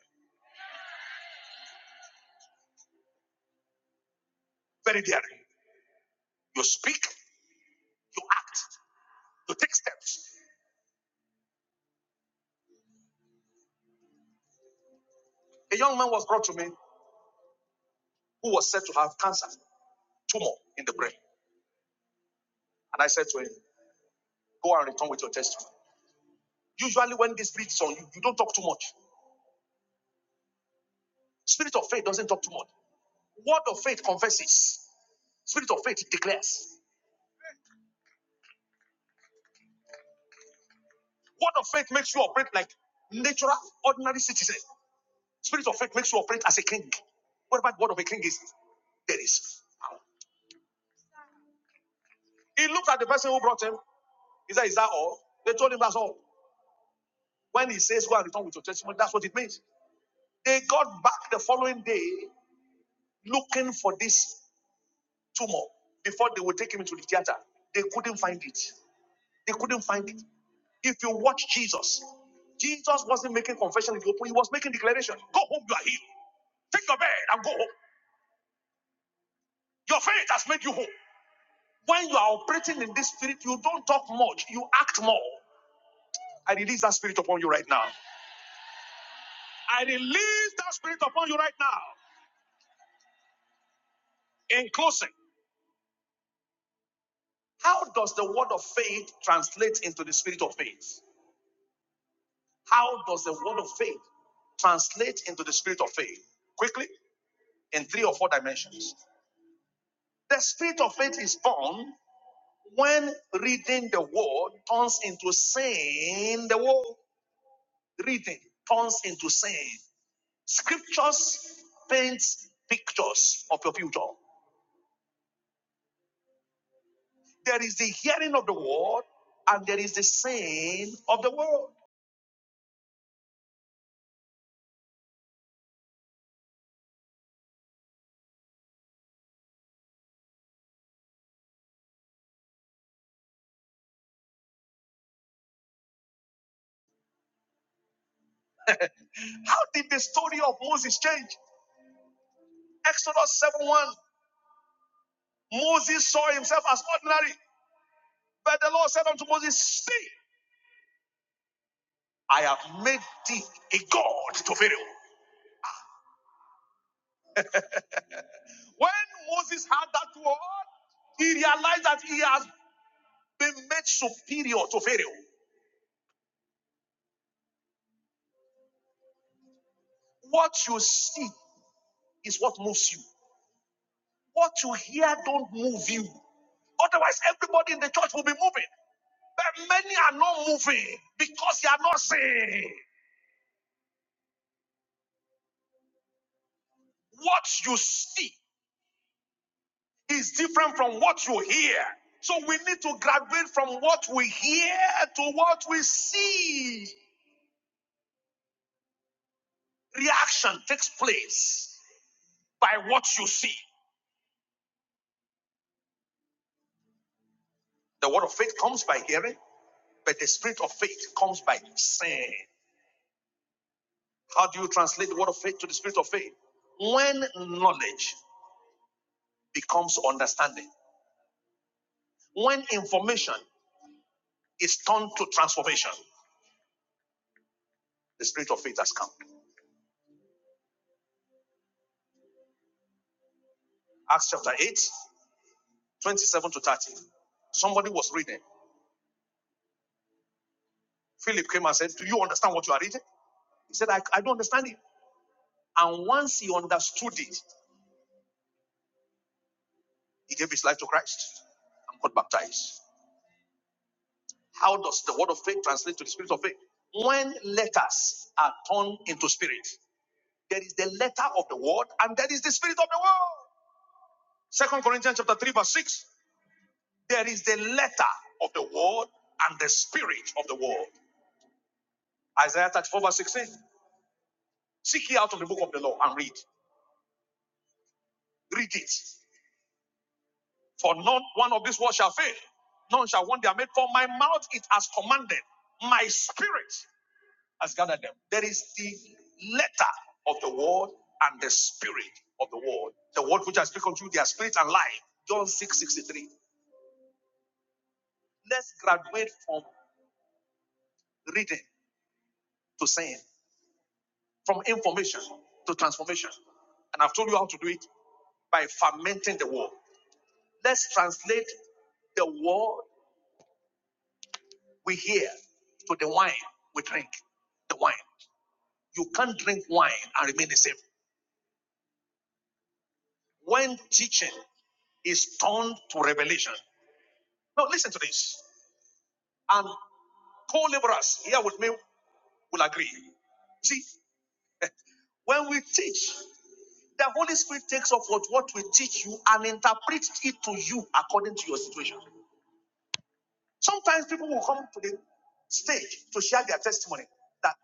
Very daring. You speak, you act, you take steps. A young man was brought to me who was said to have cancer, tumor in the brain. And I said to him, Go and return with your testimony. Usually, when this spirit is on you, you don't talk too much. Spirit of faith doesn't talk too much. Word of faith confesses. Spirit of faith declares. Word of faith makes you operate like natural, ordinary citizen. Spirit of faith makes you operate as a king. What about word of a king is? There is power. He looked at the person who brought him. He said, Is that all? They told him that's all. When he says, Go and return with your testimony, that's what it means. They got back the following day looking for this tumor before they would take him into the theater. They couldn't find it. They couldn't find it. If you watch Jesus, Jesus wasn't making confession in the open, he was making declaration. Go home, you are healed. Take your bed and go home. Your faith has made you whole. When you are operating in this spirit, you don't talk much, you act more. I release that spirit upon you right now. I release that spirit upon you right now. In closing, how does the word of faith translate into the spirit of faith? How does the word of faith translate into the spirit of faith? Quickly, in three or four dimensions. The spirit of faith is born when reading the word turns into saying the word. Reading turns into saying. Scriptures paints pictures of your future. There is the hearing of the word and there is the saying of the word. How did the story of Moses change? Exodus 7 1. Moses saw himself as ordinary, but the Lord said unto Moses, See, I have made thee a God to Pharaoh. When Moses had that word, he realized that he has been made superior to Pharaoh. What you see is what moves you. What you hear don't move you. Otherwise, everybody in the church will be moving. But many are not moving because they are not seeing. What you see is different from what you hear. So we need to graduate from what we hear to what we see. Reaction takes place by what you see. The word of faith comes by hearing, but the spirit of faith comes by saying. How do you translate the word of faith to the spirit of faith? When knowledge becomes understanding. When information is turned to transformation, the spirit of faith has come. Acts chapter eight, twenty-seven to 30. Somebody was reading. Philip came and said, Do you understand what you are reading? He said, I, I don't understand it. And once he understood it, he gave his life to Christ and got baptized. How does the word of faith translate to the spirit of faith? When letters are turned into spirit, there is the letter of the word and there is the spirit of the word. Second Corinthians chapter 3, verse 6. There is the letter of the word and the spirit of the word. Isaiah 34, verse 16. Seek ye out of the book of the law and read. Read it. For not one of these words shall fail. None shall want their made. For my mouth it has commanded. My spirit has gathered them. There is the letter of the word and the spirit of the word. The word which I speak unto you, their spirit and life. John 6:63. Let's graduate from reading to saying. from information to transformation. And I've told you how to do it by fermenting the word. Let's translate the word we hear to the wine we drink. The wine. You can't drink wine and remain the same. When teaching is turned to revelation. Now listen to this. And co-laborers here with me will agree. See, when we teach, the Holy Spirit takes up what, what we teach you and interprets it to you according to your situation. Sometimes people will come to the stage to share their testimony that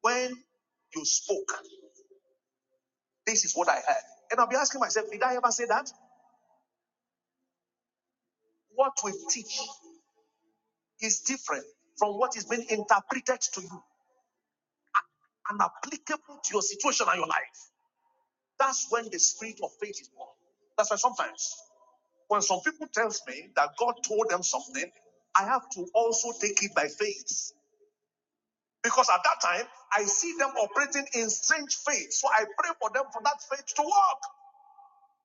when you spoke, this is what I heard. And I'll be asking myself, did I ever say that? What we teach is different from what is being interpreted to you and applicable to your situation and your life. That's when the spirit of faith is born. That's why sometimes when some people tells me that God told them something, I have to also take it by faith. Because at that time, I see them operating in strange faith. So I pray for them for that faith to work.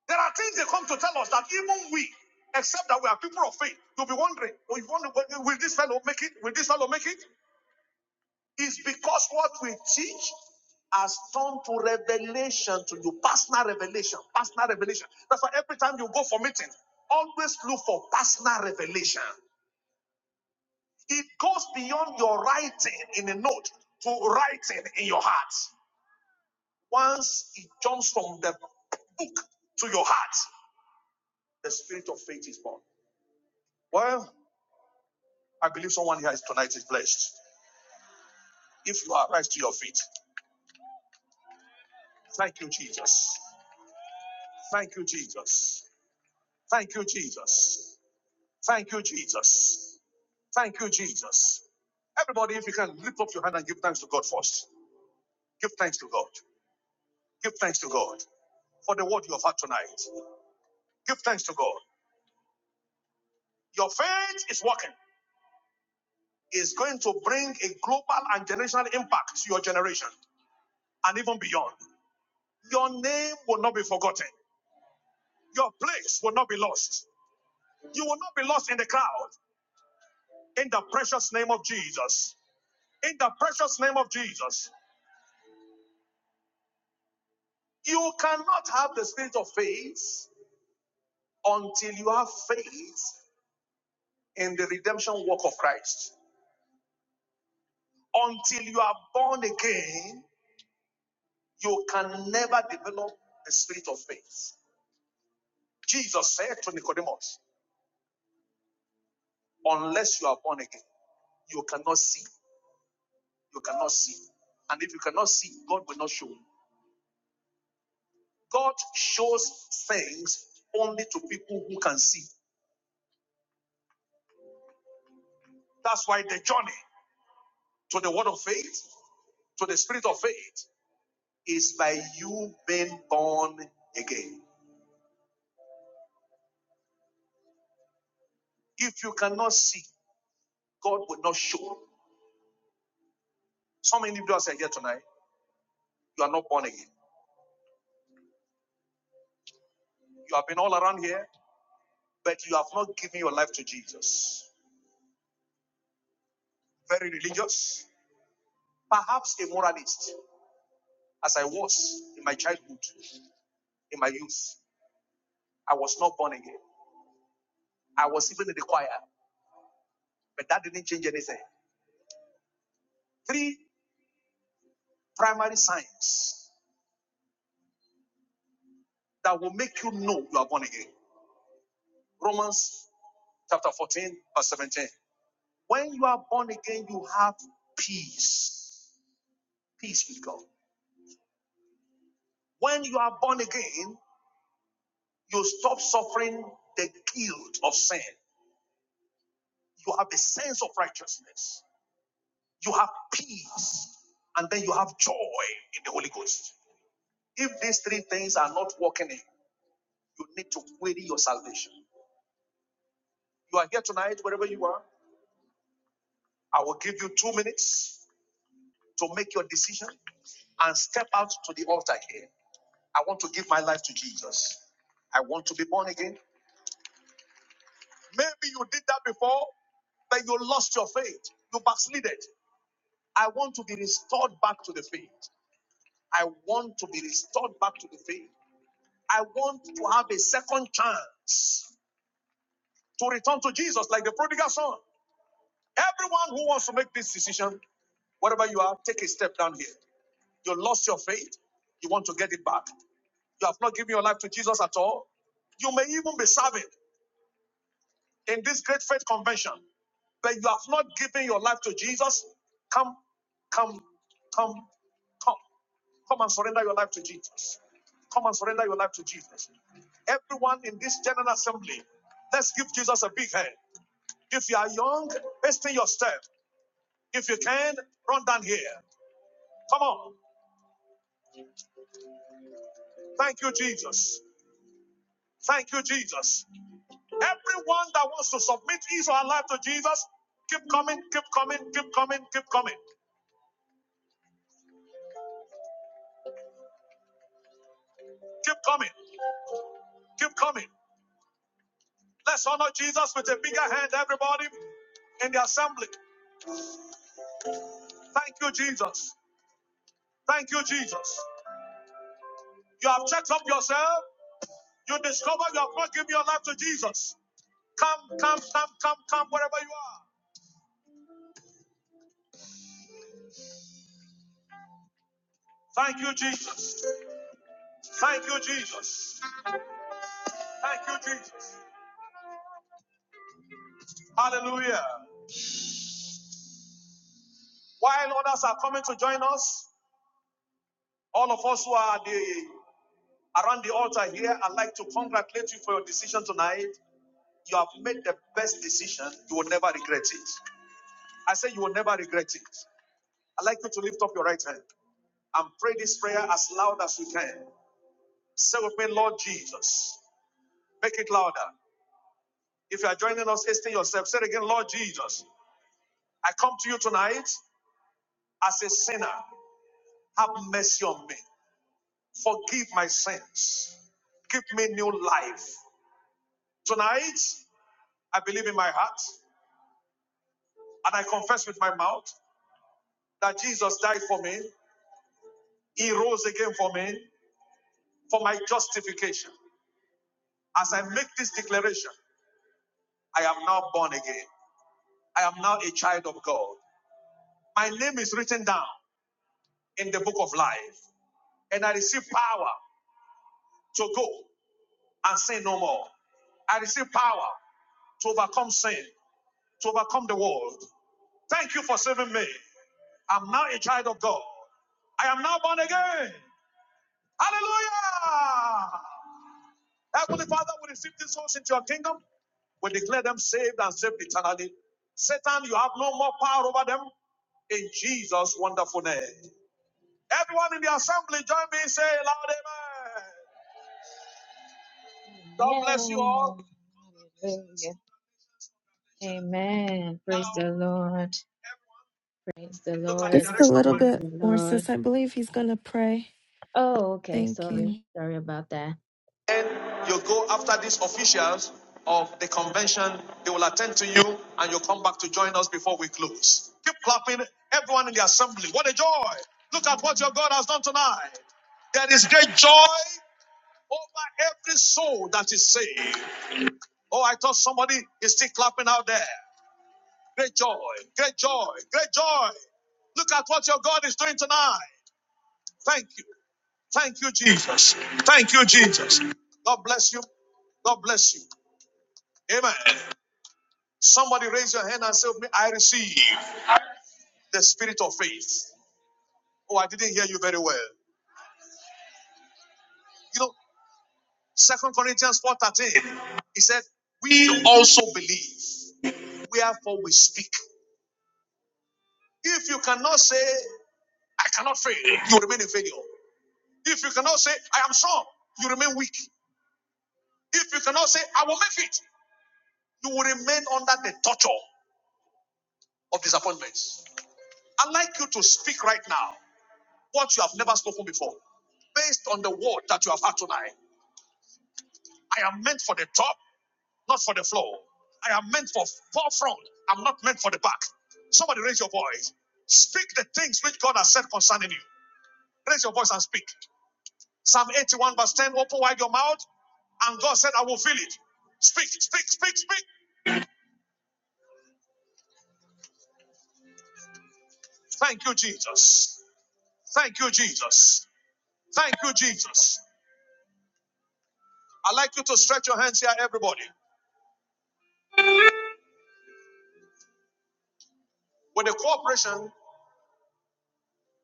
There are things they come to tell us that even we, except that we are people of faith, you'll be wondering, will, will this fellow make it? Will this fellow make it? It's because what we teach has turned to revelation to you, personal revelation, personal revelation. That's why every time you go for meeting, always look for personal revelation. It goes beyond your writing in a note to writing in your heart. Once it jumps from the book to your heart, the spirit of faith is born. Well, I believe someone here is tonight is blessed. If you are rise to your feet, thank you, Jesus. Thank you, Jesus. Thank you, Jesus. Thank you, Jesus. Thank you, Jesus. Everybody, if you can lift up your hand and give thanks to God first. Give thanks to God. Give thanks to God for the word you have had tonight. Give thanks to God. Your faith is working. is going to bring a global and generational impact to your generation and even beyond. Your name will not be forgotten. Your place will not be lost. You will not be lost in the crowd. In the precious name of Jesus. In the precious name of Jesus. You cannot have the spirit of faith until you have faith in the redemption work of Christ. Until you are born again, you can never develop the spirit of faith. Jesus said to Nicodemus, Unless you are born again, you cannot see. You cannot see. And if you cannot see, God will not show you. God shows things only to people who can see. That's why the journey to the word of faith, to the spirit of faith, is by you being born again. If you cannot see, God will not show. you. Some individuals are here tonight. You are not born again. You have been all around here, but you have not given your life to Jesus. Very religious, perhaps a moralist. as I was in my childhood, in my youth. I was not born again. I was even in the choir, but that didn't change anything. Three primary signs that will make you know you are born again. Romans chapter 14, verse 17. When you are born again, you have peace. Peace with God. When you are born again, you stop suffering the guilt of sin. You have a sense of righteousness. You have peace. And then you have joy in the Holy Ghost. If these three things are not working in, you need to query your salvation. You are here tonight, wherever you are. I will give you two minutes to make your decision and step out to the altar here. I want to give my life to Jesus. I want to be born again. Maybe you did that before, but you lost your faith. You backslided. I want to be restored back to the faith. I want to be restored back to the faith. I want to have a second chance to return to Jesus like the prodigal son. Everyone who wants to make this decision, whatever you are, take a step down here. You lost your faith. You want to get it back. You have not given your life to Jesus at all. You may even be serving in this great faith convention, but you have not given your life to Jesus. Come, come, come, come, come and surrender your life to Jesus. Come and surrender your life to Jesus. Everyone in this general assembly, let's give Jesus a big hand. If you are young, hasten your step. If you can, run down here. Come on. Thank you, Jesus. Thank you, Jesus. Everyone that wants to submit his or her life to Jesus, keep coming, keep coming, keep coming, keep coming, keep coming, keep coming. Let's honor Jesus with a bigger hand, everybody in the assembly. Thank you, Jesus. Thank you, Jesus. You have checked up yourself. You discover you have not given your life to Jesus. Come, come, come, come, come, wherever you are. Thank you, Jesus. Thank you, Jesus. Thank you, Jesus. Hallelujah. While others are coming to join us, all of us who are the, around the altar here, I'd like to congratulate you for your decision tonight. You have made the best decision. You will never regret it. I say you will never regret it. I'd like you to lift up your right hand and pray this prayer as loud as you can. Say with me, Lord Jesus. Make it louder. If you are joining us, hasten yourself. Say it again, Lord Jesus. I come to you tonight as a sinner. Have mercy on me. Forgive my sins. Give me new life. Tonight, I believe in my heart and I confess with my mouth that Jesus died for me. He rose again for me for my justification. As I make this declaration, I am now born again. I am now a child of God. My name is written down in the book of life, and I receive power to go and sin no more. I receive power to overcome sin, to overcome the world. Thank you for saving me. I'm now a child of God. I am now born again. Hallelujah! Heavenly Father, we receive these souls into your kingdom. We declare them saved and saved eternally. Satan, you have no more power over them in Jesus' wonderful name. Everyone in the assembly, join me in saying loud amen. God bless you all. Hallelujah. Amen. Praise Now, the Lord. Praise the look at the Lord.
Just a
direction of
little
my Praise
bit
my the
more,
Lord.
sis. I believe he's going to pray.
Oh, okay.
Thank
Sorry.
you.
Sorry about that. Then you go after these officials of the convention. They will attend to you and you'll come back to join us before we close. Keep clapping, everyone in the assembly. What a joy! Look at what your God has done tonight. There is great joy over every soul that is saved. Oh, I thought somebody is still clapping out there. Great joy, great joy, great joy. Look at what your God is doing tonight. Thank you. Thank you, Jesus. Thank you, Jesus. God bless you. God bless you. Amen. Somebody raise your hand and say, I receive the spirit of faith. Oh, I didn't hear you very well. You know, Second Corinthians 4:13. He said, We also believe, wherefore we speak. If you cannot say, I cannot fail, you remain in failure. If you cannot say, I am strong, you remain weak. If you cannot say, I will make it, you will remain under the torture of disappointments. I'd like you to speak right now what you have never spoken before based on the word that you have had tonight. I am meant for the top, not for the floor. I am meant for forefront. I'm not meant for the back. Somebody raise your voice. Speak the things which God has said concerning you. Raise your voice and speak. Psalm 81, verse 10. Open wide your mouth, and God said, I will fill it. Speak, speak, speak, speak. Thank you, Jesus. Thank you, Jesus. Thank you, Jesus. I'd like you to stretch your hands here, everybody. With the cooperation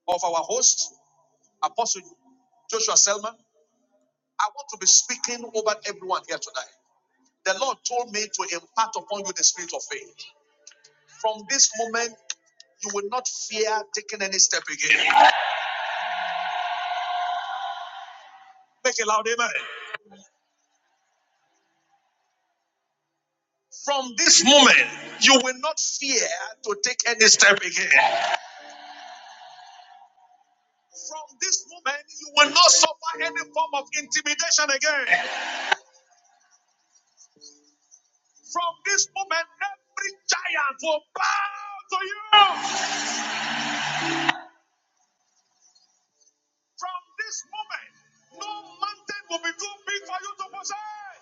of our host, Apostle Joshua Selman, I want to be speaking over everyone here tonight. The Lord told me to impart upon you the spirit of faith. From this moment, you will not fear taking any step again. Make a loud amen. From this moment, you will not fear to take any step again. From this moment, you will not suffer any form of intimidation again. From this moment, every giant will bow to you. From this moment, no mountain will be too big for you to possess.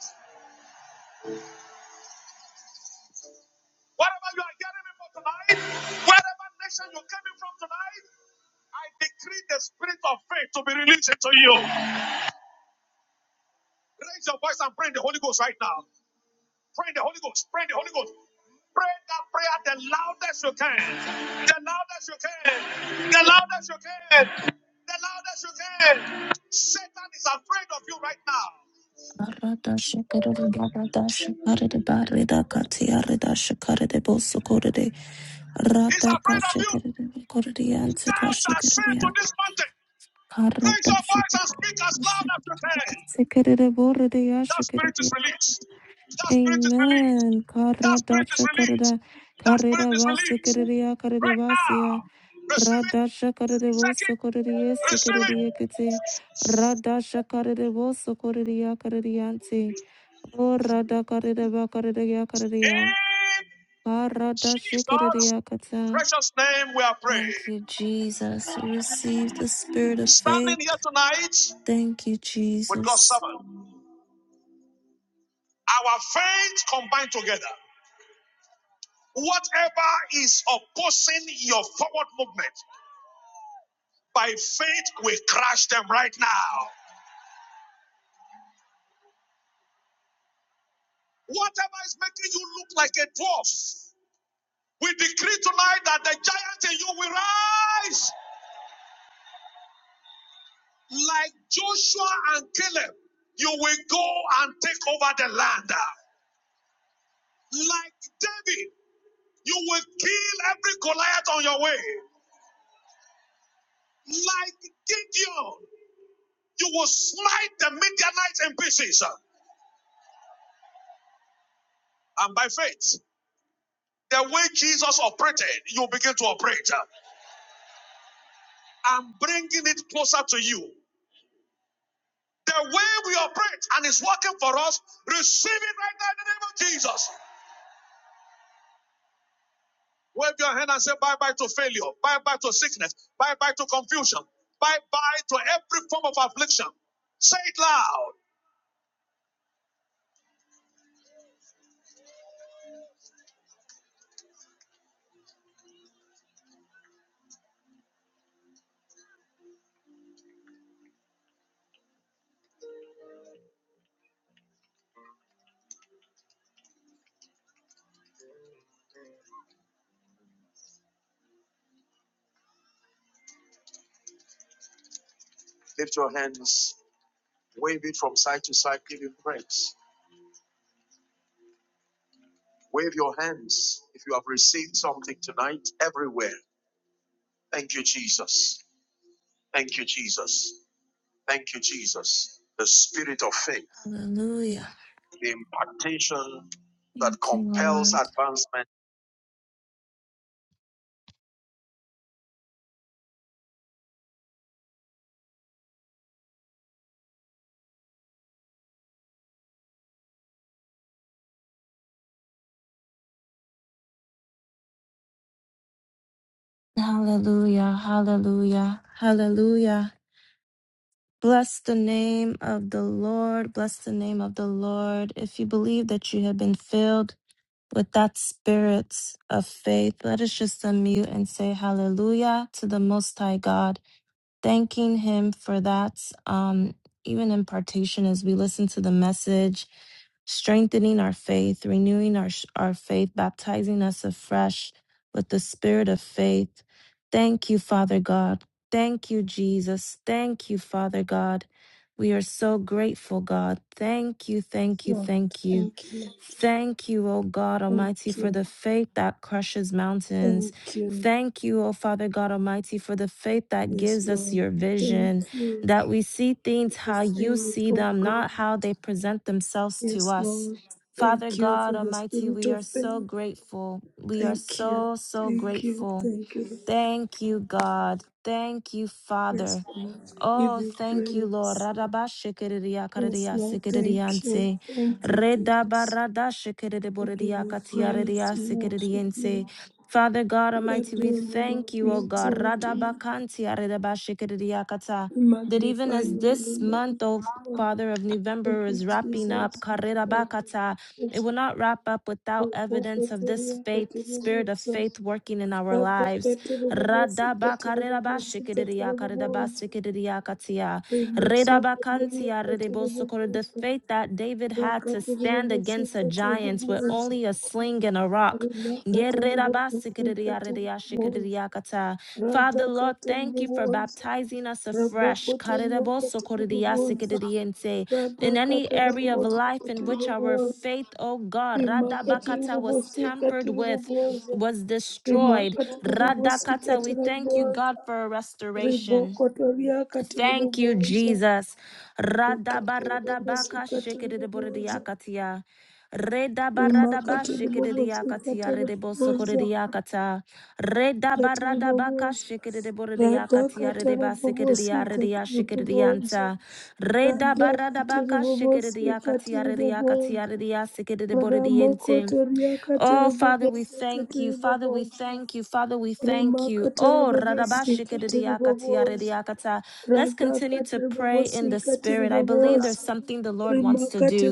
Whatever you are getting in for tonight, wherever nation you came in from tonight, I decree the spirit of faith to be released into you. Raise your voice and pray in the Holy Ghost right now. Pray in the Holy Ghost. Pray in the Holy Ghost. Pray that prayer the loudest you can. The loudest you can. The loudest you can. The loudest you can. Satan is afraid of you right now.
Aradasha karede baradasha karede barida katia redasha karede bosu korede
He's
rada
afraid of
kasha
you.
karede korede yanse
Thou
kasha
shalt say
karede
to
ya
this mountain, raise your
karadasha
voice and speak as loud as you can.
karede borede
That
yasha
spirit
karede
is
ya
released. That spirit is released.
Amen.
That spirit is
Karadasha
released.
karede
That
karede
spirit is
basi
released.
karede ya karede
Right
basi ya
now. Receive it.
radasha karede
Take it.
bosu korede yese
Receive
karede
it.
yekete radasha karede bosu korede ya karede yanse Orada karidaba karidaya karidaya.
In
Karada
Jesus'
shikiriya kata.
precious name we are
Thank you,
praying.
Jesus. We receive the spirit of
Standing
faith.
here tonight
Thank you,
with God's
Jesus.
servant. Our faith combined together. Whatever is opposing your forward movement, by faith we crush them right now. Whatever is making you look like a dwarf, we decree tonight that the giant in you will rise like Joshua and Caleb. You will go and take over the land. Like David, you will kill every Goliath on your way. Like Gideon, you will smite the Midianites in pieces. And by faith, the way Jesus operated, you begin to operate. I'm bringing it closer to you. The way we operate and it's working for us, receive it right now in the name of Jesus. Wave your hand and say bye bye to failure, bye bye to sickness, bye bye to confusion, bye bye to every form of affliction. Say it loud. Lift your hands, wave it from side to side, give him praise. Wave your hands if you have received something tonight everywhere. Thank you, Jesus. Thank you, Jesus. Thank you, Jesus. The spirit of faith,
Hallelujah.
the impartation that
Thank you,
compels
Lord.
advancement.
Hallelujah. Hallelujah. Hallelujah. Bless the name of the Lord. Bless the name of the Lord. If you believe that you have been filled with that spirit of faith, let us just unmute and say hallelujah to the Most High God. thanking him for that um, even impartation as we listen to the message strengthening our faith renewing our our faith baptizing us afresh with the spirit of faith thank you father god thank you jesus thank you father god we are so grateful god thank you thank you
Lord,
thank you
thank you.
thank you o god
Thank
almighty for
you.
the faith that crushes mountains
Thank you.
Thank you, O Father God Almighty, for the faith that
Yes,
gives us
Lord.
your
Thank
vision,
you
that we see
for
things
the
how you
faith,
see
O
them, not
God.
how they present themselves to
Yes,
us.
Lord.
Father
Thank you
God
for the
Almighty,
spirit
we
of
are so
faith.
grateful. We are
Thank you.
so, so
Thank you.
grateful.
Thank you. Lord.
Thank you, God. Thank you,
Yes,
Father.
Lord. We give
Oh,
you
thank you, Lord.
praise.
Radabashikiriya
Yes,
karidiya
Lord. Thank you.
sikiridiyanse.
Thank you, Jesus. We give
Redabaradashikiriboridiya
you praise.
katiyaridiya
We worship
sikiridiyense.
you. Lord.
Father God
We
Almighty, we
adore you, Lord.
thank you,
We
O God.
exalt you.
Radabakantiyaribashikiridiya kata.
We
That even
magnify
as
your holy
this
name.
month, O
Lord,
Father of
Thank
November,
you,
is
Jesus.
wrapping
Thank
up,
you.
karirabakata, it
Yes.
will not wrap up without
Thank you,
evidence of this
Lord.
faith,
Thank you,
spirit of
Lord.
faith working in our
Rada
lives. Radabakarirabashikiririyakarirabasikiririyakatia. Redabakantia redebosokor. The faith that David had to stand against a giant with only a sling and a rock. Yeredabasikiririyaridiriyashikiririyakata. Father, Lord, thank you for baptizing us afresh. Karirabosokoridiyasikiririyense. In any
radakatela
area of
kuboza
life
kuti
in
riri
which our
kuboza
faith, oh God,
rimhaka tiri
Radabakata was
kubosika
tampered
tiri
with,
kuboza
was destroyed.
rimhaka tiri kubosika
Radakata, we
tiri
thank you,
kuboza
God, for restoration.
ribokotoria
Thank you,
katiribobosa
Jesus. Radaba
rikatiribobosi
radabaka
katiribobosa
shikidiboridiakatia. Redaba radaba
rimakatiribobosi
shikididiakatia
katiribobosa
redebosokorediakata. Redaba radabaka
katiribobosa
shikidiboridiakatia
radakatarabobosi
redebasikiridia redia
katiribobosa
shikididianta. Redaba radabaka
radakatiribobosi
shikididiakatia
katiribobosa katiribobosa.
rediakatia redia sikidiboridiente.
ramokotoria
Oh, Father, we
katiribobosi
thank you. Father, we
katiribobosa
thank you. Father, we thank you. Oh,
rimakatarabobosi katiribobosa
radabashikididiyakatiyaridiakata. let's continue
radhakati
to pray in the
ribobosikati
spirit. I believe there's
ribobosa
something the Lord wants to
rimakati
do.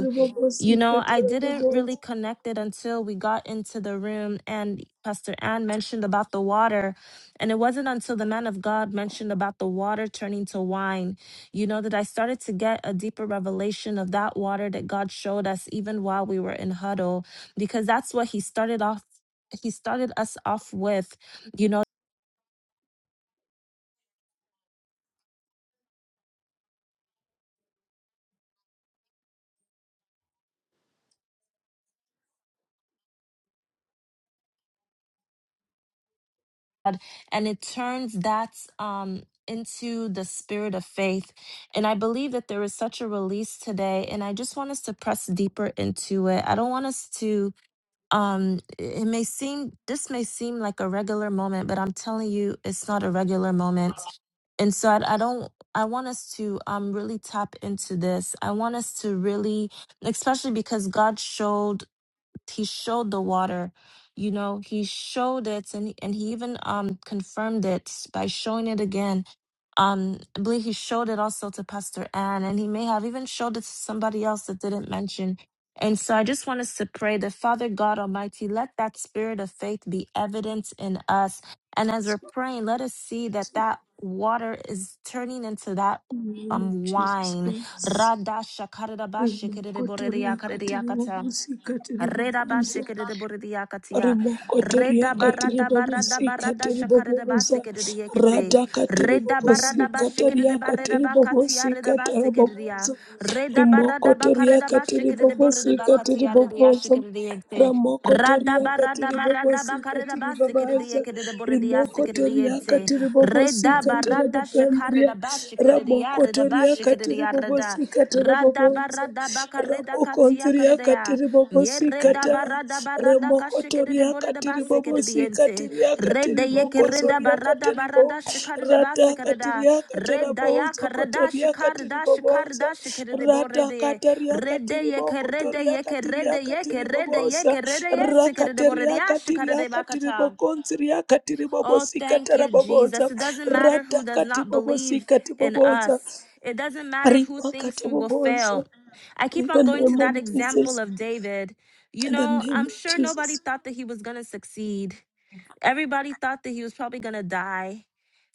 You know,
ribobosikati
I didn't really
ribobosa
connect it until we got into the room and Pastor Ann mentioned about the water. And it wasn't until the man of God mentioned about the water turning to wine, you know, that I started to get a deeper revelation of that water that God showed us even while we were in huddle, because that's what he started off. He started us off with, you know. and it turns that um, into the spirit of faith. And I believe that there is such a release today, and I just want us to press deeper into it. I don't want us to. Um, it may seem this may seem like a regular moment, but I'm telling you, it's not a regular moment. And so I, I don't. I want us to um really tap into this. I want us to really, especially because God showed he showed the water you know he showed it and and he even um confirmed it by showing it again um i believe he showed it also to pastor ann and he may have even showed it to somebody else that didn't mention and so i just want us to pray that father god almighty let that spirit of faith be evident in us and as we're praying let us see that that water is turning into that
In the name of
um
Jesus
wine
Christ rimakotoriakati
Radashakaridabashikiridiborediakaridiyakata.
ribobosikati
Reda ba
ribogonza
shikere de bore de yakatia.
Rimoko toria
Reda
katiri
barada barada
bobosi
barada
katiri
shakare de ba
boboza
sikere de yekete.
rada katiri
Reda
bobosi
barada ba shikere
kataria
de barada
katiri
ba
bobosi
katia reda ba
katara
sikere de ya.
boboza
Reda
rimoko
barada ba
toria
kareda ba
katiri
shikere de bore
bobosi
de ba
katiri
katia reda ya
boboza
shikere de yente.
ramoko toria
Radaba
katiri
radaba
bobosi
radaba
katiri
karidaba
babaza
sikidiye kidida boridia
rimoko toria
sikidiyente.
katiri bobosi
Redaba
katara
rada
bakandria
shakarida bashikidia
ramoko
reda
toria katiri
shikidia rada.
bobosi katara
Radaba
boboza
radaba karida katia
Okonziria
karidaya.
katiri
Ye
bobosi kata
redaba radaba rada kashikidide
remokotoria katiri
boridaba
bobosi
sikidiyente.
katiria
Rede
katiri
yeke
bokosoria
redaba
katiri
radaba
bo
rada shikarida
rata
basikida.
katiria katara
Redaya
bozo
karada
kotoria katiri
shikarida
bobosa
shikarida
rata
shikidide
kataria
Rede
katiri
yeke rede
bokotoria
yeke rede
katiria
yeke
katiri
rede
bobosa
yeke rede yeseke rede borede
rakateria
yashika
katiria
rede
katiri
bakata.
bokonziria katiri
Oh,
bobosi
thank
katara
you, Jesus.
bobosa
It doesn't matter who
rata
does
kati
not
bobosi
believe
kati
in us. It doesn't matter who
rima
thinks
kati
we will fail. I
in
keep
the
on going
name
to
of
that example
Jesus.
of David. You
In the
know,
name
I'm
of
sure
Jesus.
nobody thought that he was going to succeed. Everybody thought that he was probably going to die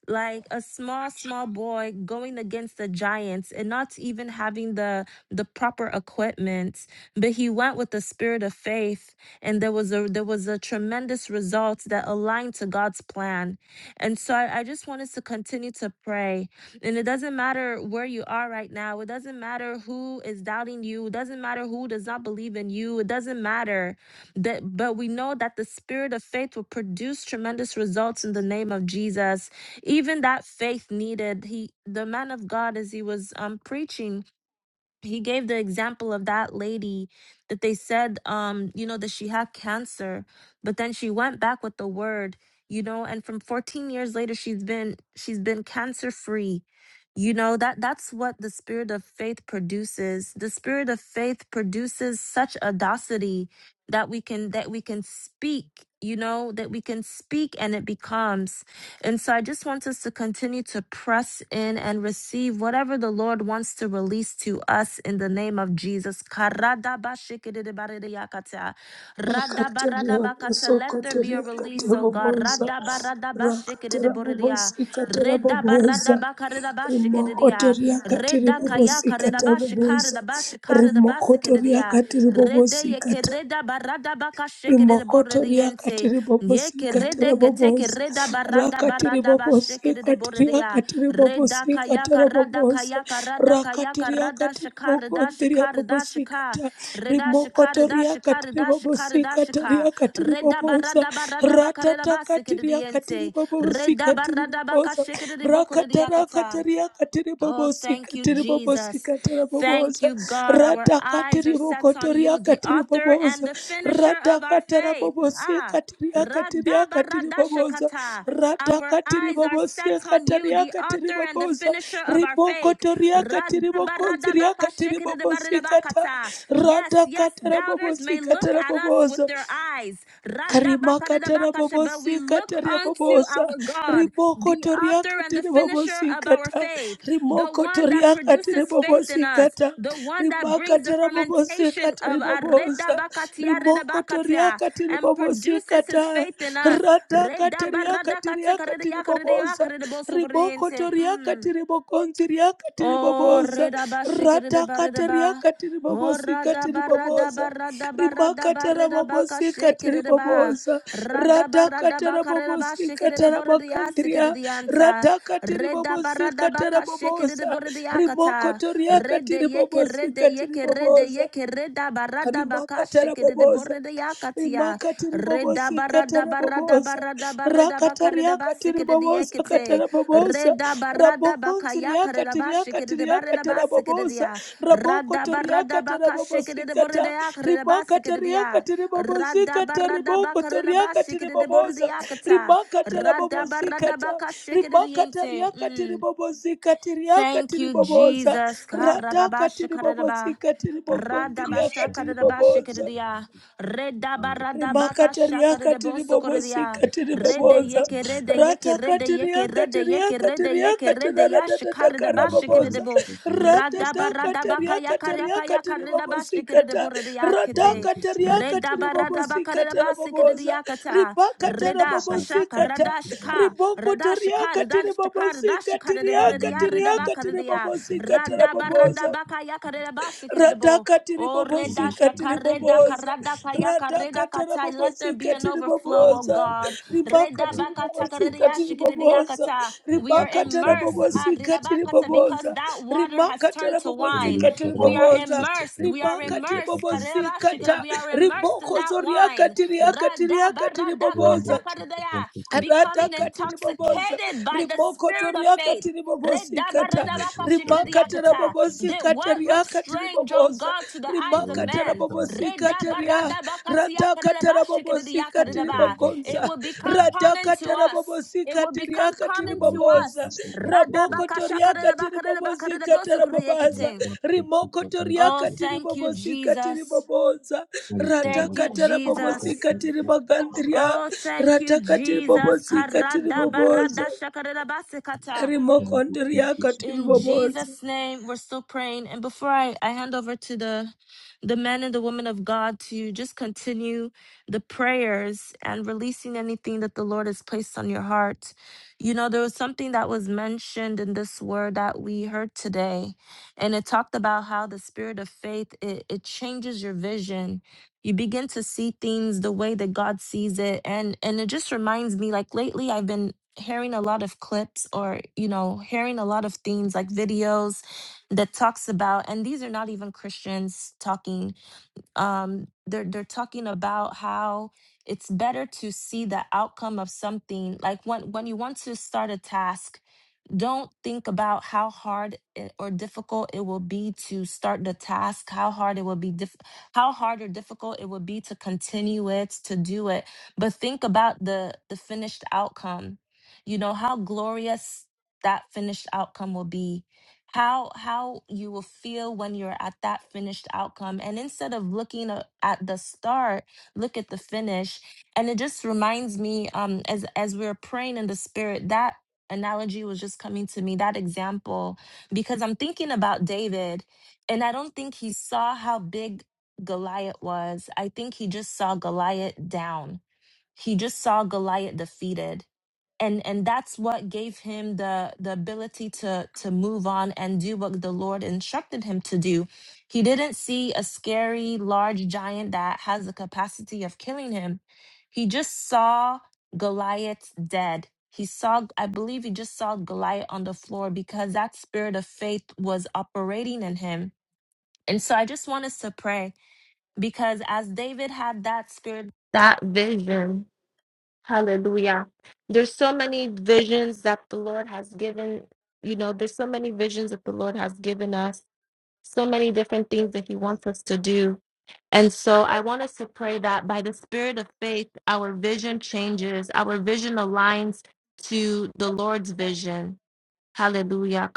like a small small boy going against the giants and not even having the the proper equipment but he went with the spirit of faith and there was a there was a tremendous result that aligned to god's plan and so i, I just want us to continue to pray and it doesn't matter where you are right now it doesn't matter who is doubting you it doesn't matter who does not believe in you it doesn't matter that but we know that the spirit of faith will produce tremendous results in the name of jesus even that faith needed he the man of god as he was um preaching he gave the example of that lady that they said um you know that she had cancer but then she went back with the word you know and from 14 years later she's been she's been cancer free you know that that's what the spirit of faith produces the spirit of faith produces such audacity that we can that we can speak you know that we can speak and it becomes and so I just want us to continue to press in and receive whatever the Lord wants to release to us in the name of Jesus.
Makataria
Let there be a
sokoteria
release, oh God.
kateboboza. Rakatera
Radabaradabashikidiboridiya.
bobosi katera boboza. Rimokotoria katiri bobosi katera boboza. Rimokotoria katiri bobosi rimokotoriakati
Ye ke
ribobosika
rede ke te ke
tarabobosa
reda barada
rakati
barada ba sheke de de
ribobosika
bore de ya
tiriakati
reda
ribobosika
kaya karada
tarabobosa
kaya karada kaya
rakati
karada
riakati
shikar da
ribokondria
shikar da
bobosika
shika
ta
reda shikar da
rimokotoriakati
shikar da shikar da
ribobosika
shika
tariakati
reda
ribobosa
barada barada ba kareda ba seke
ratatakati
de de
riakati
yente reda
ribobosika
barada ba ka
tiribobosa
sheke de de boko de de
Rakata
yakata.
rakata katiri
Oh,
bobosi
thank you,
katiri bobosi
Jesus.
katara
Thank
bobosa
you, God. Our
rata
eyes are
katiri
set on
bokotoria
you, the
katiri
author and
bobosa
the finisher
rata
of our
katara
faith.
bobosi
Ah.
katiria katiria katiri bobosa
Radabaradashakata.
rata
Our
katiri
eyes are
bobosi
set on you,
kataria
the
katiri
author and the
bobosa
finisher of our faith.
ribokotoria katiri bokonsiria katiri bobosi kata
Radabaradabakashikidibadidabakata. Yes,
rata
yes,
katara
doubters
bobosi
may look
katara
at us with
bobosa
their eyes.
rimakatara
Radabakadidabakasha, But we look
bobosikata
unto
rebobosa
our God,
riboko
the
toriaka
author and the finisher
toriakatiri
of our
kata
faith, the
rimoko
one that
toriakatiri
produces faith in us,
bobosikata
the one that brings the
rimakatara
fermentation
bobosikata
of
ribobosa rimoko
Aredabakatiaredabakatia
toriakatiri
and produces his
bobosikata
faith in us.
ratakatiriakatiriakatiri bobosa riboko toriaka
Mm.
tere bokonzi toriakatiri bokonziriakatiri
Oh,
bobosa
reda ba shikere de ba reda ba.
ratakatiriakatiri
Oh, rada
bobosikatiri
ba rada ba
bobosa
rada ba rada ba
rimakatara
reda ba ka
mamosika
shikere de ba.
tiribobosa
Rada ba rada ba
radhakatara
ka reda ba
mamosika
shikere de bore de ya sikere
taramagandria
de yanta.
radhakatiri
Reda ba rada
mamosika
ba ka shikere de
tarabobosa
bore de yakata.
rimokotoriaka
Rede yeke rede
tiribobosika
yeke rede
tiribobosa
yeke reda ba rada ba ka shikere de
rimakatarabobosa
bore de yakatia. Reda
rimakatiribobosi
ba rada ba rada ba
katarabobosa
rada ba reda ba ka reda ba sikere de
rakatariakatiribobosa
yekete.
katarabobosa
Reda Rada barada bakaya karelaba shikede barelaba
rabokonziriakatiriakatiriakatarabobosa
sikedia. Rada barada baka shikede
rabokotoriakatarabobosikata
boredea karelaba sikedia. Rada
rimakatariakatiribobosikata
barada bakarelaba shikede
ribokotoriakatiribobosa
boredea kata.
rimakata
Rada barada
rabobozikata
baka shikede
rimakata
yente.
riakati
Mm.
ribobozikati riakati
Thank you,
riboboza
Jesus.
radhakati
Karadabashikaradaba.
ribobozikati ribogondhi
Commission
riakati
and
riboboza
Radabashakaradabashikaradia.
Rimaka teriaka teribobosi
Redabaradabakashakaradabosokaradia. Rede
kateribobosa.
yeke rede yeke
Rata
rede yeke
kateriaka
rede yeke
teriaka
rede yeke
teriaka
rede
terarata karabobosa.
yashikaradabashikaradabo.
Rata taka teriaka teriaka
Radabaradabakayakaryakayakaradabashi-
teribobosi kata. Rata
Shikiridiboridiyakite.
kateriaka
Reda barada
teribobosi
bakarada
katarabobosa.
basikidiyakata.
Ribaka
Reda
terabobosi
kashaka
kata.
radashika.
Riboko
Radashika
rimakatariakatiribobosikatiribobosa
radashika radashika radaboridiya
ratakatiriakatiriakatiriakatiraratatatakaraboboosa ratatakatariakatariakatiribobosikata radakatariakatiribobosikatarabobosa ribakatarabobosikata
redabakaridiya. Rada barada
ribokotoriakatiribobosikatiriakatiriakatiribobosikatarabobosa
bakayaka redabasikidabo.
radhaka
O reda
tiribobosika
shaka reda
tiriboboza
karada
radhaka
let there be
tarabobosika
an overflow, oh
tiriboboza
God.
ribaka tiribobosika tiriboboza
We are
ribaka
immersed
Thank
ah,
tarabobosika
because
tiriboboza
that water has
rimaka
turned to
Thank
wine.
tarabobosika
you.
We are
tiriboboza
immersed. We are
rimaka
immersed.
tiribobosika ta
We are immersed in
riboko
that
zoriaka
wine.
tiriaka tiriaka tiriboboza Arata
Becoming
katiribobosa,
intoxicated by the
rimoko
spirit of
toriaka
faith.
tiribobosi kata, rimaka
Redabaredabakashikiridiakata. That
tarabobosikata
what looks
riaka
strange, oh
tiribobosa,
God, to the eyes of
rimaka
man,
tarabobosi kata ria, rataka tarabobosikata
Redabaradabakatiakaridabashikiridiakaridaba. it
ribogonza,
will become common
rataka
to us. It will
tarabobosikata
become
riaka
common to
tiribobosa.
us.
Raboko toriaka tiribobozika tarababaza.
Radabakashakaridabakaridabakaridabosukuriekete.
Rimoko
Oh,
toriaka
thank you,
tiribobozika
Jesus.
tiriboboza.
Thank
Rataka
you, Jesus.
tarabobozika tiribagandria.
Oh, thank you,
Rataka
Jesus.
tiribobozika tiriboboza.
Karadabaradashakaridabasikata.
Rimoko ndriaka
In
tiriboboza.
Jesus' name, we're still praying. And before I, I hand over to the the men and the women of God to just continue the prayers and releasing anything that the Lord has placed on your heart. You know, there was something that was mentioned in this word that we heard today, and it talked about how the spirit of faith it, it changes your vision. You begin to see things the way that God sees it. And and it just reminds me, like lately I've been hearing a lot of clips or you know hearing a lot of things like videos that talks about and these are not even christians talking um they're they're talking about how it's better to see the outcome of something like when when you want to start a task don't think about how hard it- or difficult it will be to start the task, how hard it will be, dif- how hard or difficult it will be to continue it, to do it. But think about the the finished outcome. You know how glorious that finished outcome will be. How how you will feel when you're at that finished outcome. And instead of looking a- at the start, look at the finish. And it just reminds me, um, as as we we're praying in the spirit, that analogy was just coming to me, that example, because I'm thinking about David, and I don't think he saw how big Goliath was. I think he just saw Goliath down. He just saw Goliath defeated and and that's what gave him the the ability to to move on and do what the lord instructed him to do he didn't see a scary large giant that has the capacity of killing him he just saw goliath dead he saw i believe he just saw goliath on the floor because that spirit of faith was operating in him and so i just want us to pray because as david had that spirit that vision Hallelujah. There's so many visions that the Lord has given, you know, there's so many visions that the Lord has given us, so many different things that He wants us to do. And so I want us to pray that by the spirit of faith, our vision changes, our vision aligns to the Lord's vision. Hallelujah.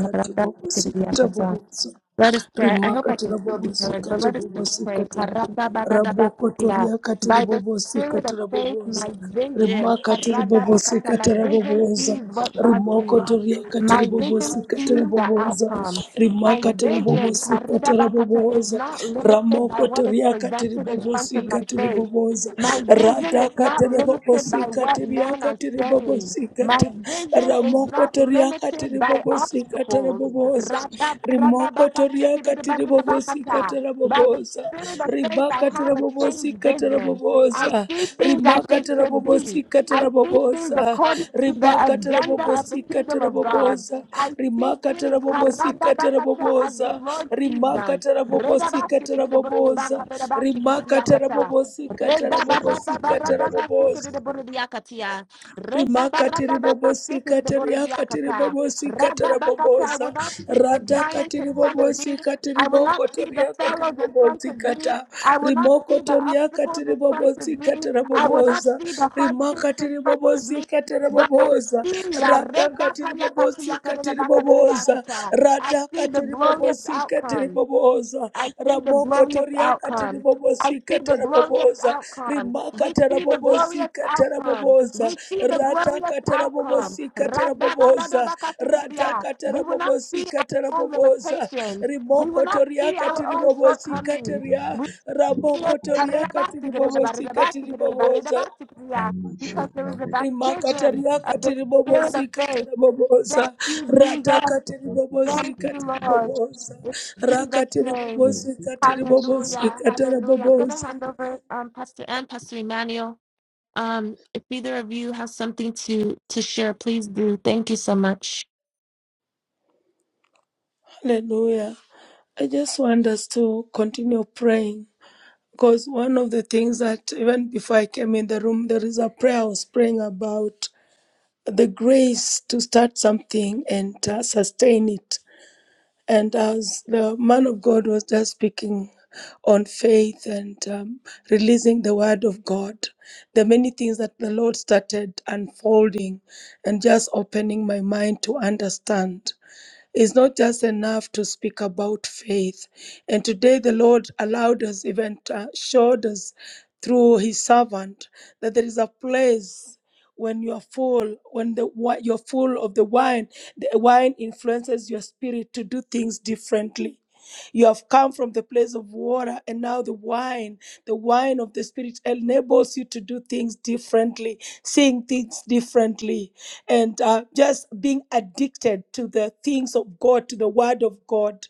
kati bobosikata bobosi
Let us pray. I hope I
rimakatira
can still be heard, but
bobosikata
let us just pray.
bobosikata
Karadabadabakatia.
rabokotoria katiri
By the spirit
bobosikata
of faith,
raboboza
my vision,
rimakatiri
karadabakata,
bobosikata
my vision
raboboza
sees what God sees.
rimokotoria katiri
My vision
bobosikata
sees the
raboboza
outcome. My
rimakatira
vision
bobosikata
karadabakata, is
raboboza
not limited by what is
ramokotoria katiri
presented in front of my
bobosikata
face.
riboboza
My vision is not
radakatira
limited by
bobosikata
what men are
riakatiri
saying.
bobosikata
My vision is
ramoko
not
toriaka
limited by
tiribobosika
obstacles.
tarabobosa rimoko toriaka tiribobosika
By the
tarabobosa
spirit of faith, I
ribaka
have a changed
tarabobosika
vision. I
tarabobosa
see things as
rimaka
they should be.
tarabobosika
I see things
tarabobosa
according to the
ribaka
agenda of the
tarabobosika
kingdom of God.
tarabobosa
I see
rimaka
things
tarabobosika
as the
tarabobosa
Lord sees
rimaka
them. re da ba
tarabobosika tarabobosa
ka ba da ba shiki di di
rimaka
ya ka ta
tarabobosika
re da
tarabobosika tarabobosa rimakatiri bobosikatiri akatiri bobosikatara
Rababakata, I will
bobosa
not see the giants
radhakatiri
in front of me.
bobosikatiri
I will not see
bokotori
the
akatiri
fellows in front of me.
bobosikata
I will not see the
rimokotori
obstacles
akatiri
in front of me.
bobosikatara
I will not
bobosa
see the hardships in
rimakatiri
front of me.
bobosikatara
But I
bobosa
see ya,
radhakatiri bobosikatiri bobosa
Rebakayakatiyakarilabakarilayakata. I see the
radhakatiri katiri
glorious
bobosi katiri
outcome.
bobosa
I see the glorious
ramokotori akatiri
outcome. I see the
bobosikatara
glorious
bobosa
outcome. We
rimakatara
see the glorious
bobosikatara
outcome.
bobosa
We see the
Rata
glorious
katara
outcome.
bobosi Rata
Radabaradabakatikidia. We
katara
will not
bobosi
see our own limitations. We will
Rimoko
not
toria
see
katiri
our own
Thank
shortcomings.
kataria.
We see
Raboko
it
toria katiri bobosi
karirabatikidibaridabatikidibaridabatikidia, because there is a baptism
Rimakataria
of the
katiri
spirit of
bobosi
faith. Thank you,
Rata
Jesus.
katiri bobosi
Thank you,
katiri
Lord.
boboza.
In Jesus'
Rakatiri
name. Hallelujah. Hallelujah. I'm going to hand over um, Pastor Ann, Pastor Emmanuel. Um, if either of you have something to, to share, please do. Thank you so much.
Hallelujah. I just want us to continue praying Because one of the things that even before I came in the room, there is a prayer I was praying about the grace to start something and uh, sustain it. And as the man of God was just speaking on faith and um, releasing the word of God, the many things that the Lord started unfolding and just opening my mind to understand. It's not just enough to speak about faith. And today the Lord allowed us, even uh, showed us through his servant, that there is a place when you are full, when the wi- you're full of the wine, the wine influences your spirit to do things differently. You have come from the place of water, and now the wine, the wine of the Spirit, enables you to do things differently, seeing things differently, and uh, just being addicted to the things of God, to the Word of God.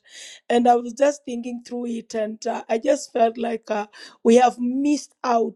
And I was just thinking through it, and uh, I just felt like uh, we have missed out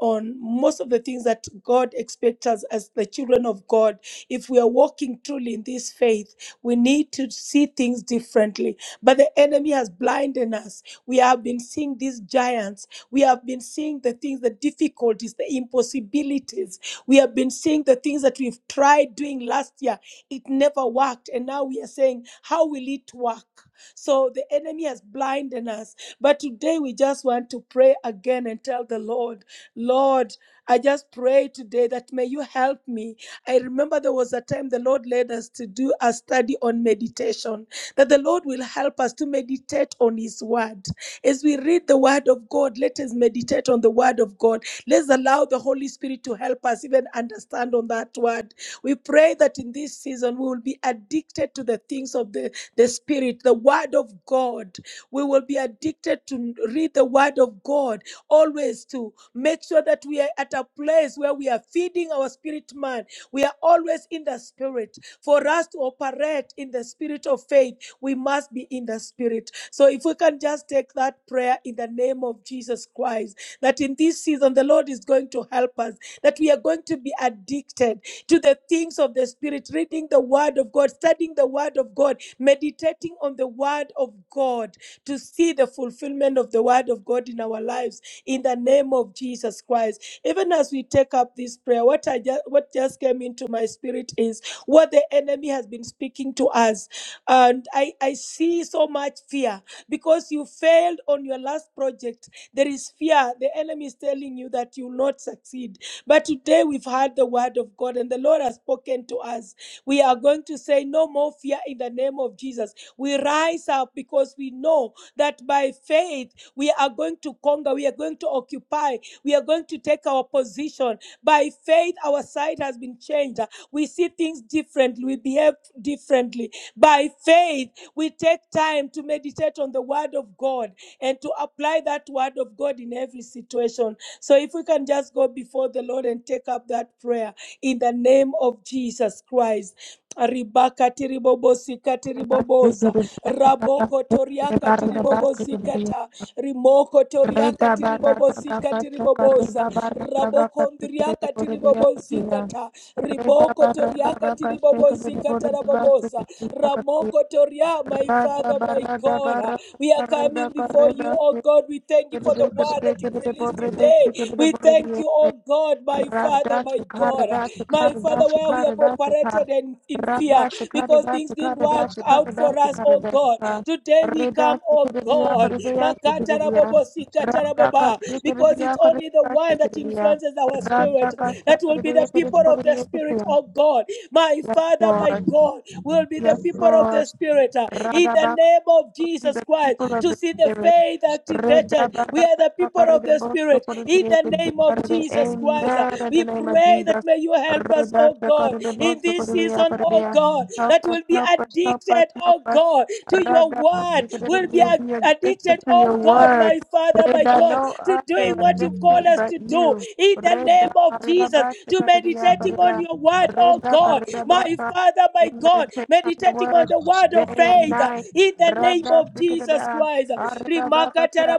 on most of the things that God expects us as the children of God. If we are walking truly in this faith, we need to see things differently but the enemy has blinded us. We have been seeing these giants. We have been seeing the things, the difficulties, the impossibilities. We have been seeing the things that we've tried doing last year. It never worked. And now we are saying, how will it work? So the enemy has blinded us. But today we just want to pray again and tell the Lord, Lord, I just pray today that may you help me. I remember there was a time the Lord led us to do a study on meditation that the Lord will help us to meditate on His Word. As we read the Word of God, let us meditate on the Word of God. Let's allow the Holy Spirit to help us even understand on that Word. We pray that in this season we will be addicted to the things of the, the Spirit, the Word of God. We will be addicted to read the Word of God, always to make sure that we are at a place where we are feeding our spirit man. We are always in the Spirit for us to operate in the spirit of faith we must be in the spirit. So if we can just take that prayer in the name of Jesus Christ, that in this season the Lord is going to help us, that we are going to be addicted to the things of the spirit, reading the word of God, studying the word of God, meditating on the word of God to see the fulfillment of the word of God in our lives in the name of Jesus Christ. Even as we take up this prayer, what I just what just came into my spirit is what the enemy has been speaking to us and I, I see so much fear because you failed on your last project. There is fear. The enemy is telling you that you will not succeed. But today we've heard the word of God and the Lord has spoken to us. We are going to say, No more fear in the name of Jesus. We rise up because we know that by faith we are going to conquer, we are going to occupy, we are going to take our position. By faith, our sight has been changed. We see things differently, we behave differently by faith, we take time to meditate on the word of God and to apply that word of God in every situation. So if we can just go before the Lord and take up that prayer in the name of Jesus Christ. Ribaka tiribobosika tiriboboza raboko toriaka tiribobozikata rimoko toriaka tiribobozika tiriboboza raboko ndriaka tiribobozikata riboko toriaka tiribobozikata raboboza Ramoko Toria, my Father, my God. Uh, We are coming before you, oh God. We thank you
Yes,
for the word that you've released today. We thank you, oh God, my Father, my God. Uh, My Father, where we have operated in, in fear because things didn't work out for us, oh God. Today we come, oh God. Makatarabobo sikatarababa, Because it's only the one that influences our spirit that will be the people of the spirit, oh God. My Father, my
Lord.
God will be the
Yes,
people of the
Lord.
Spirit uh, in the
Radabaka
name of
be
Jesus
the
Christ
people of
to
the
see the
spirit.
faith
Amen.
activated. We are the people of the Spirit in the name of Jesus
In
Christ. uh,
the
We
name of
pray that
Jesus.
may you help us,
Reda
oh God,
shakar de
in
bosto por
this
dia
season,
por
oh
dia.
God,
Help
that
us,
will be
help us, help us,
addicted,
help
oh
us.
God to your word, will be
You'll be addicted
addicted,
to
oh
your
God,
word.
my Father, my
Reda,
God,
no
to
other
doing what you've called
addiction
us
but
to do
you.
in the name
Reda,
of
karida
Jesus,
ba,
to
shikaridiya,
meditating on
karida.
your word, oh
Reda,
God,
karida ba,
my
ka.
Father, my
We
God,
Meditate on your
meditating on
word
the word
day
of
and
faith uh,
night.
in the name
Rada,
of Jesus
shikaridiya.
Christ.
Arabakata,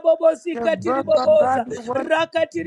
Your book, oh God, your word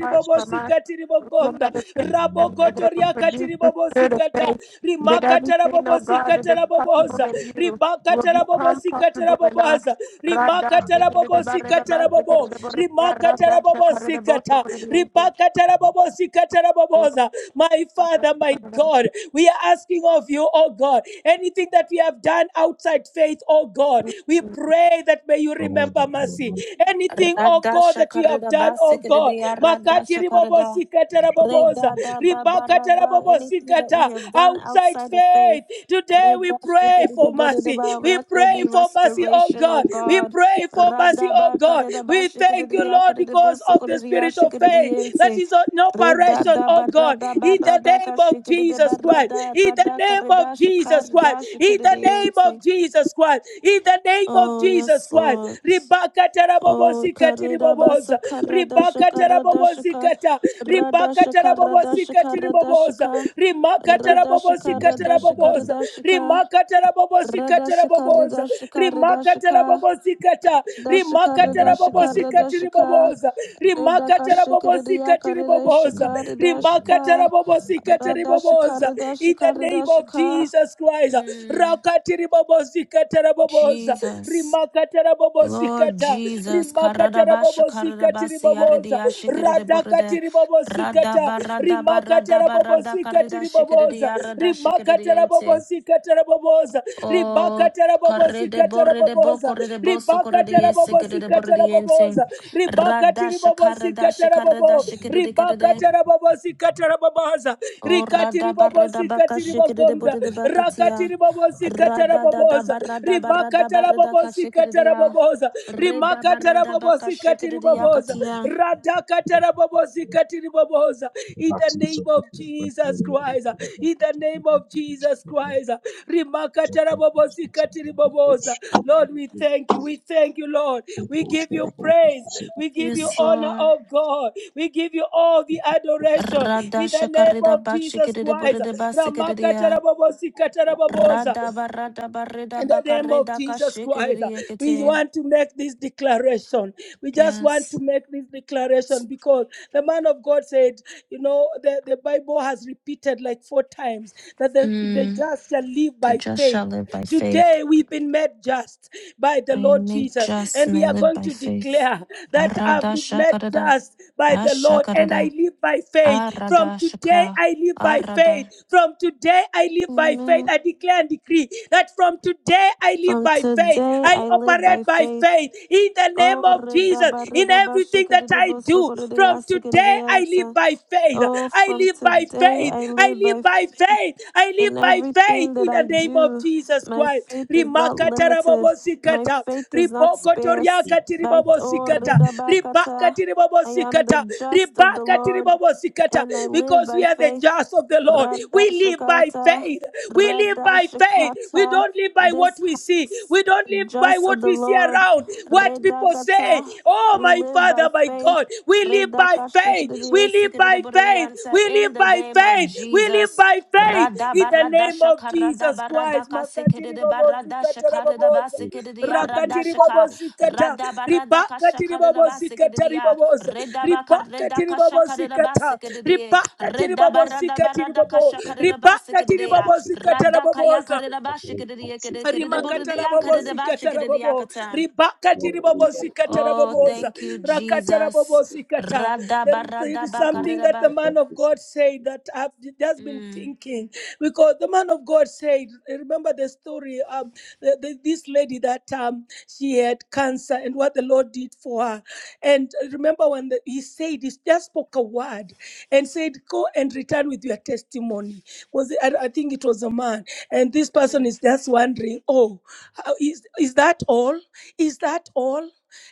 heart from us. We will meditate and it will produce the spirit of
rabokotoriakatiribobosikata,
faith that everything, oh God,
rimakatarabobosikatarabobosa
that is
katara
you.
possible
boboza
in you will
rimakatara
become
bobosi katara
possible in us.
boboza
Radha,
Thank
rimakatara bobosi
sikiridabarabha,
katara bobo
sikiridabarabha, radha,
rimakatara bobosi
shakaradabosu,
kata
kuridilense.
ribakatara bobosi katara boboza my father my god we are asking of you oh god anything that we have done outside faith oh god we pray that may you remember mercy anything oh
Radha
god that we have
shakarada
done
ba
oh
sekadada
god
radha
makati
shakarada.
ribobosi katara boboza
Reda da da
ribakatara
barada,
bobosi
anything that
kata
we
prayer
have done
outside
outside of faith.
faith. Today we
Reda
pray
shikadida
for
bodada
mercy.
ba,
We
let there
pray
be
for mercy, oh
restoration, O
God. We
God.
pray for mercy,
Rada
oh
ba
God.
kareda ba
We thank
shikadida
you,
ya
Lord,
kareda bo
because of the
sokadida ya
spirit of
shikadida
faith that
yente.
is on
Reda
operation,
da
oh God.
barada
In the
barada ka
name of
shikadida
Jesus Christ.
barada
In the
rada
name
kareda
of Jesus
shikarida
Christ. In
shikadida
the name
yente.
of Jesus Christ. In the name of
Oh
Jesus
yes,
Christ.
Lord.
Ribaka terabobo
Oh
zikati
kareda ba
riboboza.
sakarada
Ribaka
shakarada
terabobo
shika
zikata.
rada
Ribaka
shakarada
tarabobosi katiri
shakarada
boboza
shika.
rimaka tarabobosi
Radashika,
katara
Radashika,
boboza
Radashika,
rimaka tarabobosi katara
Radashika,
boboza
Radashika,
rimaka
Radashika,
tarabobosi kata rimaka
you.
Radashika,
tarabobosi katiri
Radashika, Radashika,
boboza rimaka
Radakashika,
tarabobosi
Radiaka,
katiri boboza
Radashika,
rimaka
Radashika,
tarabobosi katiri
Radashika,
boboza in the
Radashika,
name of
Radashika.
Jesus Christ
Mm,
rakatiri bobosi katara boboza
Jesus.
rimaka tarabobosi
Lord
kata
Jesus,
rimaka
Karadabasha
tarabobosi katiri
Karadabasi
boboza
Aridiashikiriboride
radakatiribobosikata
Radaba Radaba Radaba Radakarida
rimakatarabobosikatiriboboza
Shikiridiarada Shikiridiente
rimakatarabobosikataraboboza
Oh, correde borrede bo
ribakatarabobosikataraboboza
correde bo so correde yes correde borrede yense.
ribakatarabobosikataraboboza
Radasha karadasha
ribakatiribobosikatarabobo
karadasha kerede kerede.
ribakatarabobosikatarabobaza
Oh, rada barreda baka
bobosikatiri
shekerede
bogonda
borrede bakatia.
rakatiri bobosikatara
Rada da da
boboza
barada barada
rimakatara
barreda kashekerede
bobosikatara
ya.
boboza
Reda
rimakatara
barada baka
bobosikatiri
shekerede
boboza
yakatia.
radakatara bobosikatiri boboza in the name of Jesus Christ in the name of Jesus Christ rimakatara bobosikatiri boboza Lord we thank you we thank you Lord we give you praise we give you
Yes,
honor
Lord.
oh God we give you all the adoration
Rada
in the name
shakarida
of Jesus
bashikerede
Christ.
borrede basekerede ya.
Ramakatarabobosikatarabobosa.
Rada barada barreda
In the name of
bakareda
Jesus Christ,
kashekerede
we
yekete.
want to make this declaration. We just want to
Yes.
make this declaration because the man of God said, you know, the, the Bible has repeated like four times that the, the
Mm.
just shall live
The
by
just shall
faith.
live by faith.
Today we've been made just by the
I
Lord
make
Jesus,
just
and
and
we
I
are
live
going
by
to
faith.
declare that I've
Arada
been made
shakarada.
just by the Lord and I
Ashakarada.
live by faith. From
Arada
today,
shaka.
I live by faith.
Arada.
From today, I live by faith.
Amen.
I declare and decree that from today, I live
From
by faith.
today
I
I live by
operate by
faith.
faith in the
Oh,
name of
reda
Jesus
ba
in
reda ba
everything that
shakarada
I
ba
do.
sokarada ya
From
sakarada
today, I live
yansa.
by faith.
Oh,
I
from
live by
today
faith.
I
I
live
live
by
by
faith.
faith. I live
In
by faith faith
everything that
in the
I
name of
do,
Jesus
my
Christ.
faith is not
Rimakata
limited. My
rabobosikata,
faith is not
ribokoto
scarce.
riakati
By- oh,
ribobosikata,
Redabakata,
ribakati
I am the
ribobosikata,
just of the
ribakati
Lord
ribobosikata.
and I live
Because we
by
are the
faith.
just of the Lord. We live by
Radashakata,
faith. We live by faith. We
Radashakata,
don't live by what
this
we see.
house,
We don't live by
just
what
of the
we see
Lord.
around, what people say.
Redakata,
Oh,
we
my
live by
Father, my
faith.
God. We live by faith. We live by faith.
Redakashikadidiyasikididiburidiyanta,
We
In
live
the
by
name of
faith. We live
Jesus.
by faith. In the name of
Radabaradashaka,
Jesus Christ. Makatiri babo zikata rababoza.
radabaradakasikidibashakadabasikidiya,
Rakatiri babo
radashaka,
zikata. Ribakatiri babo zikata
radabaradakashakadabasikidiya.
ribaboza.
Redaba kareda
Ribakatiri
kasha
babo
kareda
zikata.
basikede.
Ribakatiri
Redaba
babo
rada barada
zikatiri
barada
babo.
kasha kareda
Ribakatiri
basikede.
babo zikata
Rada kaya
rababoza
kareda basikede kede kede borede ya kareda
rimakatarabobosi
basikede
katarabobo
yakatan.
ribakatiribobosi
Oh,
katarabobosa
thank you, Jesus.
rakatarabobosi kata there
Radaba
is, there is
We
radaba
something
kareda
that the
ba.
man of god said that i've just been
Mm.
thinking because the man of god said remember the story um the, the, this lady that um she had cancer and what the lord did for her and remember when the, he said, he just spoke a word and said, Go and return with your testimony. Was it, I, I think it was a man. And this person
Mm.
is just wondering, Oh, how- is, is that all? Is that all?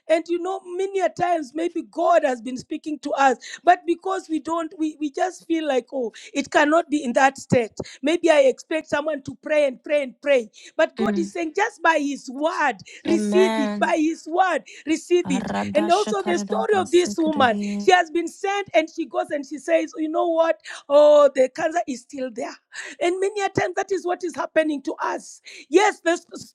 And you know, many a times maybe God has been speaking to us, but because we don't, we, we just feel like, oh, it cannot be in that state. Maybe I expect someone to pray and pray and pray. But God is
Mm.
saying, just by His word, receive it it
Amen.
by his word. Receive it.
Arada
And also the
shakareda
story of this woman.
basikede.
She has been sent and she goes and she says, You know what? Oh, the cancer is still there. And many a time that is what is happening to us. Yes, the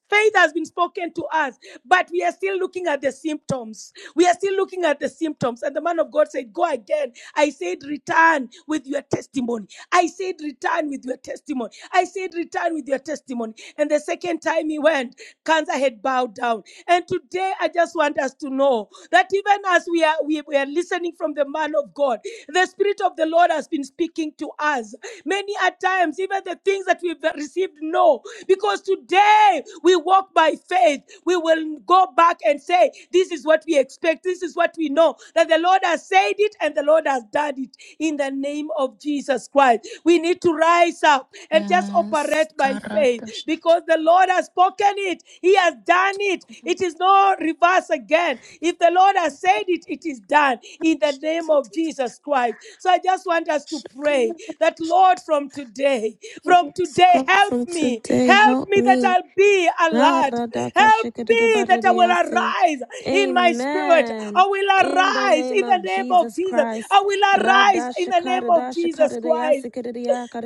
faith has been spoken to us, but we are still looking at the symptoms. We are still looking at the symptoms. And the man of God said, Go again. I said, Return with your testimony. I said, Return with your testimony. I said, Return with your testimony. And the second time, time he went, cancer had bowed down. And today I just want us to know that even as we are we, we are listening from the man of God, the Spirit of the Lord has been speaking to us. Many at times, even the things that we've received, no. Because today we walk by faith. We will go back and say, This is what we expect, this is what we know. That the Lord has said it and the Lord has done it in the name of Jesus Christ. We need to rise up and just operate operate
Yes.
by faith
Karada
because the Lord has spoken it. He has done it. It is no reverse again. If the Lord has said it, it is done in the name of Jesus Christ. So I just want us to pray
shakareda
that,
basikede.
Lord, from today,
Oh,
from
yes,
today,
God,
help
from
me.
today,
Help
help
me that
me.
I'll be alert. Help me that I will
Naradakashikadadabaridayase.
arise in my spirit.
Amen.
I will
In the
arise
name
in the
of
name of
Jesus
Jesus. I
Christ.
will arise in the name of Jesus Christ.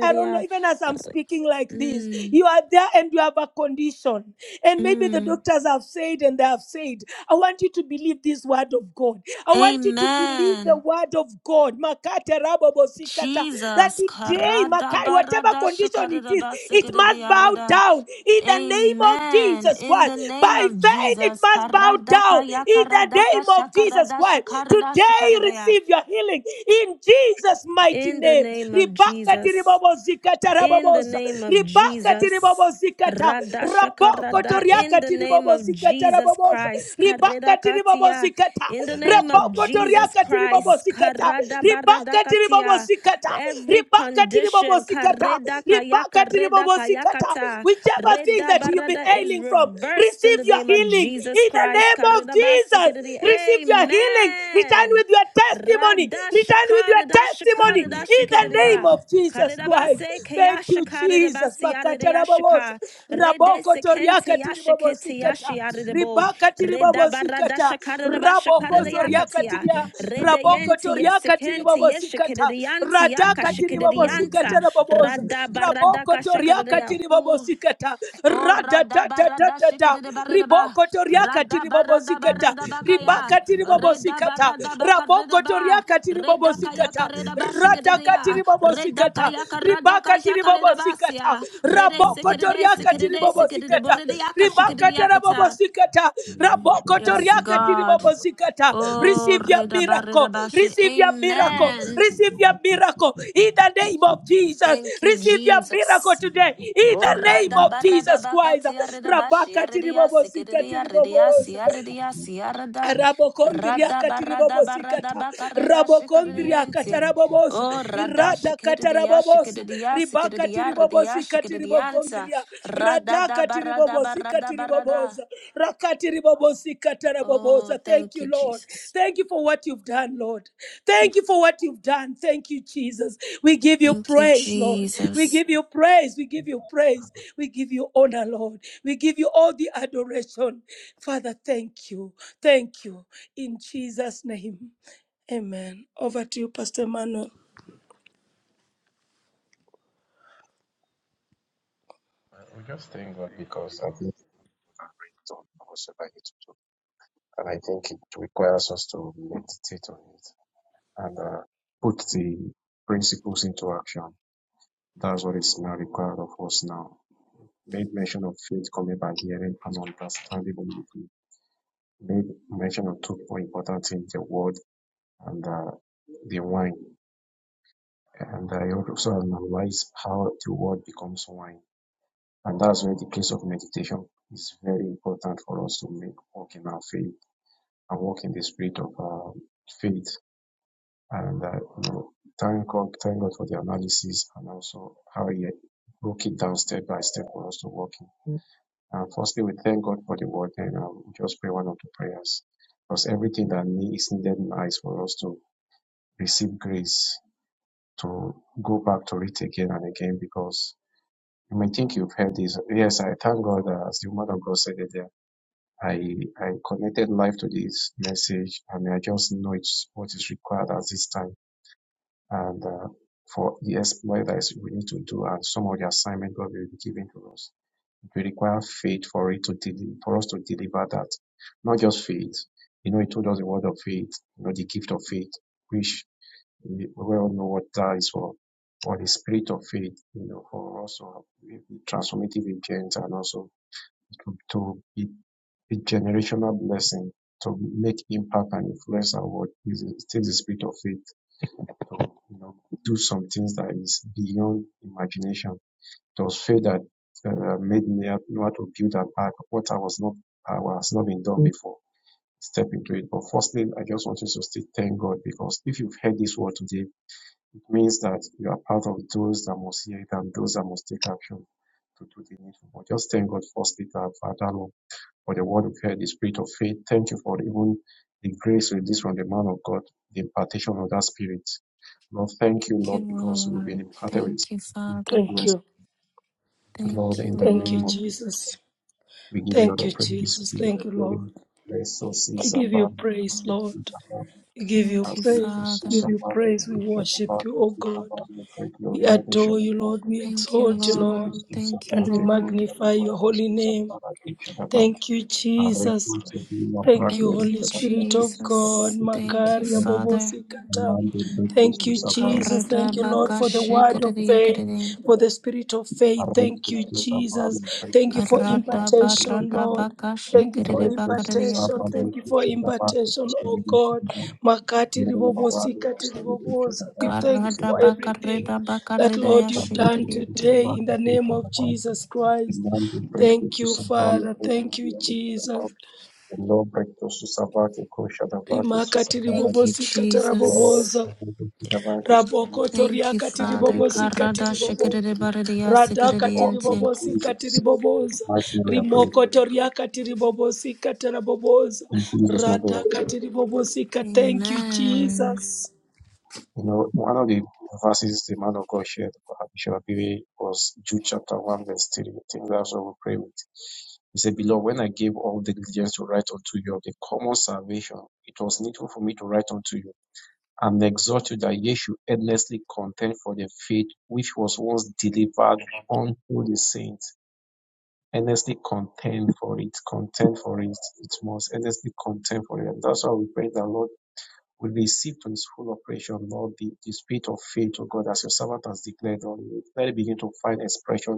I don't know, even as I'm
Ar-
speaking like this,
Mm,
you are there and you have a condition. And maybe the
mm.
doctors have said and they have said, I want you to believe this word of God. I want you to believe the
Amen.
word of God. Makate rabobo sikata. That
Jesus.
today, Makai, whatever condition it is, it must bow
Karadabaradashikadadabasikadadayarada.
down in the name of
Amen.
Jesus
In
Christ.
the name
By
of
faith, it
Jesus.
must bow down
Karadaka ya
in the
yakaradaka
name of Jesus
shakarada
Christ.
shakarada
Today,
shakaradaya.
receive your healing in Jesus' mighty mighty
In the
name.
name of
Ribaka
Jesus
tiribobo zikata
in the
raboboza.
name of
Ribaka
Jesus.
tiribobo zikata.
Radasha
Raboko
Karada. in
toriaka
the name
tiribobo
of
zikata
Jesus
raboboza.
Christ.
Ribaka
Kareda
tiribobo
Katia.
zikata.
in the name of
Raboko
Jesus
toriaka tiribobo
Christ.
zikata.
Karada Barada
Ribaka tiribobo
Katia.
zikata.
every
Ribaka tiribobo
condition,
zikata.
kareda Kaya, kareda Kaya Kata.
Whichever thing
Reda
that you've been
Barada is
ailing from,
reversed in
receive
the
your
name of
healing
Jesus
in the
Christ.
name of Jesus.
Karedabasikedede.
Receive your healing. Return
Amen.
with your testimony testimony. Return with your
Radashakada
testimony
dashakada
in the name
dashakadaya.
of Jesus Christ.
Karirabase
Thank you,
kayashakada
Jesus. Makata rababosa.
basiyadayashaka.
Raboko
Redesekente
toriaka
yashakete
tiribabosikata.
yashiyadabo.
Ribaka tiribabosikata.
Redabaradashakada
Raboko zoriaka
bashakadayakatia.
tiria. Raboko
Redeyente
toriaka
yesekente
tiribabosikata.
yeshakadayanti
Radaka
yakashakadayanta.
tiribabosikata rababosa. Raboko toriaka
Radabaradakashakadaya. Ooh.
tiribabosikata.
Oh, reda reda,
Radadadadadada.
de de
Riboko toriaka tiribabosikata.
kaya. kaya
Ribaka tiribabosikata
Redaba
bobosikata
radaba
raboko toria
karedaba.
katiri
Reda kaya
bobosikata
karedaba shikiri de ya.
radakatiri
Reda
bobosikata
kaya karada kasha
ribakatiri
karedaba
bobosikata
siya. Rede
raboko
radabarada shikidibaridiba. Radabaradabaradabakaya. de. Redakayakaredaba shikididia. Redakayakaradakashakaredabasia. Redesikidide,
toriakatiri
sikidide,
bobosikata
sikididiboridiaka
ribakatara
shikididiakata.
bobosikata raboko
Yes,
toriakatiri
God.
bobosikata
Oh,
receive your miracle
redabaredabashi.
receive your miracle
Amen.
receive your miracle in the name of jesus
Thank you,
receive your miracle
Jesus.
today in the
Ora
name
da, Orada
of
barada
jesus christ
bakati arida bashi
rabakatiri tiri
aridia
bobosikata
sikiridia
tiri
ridia
bobosa
siaridia siarada
Rabokondria
rada barada barada
katiribobosikata.
bakareda
Rabokondria
shikiridiente
katarabobosa.
O rada
Irada
shikiridia
katarabobosa.
shikiridia
Ribaka
sikiridia ridia
tiribobosika
shikiridianta
tiribokondria.
rada da
Radaka
barada
tiribobosika
barada barada
tiribobosa. Rakati ribobosika
Oh
tarabobosa. Thank
thank
you,
you
Lord.
Jesus
Thank you for what you've done, Lord. Thank you for what you've done. Thank you, Jesus. We give you
Thank you
praise, Lord. We
Jesus
give you praise. We give you praise. We give you honor, Lord. We give you all the adoration. Father, thank you. Thank you. In Jesus' name. Amen. Over to you, Pastor Manuel.
just thank God because I think we are great on whatever it to. and I think it requires us to meditate on it and uh, put the principles into action. That's what is now required of us now. Made mention of faith coming by hearing and understanding. Made mention of two more important things: the word and uh, the wine. And I also analyze how the word becomes wine. And that's where the place of meditation is very important for us to make walk in our faith and walk in the spirit of uh, faith and uh, you know, thank God, thank God for the analysis and also how he broke it down step by step for us to walk in. And firstly, we thank God for the word, and I will just pray one of the prayers because everything that need- is needed now is for us to receive grace to go back to it again and again because. You may think you've heard this. Yes, I thank God uh, as the woman of God said it there. I, I connected life to this message and I just know it's what is required at this time And uh, for the exploit that is we need to do and some of the assignment God will be giving to us, it will require faith for it to deliver. for us to deliver that. Not just faith. You know, he told us the word of faith, you know, the gift of faith, which we all know what that is for. Or the spirit of faith, you know, for also transformative agents and also to, to be a generational blessing, to make impact and influence our world. it is the spirit of faith know, you know, do some things that is beyond imagination. There was faith that uh, made me have- know how to build and back what I was not, I was not been done before. Step into it. But firstly, I just want you to still thank God because if you've heard this word today, it means that you are part of those that must hear it and those that must take action to do the needful. But just thank God firstly that I've had that for the word of heard, the spirit of faith. Thank you for even the grace released from the man of God, the impartation of that spirit. Lord, thank you,
Thank you
Lord, because we've been
Lord
imparted with
Thank you Father
to do
Thank
us.
you.
Lord,
Thank you
in the
Thank you,
name of
Lord
Jesus,
Jesus.
we give you all
Thank
the
you,
praise,
Jesus.
we give you
Thank
the
you,
glory.
Lord. We
Resources
give you
above and
praise,
to
Lord.
be above
We give you
Thank you
as the
praise. We
Father
pursuits
give you
above to
praise. We
be
worship
above
you, oh
to
God.
above the
We
glory of the
adore you,
Shabbat.
Lord. We
Thank you,
exalt
As
you,
the
Lord.
Lord.
pursuits
Thank you,
And
above,
we
the glory
Lord.
of
magnify your holy name.
the Shabbat,
Thank you, Jesus.
Abrectus Sevilla
Thank you,
Brackley
Thank
Holy
you,
Spirit of
Catapatis
God.
Jesus.
Sapatis
Thank you,
Makaria
Catapa
Father.
Bobosikata.
Amando Brectus
Thank
to
you,
Savali
Jesus. Thank you,
Brackley
Lord, for the word of faith,
Karadabakashikiridiyakiridin.
for the spirit of faith. Thank
Arrectus
you,
to
Jesus.
Savali
Thank you
Brectus
for
to Sapatis
impartation,
Catapa
Lord. Thank you for
Rectus to
impartation.
Aradabaradabakashikiridibakiridiyakatin.
Thank
Savali
you
to
for
Catapatis to
impartation, oh
Sevilla
God. Makati
Mel Barado to
ribobosikati
Sevilla
ribobosa. We
Catapatis to
thank you for
Sevilla
everything that, Lord, you've done
Arrectus to
Karadabakaridabakaridayashikiridiyakitin.
today
Savali
in the
to
name of
Catapa
Jesus Christ.
Amando Brectus
Thank
to
you,
Savali
Father. Thank you,
Brectus
Jesus
Lord, Susavati, Koshadavati,
rimakati
Thank you,
Susavati,
ribobosikata
Lord,
Jesus.
raboboza
Susavati, Susavati,
Thank you,
rabokotoriakati
Father.
ribobosikati
Susavati,
riboboza radhakati
or in
Karadashikiridibaridiyasikiridiyintin.
ribobosikati
Jesus'
riboboza
mighty name we are praying.
rimokotoriakati ribobosikata raboboza
In Jesus' mighty name. we are praying.
radhakati kat. thank you jesus
You know, one of the verses the man of God shared, about Bishop Abiy, was Jude chapter 1, verse 3. I think that's what we pray with. He said, Beloved, when I gave all the diligence to write unto you of the common salvation, it was needful for me to write unto you And am exhorted that ye should earnestly contend for the faith which was once delivered unto the saints. Earnestly contend for it. Contend for it. It must earnestly contend for it. And that's why we pray that Lord will receive to his full operation, Lord, the, the spirit of faith, O God, as your servant has declared on you. Let it begin to find expression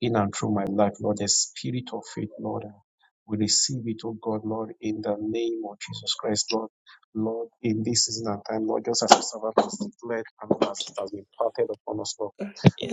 in and through my life, Lord, the spirit of faith, Lord. uh, We receive it, oh God, Lord, in the name of Jesus Christ, Lord. Lord, in this season and time, Lord, just as the servant has declared and as it has been parted upon us, Lord,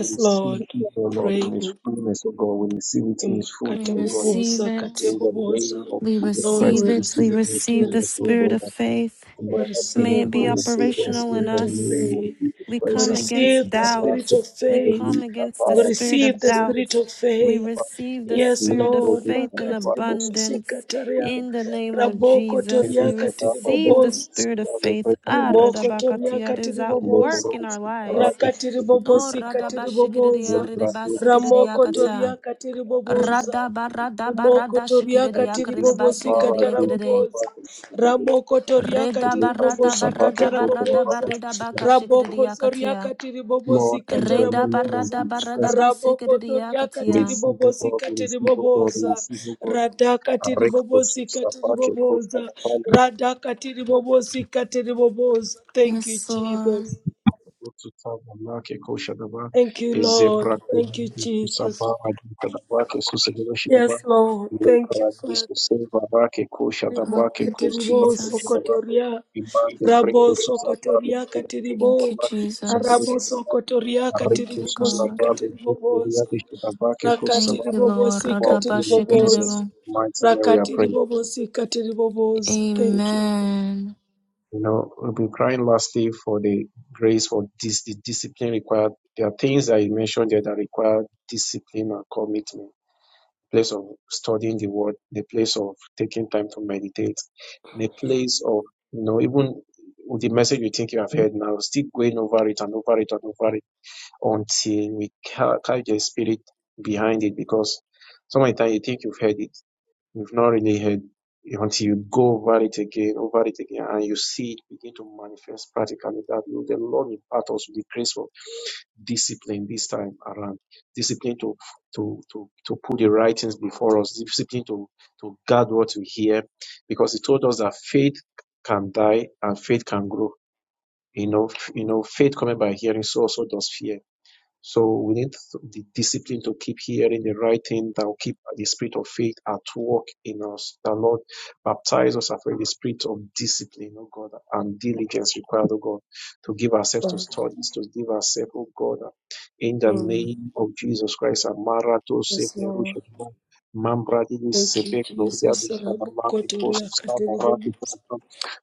we receive
lord
it, oh Lord,
pray
in
o
His
god
fullness, oh God. We receive it in His
imakata
We
fullness, oh God.
bobosa
receive
kate
it.
In the
bobosa
name of
We
Jesus
lord
Christ,
receive
we
we
it.
receive
We
it
receive
in
it
His
we
receive the
fullness, oh
receive
spirit
God.
it
of faith.
We
Lord, in
May
its
receive,
it
we
be
fullness, oh
receive the
God,
operational
in
in
spirit
the
of
name
us.
of
faith.
Jesus
We
We
Christ.
come
And,
against
receive the
and, and,
spirit
and,
of
doubts. We come
faith.
and,
against the
We
and,
spirit
receive
of
the
and, and,
spirit
doubts.
of
We
and,
faith.
receive the
Yes,
spirit of
Lord.
faith
Librovita
in
Makati
Novartis Sofia
ribobosika
abundance
taria.
in the name of
Raboko
Jesus.
toria
We
Erika Dava
receive the
katiriboboz.
Dekotis
spirit of
Vale
faith. Ah,
Rimoko
Vecchia
toria
radabakatia, It is at work
katiriboboz.
in
Leporos
our lives.
Ferraris
Rakati
Oh,
ribobosika
Sofia
radabashikiridia,
tiriboboza.
Membrando Sava
Ramoko
Lepo
ridibasikiridiakata.
toria katiriboboza.
Radaba, radaba,
Rimoko toriaka
radashikiridia,
Aziz
tiribobosi
Amara Dina
kiridibasikiridiakiridia.
katarabobosa.
Novartis
Ramoko
Sofia
toriaka
Reda
Elena
barada
tiribobosi
barada
Susavake Kota
barada
katarabobosa.
Novartis
barida baka
Sofia
Raboko
shikriya
zoriaka
katia.
tiribobosi
Lord, in the
Reda
name of
katarabobosa.
barada
Jesus
barada
Christ,
Raboko
basikriya
zoriaka
katia.
receive, O
tiribobosi
God, receive, O God,
katiribobosa.
receive, O God,
Radaka
a recto
tiribobosi
susta pace
katiribobosa.
costa
Radaka tiribobosi katiribobosa. Thank you,
Yes, Lord.
Jesus.
Otsutsavanake koshadava
Thank you, Lord.
ezeprakte
Thank you,
kusapa
Jesus.
aditadavake susegedoshidava
Yes, Lord. Thank you, Father.
lepradise sevavake
Rima
Oh,
koshadavake
thank you,
katiribo
Jesus.
kostivakoshadava
sokotoria.
imande
Rabo
brekto sutsavale
sokotoria
brekto
katiribo.
Thank you,
shidavake
Arabo
Jesus.
kusagedoshidava
sokotoria
Thank
arrekto
Katiribo,
you,
katiribobosi
God.
susavale brekto
katiribobosa.
riadeshidavake
Thank
kosava
you,
Rakatiribobosi
Lord.
for
Rada
in Jesus
katiribobosa.
bashikriya.
mighty name we are praying.
Rakatiribobosi katiribobosa.
Eka
Thank you,
You know, we'll be crying lastly for the grace for this the discipline required. There are things that you mentioned there that require discipline and commitment. Place of studying the word, the place of taking time to meditate, the place of you know, even with the message you think you have heard now, still going over it and over it and over it until we ca- carry the spirit behind it because so many times you think you've heard it you have not really heard until you go over it again, over it again, and you see it begin to manifest practically that you know, the Lord impart us with the grace of discipline this time around. Discipline to to to to put the right things before us, discipline to to guard what we hear, because he told us that faith can die and faith can grow. You know, f- you know, faith coming by hearing, so also does fear. So we need the discipline to keep hearing the right thing that will keep the spirit of faith at work in us. The Lord baptize us afresh with the spirit of discipline, oh God, and diligence required, oh God, to give ourselves to
God.
studies, to give ourselves, oh God, in the
Mm.
name of Jesus Christ. Amara to
Yes,
seple
Lord.
rushe
Thank you,
gloria
Jesus.
de
Rabo
shabama
kotoria
post sabara
katiribobosa.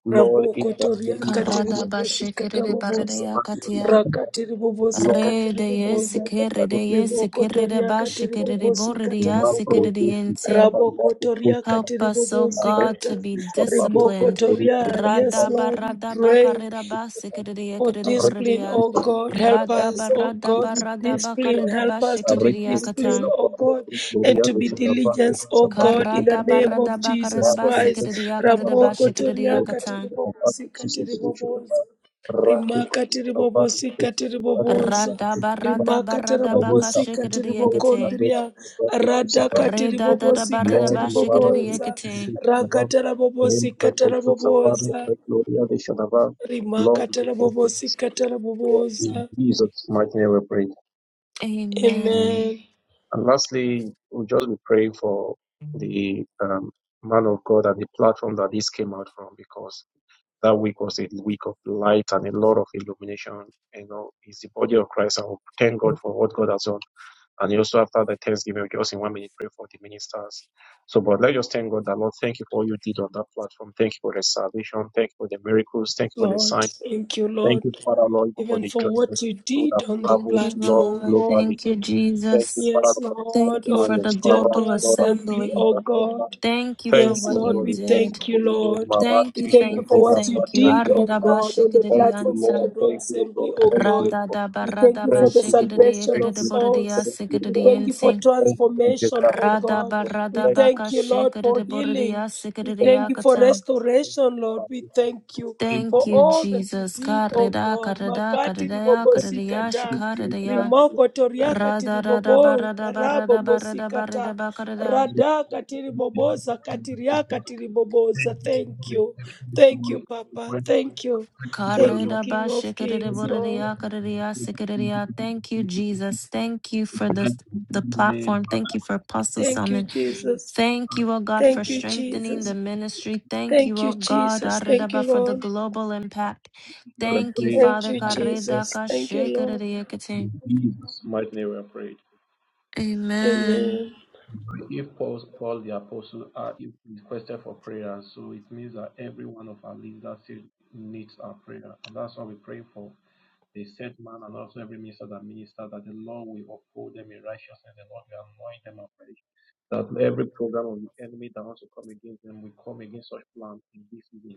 Lord, in
Raboko
the
toria
name of
katiri
rada
bobosi
bashikriya
Jesus
katabobosa.
barida katia.
Christ.
Rakatiri bobosi
Lord, we
katiri
Rede
thank
yes,
you
bobosa.
that I don't
kerede
be
yes,
speaking
Riboko
to
kerede
toria
you,
katiri
God.
bashikriya
bobosi
The
borida
man
katarabobo.
produced
sikriya
himself and
Raboko
what the
toria
food he had.
Help
katiri
us, O
I
bobosi
God,
kata.
to be
reconcile about
Rimoko
the
disciplined.
glory of
toria.
the
Yes,
Father.
Radaba
Lord, we
radaba
pray
karidaba sikiridia
for
I
discipline,
kiridiboridia.
oh
reconcile
God. Help
about the
us,
Radaba
good
oh
the
God,
radaba
with
Spirit.
radaba
discipline.
karidaba
Help us
I
to be
shikiridia
disciplined,
katan.
reconcile
oh
about
God,
the glory
and to
of
be
the Father.
diligent, oh
About the
God, in
food
the
of the
Karadaba
name
Sabbath.
of
radaba
Jesus
man,
karidaba
the
Christ.
sikiridia
reconcile
karidaba
about
Ramoko
the
shikiridia
glory
toriaka
of
katan.
the Father.
tiribobosika
Jesus, the Lord, the
tiribobosa.
man.
Rimaka
Rakikosi about the food
tiribobosika
The Sabbath
tiribobosa.
of
Radaba
the Father.
radaba
Rimaka
I
radaba
lift up
tarabobosika
to
kashikiridia
them,
kate.
Brado,
tiribokondria.
Brado, Sabah,
Radaka
Reda dadaba
tiribobosika
Lord,
redaba
you are
shikiridia
tiribobosa.
kate.
Raka
Name by
tarabobosika
Kotsu Sabah,
tarabobosa.
by Shadava, Lord, we give
Rimakatara
you
bobosi
praise.
katara
God,
bobosa.
in Jesus' mighty name we pray.
Amen.
Amen.
And lastly, we just be praying for the um, man of God and the platform that this came out from because that week was a week of light and a lot of illumination. You know, it's the body of Christ. and we thank God for what God has done. And you also after the Thanksgiving, we can also in one minute pray for the ministers. So, but let us thank God that Lord, thank you for all you did on that platform. Thank you for the salvation. Thank you for the miracles. Thank you for the
Lord,
sign.
thank you,
Thank
Lord,
you, Father Lord, for
even
the
for
journey that
what you
you
did
have
on the
Thank
traveled,
you,
Lord,
platform,
Lord.
oh
globally.
Thank you,
God.
Thank you,
Jesus.
Father,
Yes,
for this
Lord
Thank you
of
for
testimony of
the global
servants,
General
Lord,
Assembly,
assembly.
oh
and Pastor.
God.
Thank you for
Thank
Yes,
what
you,
Lord,
you
God,
we
we bless
did.
your
thank you,
holy name.
Lord.
Thank
We
you,
Maratis,
thank you
thank
for
you,
Ovela,
what you
thank you.
Prater,
did, oh
Shemina.
God, on the
Thank you,
platform of
Lord.
Arredabashikididiyanta.
General
Thank you,
Assembly,
God.
oh
Thank you,
God.
God.
We thank you for
Thank
the
you, God.
salvation
Thank
of
you, God.
souls.
Thank you,
We
God.
thank you for
Radadabarabashikididiyikididiboridiyasikididiyinti.
Thank you for the good
transformation, oh
of Thank you
God. We thank you, Lord, for healing. We thank you for
Radabaradabakashikididiboridiyasikididiyakata.
restoration, Lord. We thank you for
Thank you,
all that you
Jesus.
did, oh
Karida,
God.
karida,
Makati
karidaya,
Thank you
karidiya,
for the God. Thank you for Thank you. Thank you Thank you.
ribobosikata.
Thank you, God,
shikaridaya.
for your
Rimoko toriaka tiribobo karabo
faith.
bosikata
Radadadabaradabaradabaradabaridabakaridaya.
Thank you.
radaka
Thank you. Thank you.
tiriboboza
Thank you.
katiriaka
Thank you. Lord.
tiriboboza.
Thank
Thank you.
you for
Thank
all
you,
the
Papa. Thank you.
thank you, well,
Thank you,
Lord.
Karedaba
King of Kings,
Thank you
Lord.
for the Thank you for the
Thank you,
Thank you. Thank
Jesus. Thank you for this the
in the name
platform.
of God.
Thank you for Apostle
Thank you,
Salmon.
Jesus.
Thank you, O God, for
Thank you,
strengthening the
Jesus.
ministry. Thank you,
Thank
O
you,
God,
Jesus. Thank
aredaba,
you,
for the
Lord.
global impact.
We
Thank you,
pray
Thank
Father.
you, Jesus.
Karedaka
Thank you, Lord.
in Jesus' mighty name. We pray.
Amen.
Amen.
If Paul, Paul the apostle uh, if requested for prayer, so it means that every one of our leaders still needs our prayer, and that's what we're praying for. The set man and also every minister that minister that the Lord will uphold them in righteousness, the Lord will anoint them afresh. That every program of the enemy that wants to come against them will come against such plans in this season,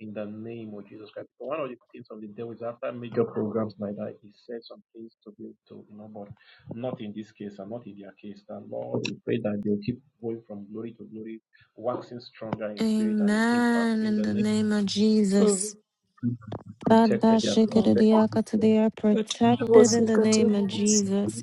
in the name of Jesus Christ. Because one of the things of the devil is after major programs like that, he says some things to be to you know, but not in this case and not in their case. The Lord, we pray that they'll keep going from glory to glory, waxing stronger in spirit and in impact.
Amen.
In
In
the
the
name of
name of
Mm.
Jesus.
Jesus,
Rada
protected, they are
Oh,
shikadedea
protected
They are
Thank you
protected in the name of
God.
Jesus.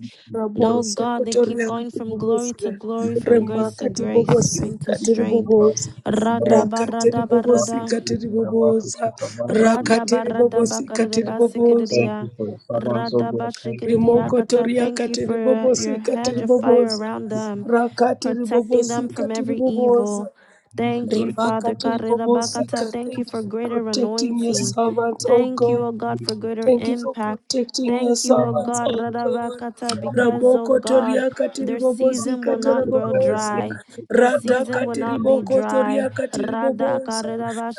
Oh
Raboso
God, they keep
kotoria
going from glory to
katibobosika,
glory, from grace to
remaka
grace, strength to
tibobosika
strength.
tiribobosa,
Rada
rakati
barada barada,
ribobosika tiribobosa,
rada
rakati
barada
ribobosika
bakarida
tiribobosa,
basikiriya,
for the servants of
rada
God. Thank you for
bashikiriya
rimoko
kata.
toria
Thank you for uh, your
katiribobosika
hedge of fire
tiribobosa,
around them
rakati
protecting them
ribobosika
from every
tiribobosa,
evil.
the
Thank you,
glory to
Father.
rimakati
Karirabakata.
ribobosika.
Thank you
Thank you
for
for
greater
protecting your
anointing.
servants, oh
Thank
God.
you, O God, for greater
Thank you for
impact.
protecting your
Thank you, O
servants,
God,
O God.
Radabakata, because, O
Raboko
God,
toria
their
katiribobozi
season will not grow
the
kataraboboza.
dry.
glory
Their
by the
Rata
season will not
Son
be
katiriboko
dry.
toria
Rada
katiriboboza.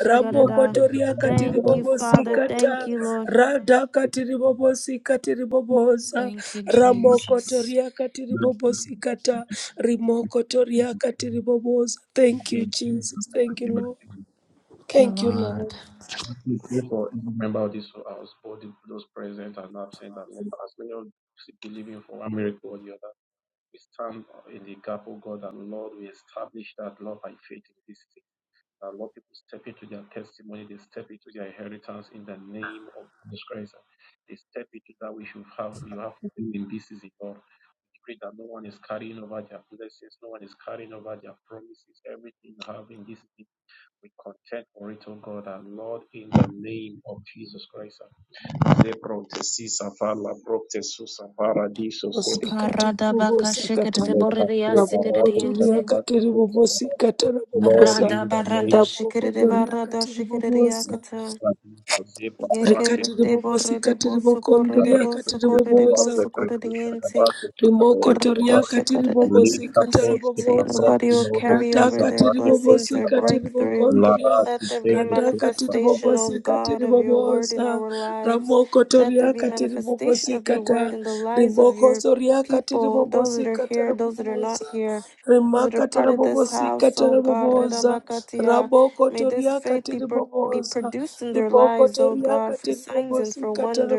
Raboko toria
Thank you,
katiribobozi
of
Father.
God.
Thank
kata.
you, Lord.
Rada katiribobozi katiriboboza.
Thank you,
Ramoko
Jesus.
toria katiribobozi kata. Rimoko toria katiriboboza. Thank you, Jesus. Thank you, Lord. Thank you, Lord.
We pray for every member of this house, both those present and absent, and all as many as believing for one miracle or the other. We stand in the gap, oh God and Lord. We establish that love by faith in this thing. That Lord, people step into their testimony, they step into their inheritance in the name of Jesus Christ. They step into that which you have you have for in this season, Lord. We pray that no one is carrying over their blessings, no one is carrying over their promises, everything you have in this season. We contend for it, oh God and Lord, in the name of Jesus Christ. Lebron te sisa fala, brok te susa paradiso
Bobosikata Bobosakata
let us pray for our Krishna Dhamma,
Rabokotoriakati Ribobosikata
Lord,
Rabobosa
Rada
in the
barada
name
shikiri barada
Rabokotoriakati Ribobosa
shikiri
of Jesus, Zipa Prati,
Rikati
Yekere de borre de
Ribobosikati
bosu korre de
Ribokondriakati
bosu korre de
Ribobosa
Rekhrishnapada,
bosu korre de
Rekhrishnapada,
Rimoko toria
Rata
Sutabarutadaba,
katiri
shakara da da da
bobosi
da
Lika
katara
Tosti,
boboza.
Nobody will
Aprakino, the
carry
Rata
over
Sisa
their
katiri
Bhati,
bobosi
blessings or
Krishnapada,
katiri
breakthrough.
bogondria.
Let
Larati,
there be a
Sevu,
Rata katiri
Krishnapada.
manifestation,
bobosi
O God,
katiri
of your word in
boboza.
our lives.
Ramoko
Let
toria
there be
katiri
manifestation
bobosi
of your
kata.
word in the lives of
Rimoko
your
soria katiri
people, those
bobosi
that are
katara
here, those that are not
boboza.
here, those that are part
Remarkatable
of,
Bobosi
O God, Rida
Catarabobosa,
Bakatia,
Raboko
may
Toria
it be
Catarabobosa, Riboko Toria Catarabobosi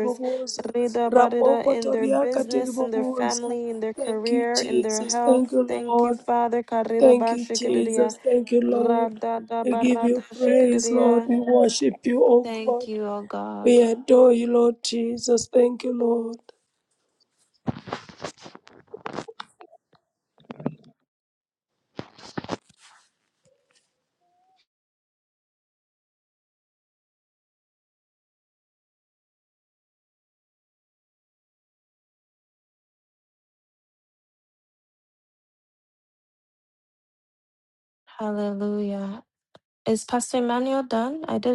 pers-
Ramoko Toria Catarabobosa. Thank you, Jesus. Thank you, Lord. Thank you, Jesus. Thank you,
Ra-
Lord. We give you praise, Lord. We worship you, O
Thank
God. We
God.
adore you, Lord Jesus. Thank you, Lord.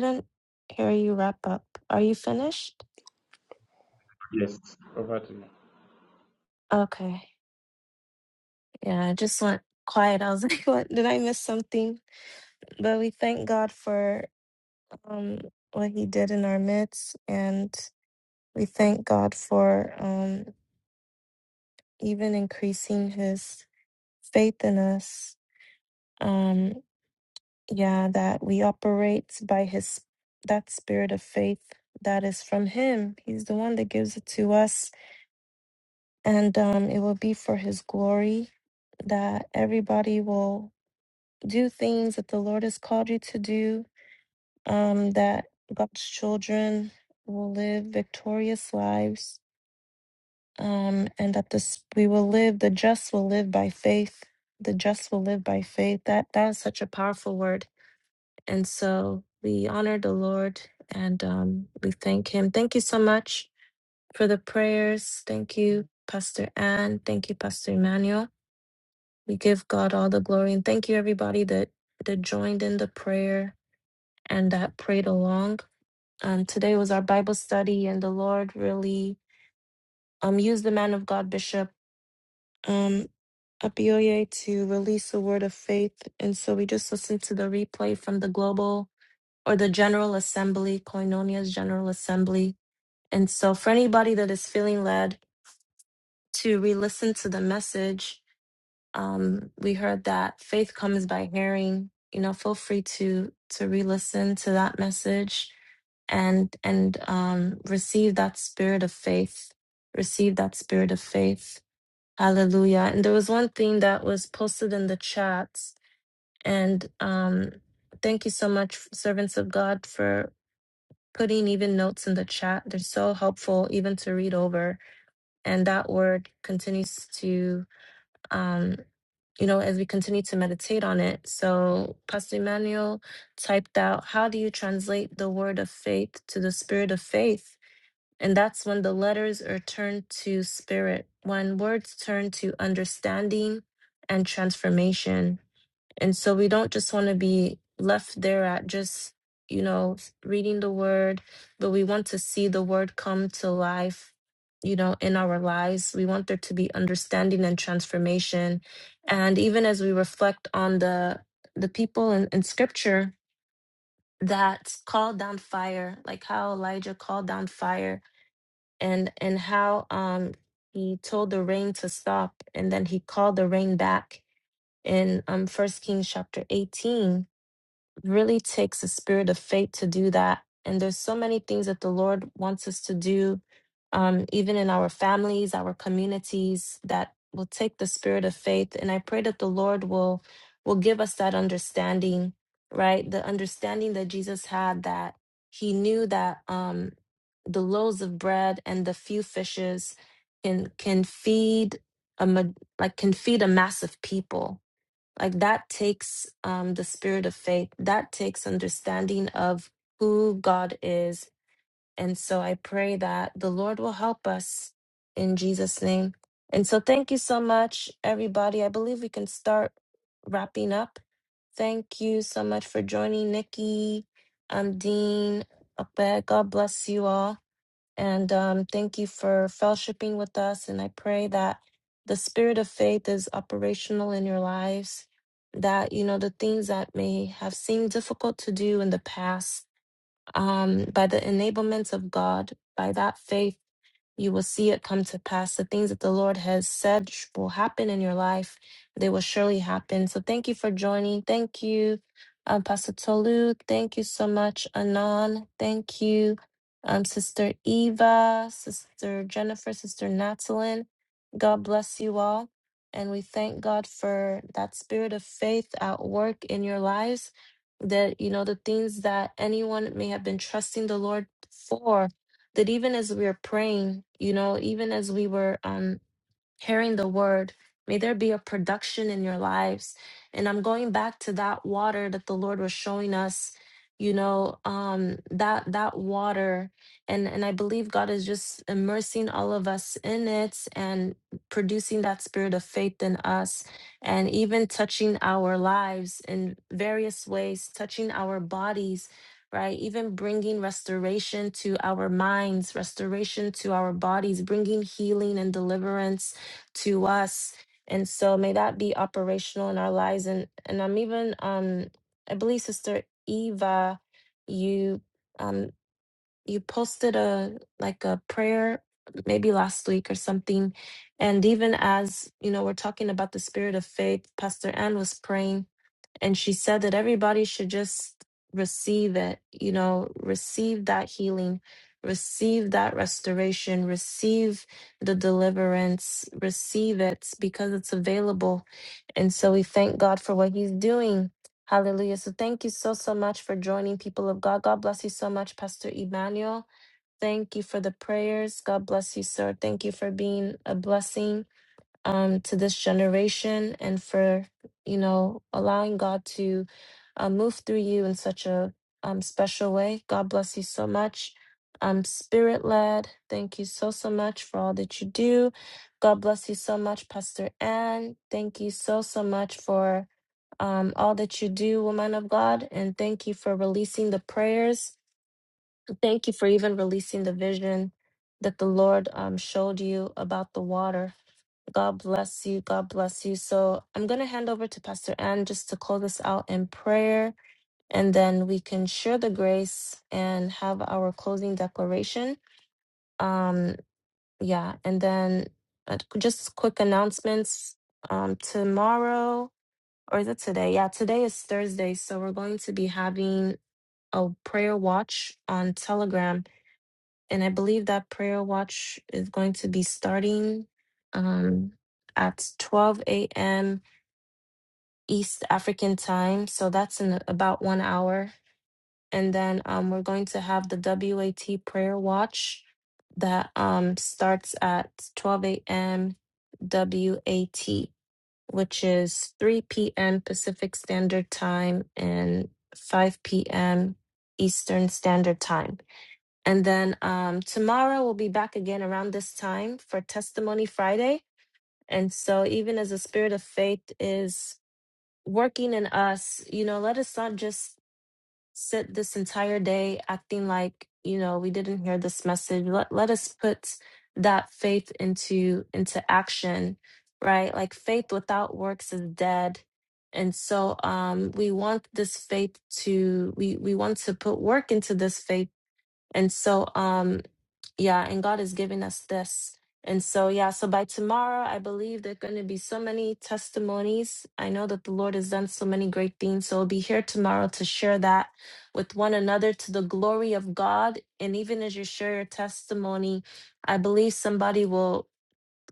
Isn't
Yes, over to
okay. Yeah, I just went quiet. I was like, what? Did I miss something? But we thank God for um, what He did in our midst. And we thank God for um, even increasing His faith in us. Um, yeah, that we operate by His that spirit of faith that is from Him. He's the one that gives it to us. And um, it will be for His glory that everybody will do things that the Lord has called you to do um, that God's children will live victorious lives, um, and that this we will live. The just will live by faith. The just will live by faith. That that is such a powerful word. And and sh- for the thank you, Pastor. We give the glory there. and long um we, um um, up to release a word of faith. And so we just listened to the replay from the global or the General Assembly, Koinonia's General Assembly. And so for anybody that is feeling led to re-listen to the message um we heard that faith comes by hearing you know feel free to to re-listen to that message and and um receive that spirit of faith receive that spirit of faith hallelujah and there was one thing that was posted in the chat and um thank you so much servants of god for putting even notes in the chat they're so helpful even to read over and that word continues to um, you know, as we continue to meditate on it. So, Pastor Emmanuel typed out, How do you translate the word of faith to the spirit of faith? And that's when the letters are turned to spirit, when words turn to understanding and transformation. And so we don't just want to be left there at just, you know, reading the word, but we want to see the word come to life, you know, in our lives. We want there to be understanding and transformation. And even as we reflect on the the people in, in scripture that called down fire, like how Elijah called down fire and and how um he told the rain to stop and then he called the rain back in um first Kings chapter 18 really takes a spirit of faith to do that. And there's so many things that the Lord wants us to do, um, even in our families, our communities, that will take the spirit of faith. And I pray that the Lord will will give us that understanding, right? The understanding that Jesus had that he knew that um, the loaves of bread and the few fishes can can feed a ma- like can feed a mass of people like that takes um, the spirit of faith, that takes understanding of who God is. And so I pray that the Lord will help us in Jesus' name. And so thank you so much, everybody. I believe we can start wrapping up. Thank you so much for joining, Nikki, um, Dean, Ape. God bless you all. And um, thank you for fellowshipping with us. And I pray that the spirit of faith is operational in your lives, that, you know, the things that may have seemed difficult to do in the past, um, by the enablements of God, by that faith you will see it come to pass. The things that the Lord has said sh- will happen in your life. They will surely happen. So thank you for joining. Thank you, um, Pastor Tolu. Thank you so much, Anon. Thank you, um, Sister Eva, Sister Jennifer, Sister Natalin. God bless you all. And we thank God for that spirit of faith at work in your lives. That, you know, the things that anyone may have been trusting the Lord for that even as we were praying, you know, even as we were um hearing the word. May there be a production in your lives. And I'm going back to that water that the Lord was showing us, you know, um, that that water. And and I believe God is just immersing all of us in it and producing that spirit of faith in us and even touching our lives in various ways, touching our bodies. Right, even bringing restoration to our minds, restoration to our bodies, bringing healing and deliverance to us. And so may that be operational in our lives. And and I'm even um I believe Sister Eva, you um you posted a like a prayer maybe last week or something. And even as, you know, we're talking about the spirit of faith, Pastor Ann was praying and she said that everybody should just receive it you know receive that healing receive that restoration receive the deliverance receive it because it's available and so we thank god for what he's doing hallelujah so thank you so so much for joining people of god god bless you so much pastor emmanuel thank you for the prayers god bless you sir thank you for being a blessing um, to this generation and for you know allowing God to uh, move through you in such a um, special way. God bless you so much. i spirit led. Thank you so so much for all that you do. God bless you so much, Pastor Ann. Thank you so so much for um, all that you do, woman of God, and thank you for releasing the prayers Thank you for even releasing the vision that the Lord um, showed you about the water. God bless you. God bless you. So I'm going to hand over to Pastor Ann just to close this out in prayer, and then we can share the grace and have our closing declaration. Um, yeah, and then uh, just quick announcements. Um, tomorrow, or is it today? Yeah, today is Thursday, so we're going to be having a prayer watch on Telegram and I believe that prayer watch is going to be starting um, at 12 a.m. East African time. So that's in about one hour. And then um, we're going to have the WAT prayer watch that um, starts at 12 a.m. WAT, which is 3 p.m. Pacific Standard Time and 5 p.m. Eastern Standard Time. And then um, tomorrow we'll be back again around this time for Testimony Friday. And so, even as the spirit of faith is working in us, you know, let us not just sit this entire day acting like, you know, we didn't hear this message. Let, let us put that faith into into action right like faith without works is dead and so um we want this faith to we we want to put work into this faith and so um yeah, and God is giving us this. And so, yeah, so by tomorrow, I believe there are going to be so many testimonies. I know that the Lord has done so many great things. So we'll be here tomorrow to share that with one another to the glory of God. And even as you share your testimony, I believe somebody will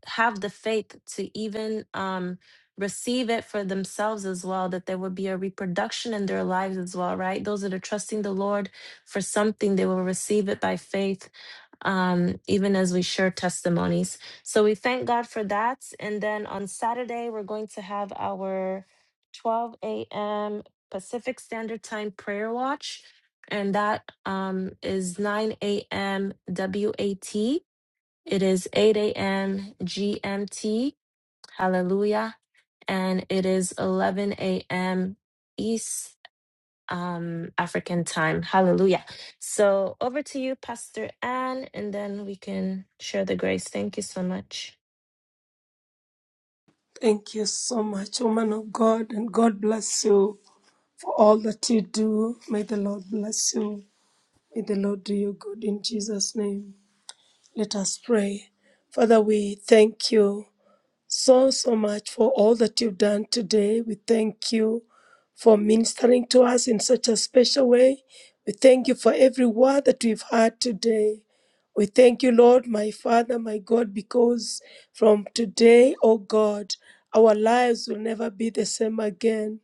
have the faith to even um, receive it for themselves as well, that there would be a reproduction in their lives as well, right? Those that are trusting the Lord for something, they will receive it by faith, um, even as we share testimonies. So we thank God for that. And then on Saturday, we're going to have our 12 a.m. Pacific Standard Time prayer watch. And that um, is 9 a.m. WAT. It is 8 a.m. GMT. Hallelujah. And it is 11 a.m. East um, African time. Hallelujah. So over to you, Pastor Ann, and then we can share the grace. Thank you so much.
Thank you so much, woman of God, and God bless you. for all that you do. May the Lord bless you. May the Lord do you good in Jesus' name. Let us pray. Father, we thank you so, so much for all that you've done today. We thank you for ministering to us in such a special way. We thank you for every word that we've heard today. We thank you, Lord, my Father, my God, because from today, oh God, our lives will never be the same again.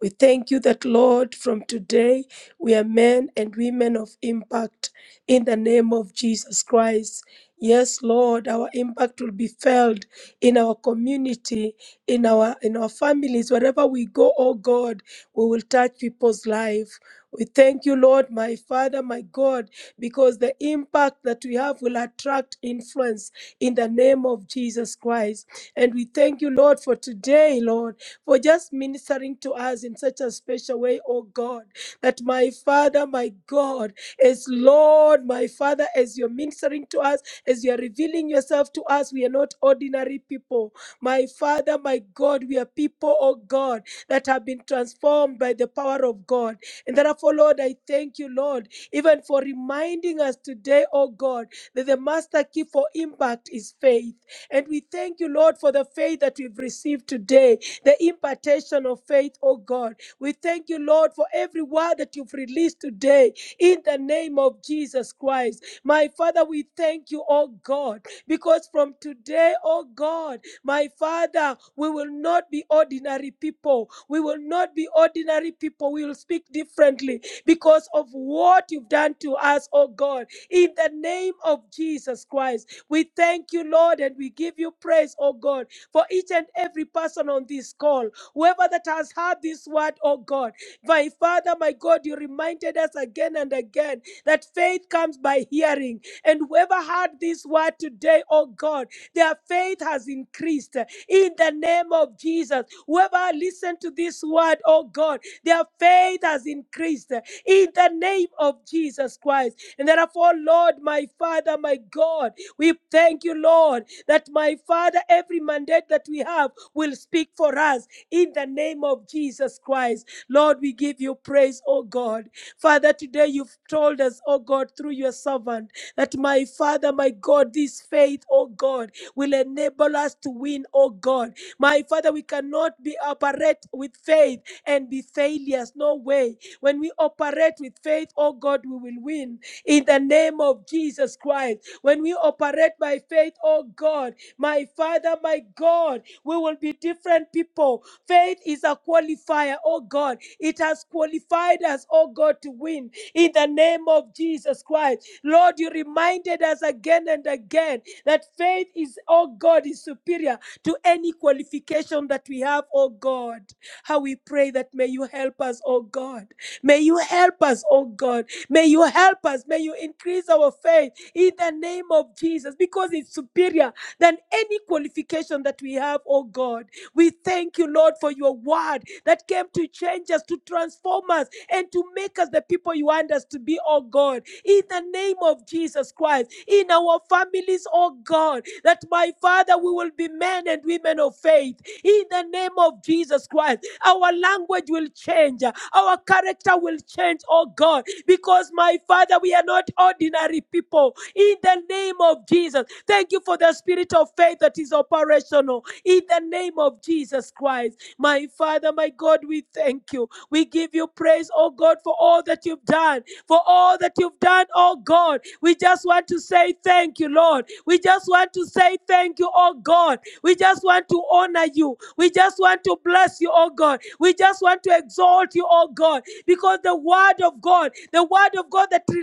We thank you that, Lord, from today we are men and women of impact in the name of Jesus Christ. Yes, Lord, our impact will be felt in our community, in our in our families, wherever we go, oh God, we will touch people's life. We thank you, Lord, my Father, my God, because the impact that we have will attract influence in the name of Jesus Christ. And we thank you, Lord, for today, Lord, for just ministering to us in such a special way, oh God, that my Father, my God, as Lord, my Father, as you're ministering to us. As you are revealing yourself to us, we are not ordinary people. My Father, my God, we are people, oh God, that have been transformed by the power of God. And therefore, Lord, I thank you, Lord, even for reminding us today, oh God, that the master key for impact is faith. And we thank you, Lord, for the faith that we've received today, the impartation of faith, oh God. We thank you, Lord, for every word that you've released today in the name of Jesus Christ. My Father, we thank you, oh God, because from today, oh God, my Father, we will not be ordinary people. We will not be ordinary people. We will speak differently because of what you've done to us, oh God. In the name of Jesus Christ, we thank you, Lord, and we give you praise, oh God, for each and every person on this call. Whoever that has heard this word, oh God, my Father, my God, you reminded us again and again that faith comes by hearing. And whoever heard this word today, oh God, their faith has increased in the name of Jesus. Whoever listened to this word, oh God, their faith has increased in the name of Jesus Christ. And therefore, Lord, my Father, my God, we thank you, Lord, that my Father, every mandate that we have will speak for us in the name of Jesus Christ. Lord, we give you praise, oh God. Father, today you've told us, oh God, through your servant, that my Father, my God, this faith, oh God, will enable us to win, oh God. My Father, we cannot be operate with faith and be failures. No way. When we operate with faith, oh God, we will win. In the name of Jesus Christ. When we operate by faith, oh God, my Father, my God, we will be different people Faith is a qualifier, oh God. It has qualified us, oh God, to win in the name of Jesus Christ. Lord, you reminded us again and again that faith is, oh God, is superior to any qualification that we have, oh God. How we pray that may you help us, oh God. May you help us, oh God. May you help us. May you increase our faith in the name of Jesus because it's superior than any qualification that we have, oh God. We thank you, Lord, for your word that came to change us, to transform us, and to make us the people you want us to be, oh God. In the name of Jesus Christ, in our families, oh God, that my Father, we will be men and women of faith. In the name of Jesus Christ, our language will change, our character will change, oh God, because my Father, we are not ordinary people. In the name of Jesus, thank you for the spirit of faith that is operational in the name of Jesus Christ. My Father, my God, we thank you. We give you praise, oh God, for all that you've done, for all that you've done, oh God. We just want to say thank you, Lord. We just want to say thank you, oh God. We just want to honor you. We just want to bless you, oh God. We just want to exalt you, oh God, because the word of God, the word of God that is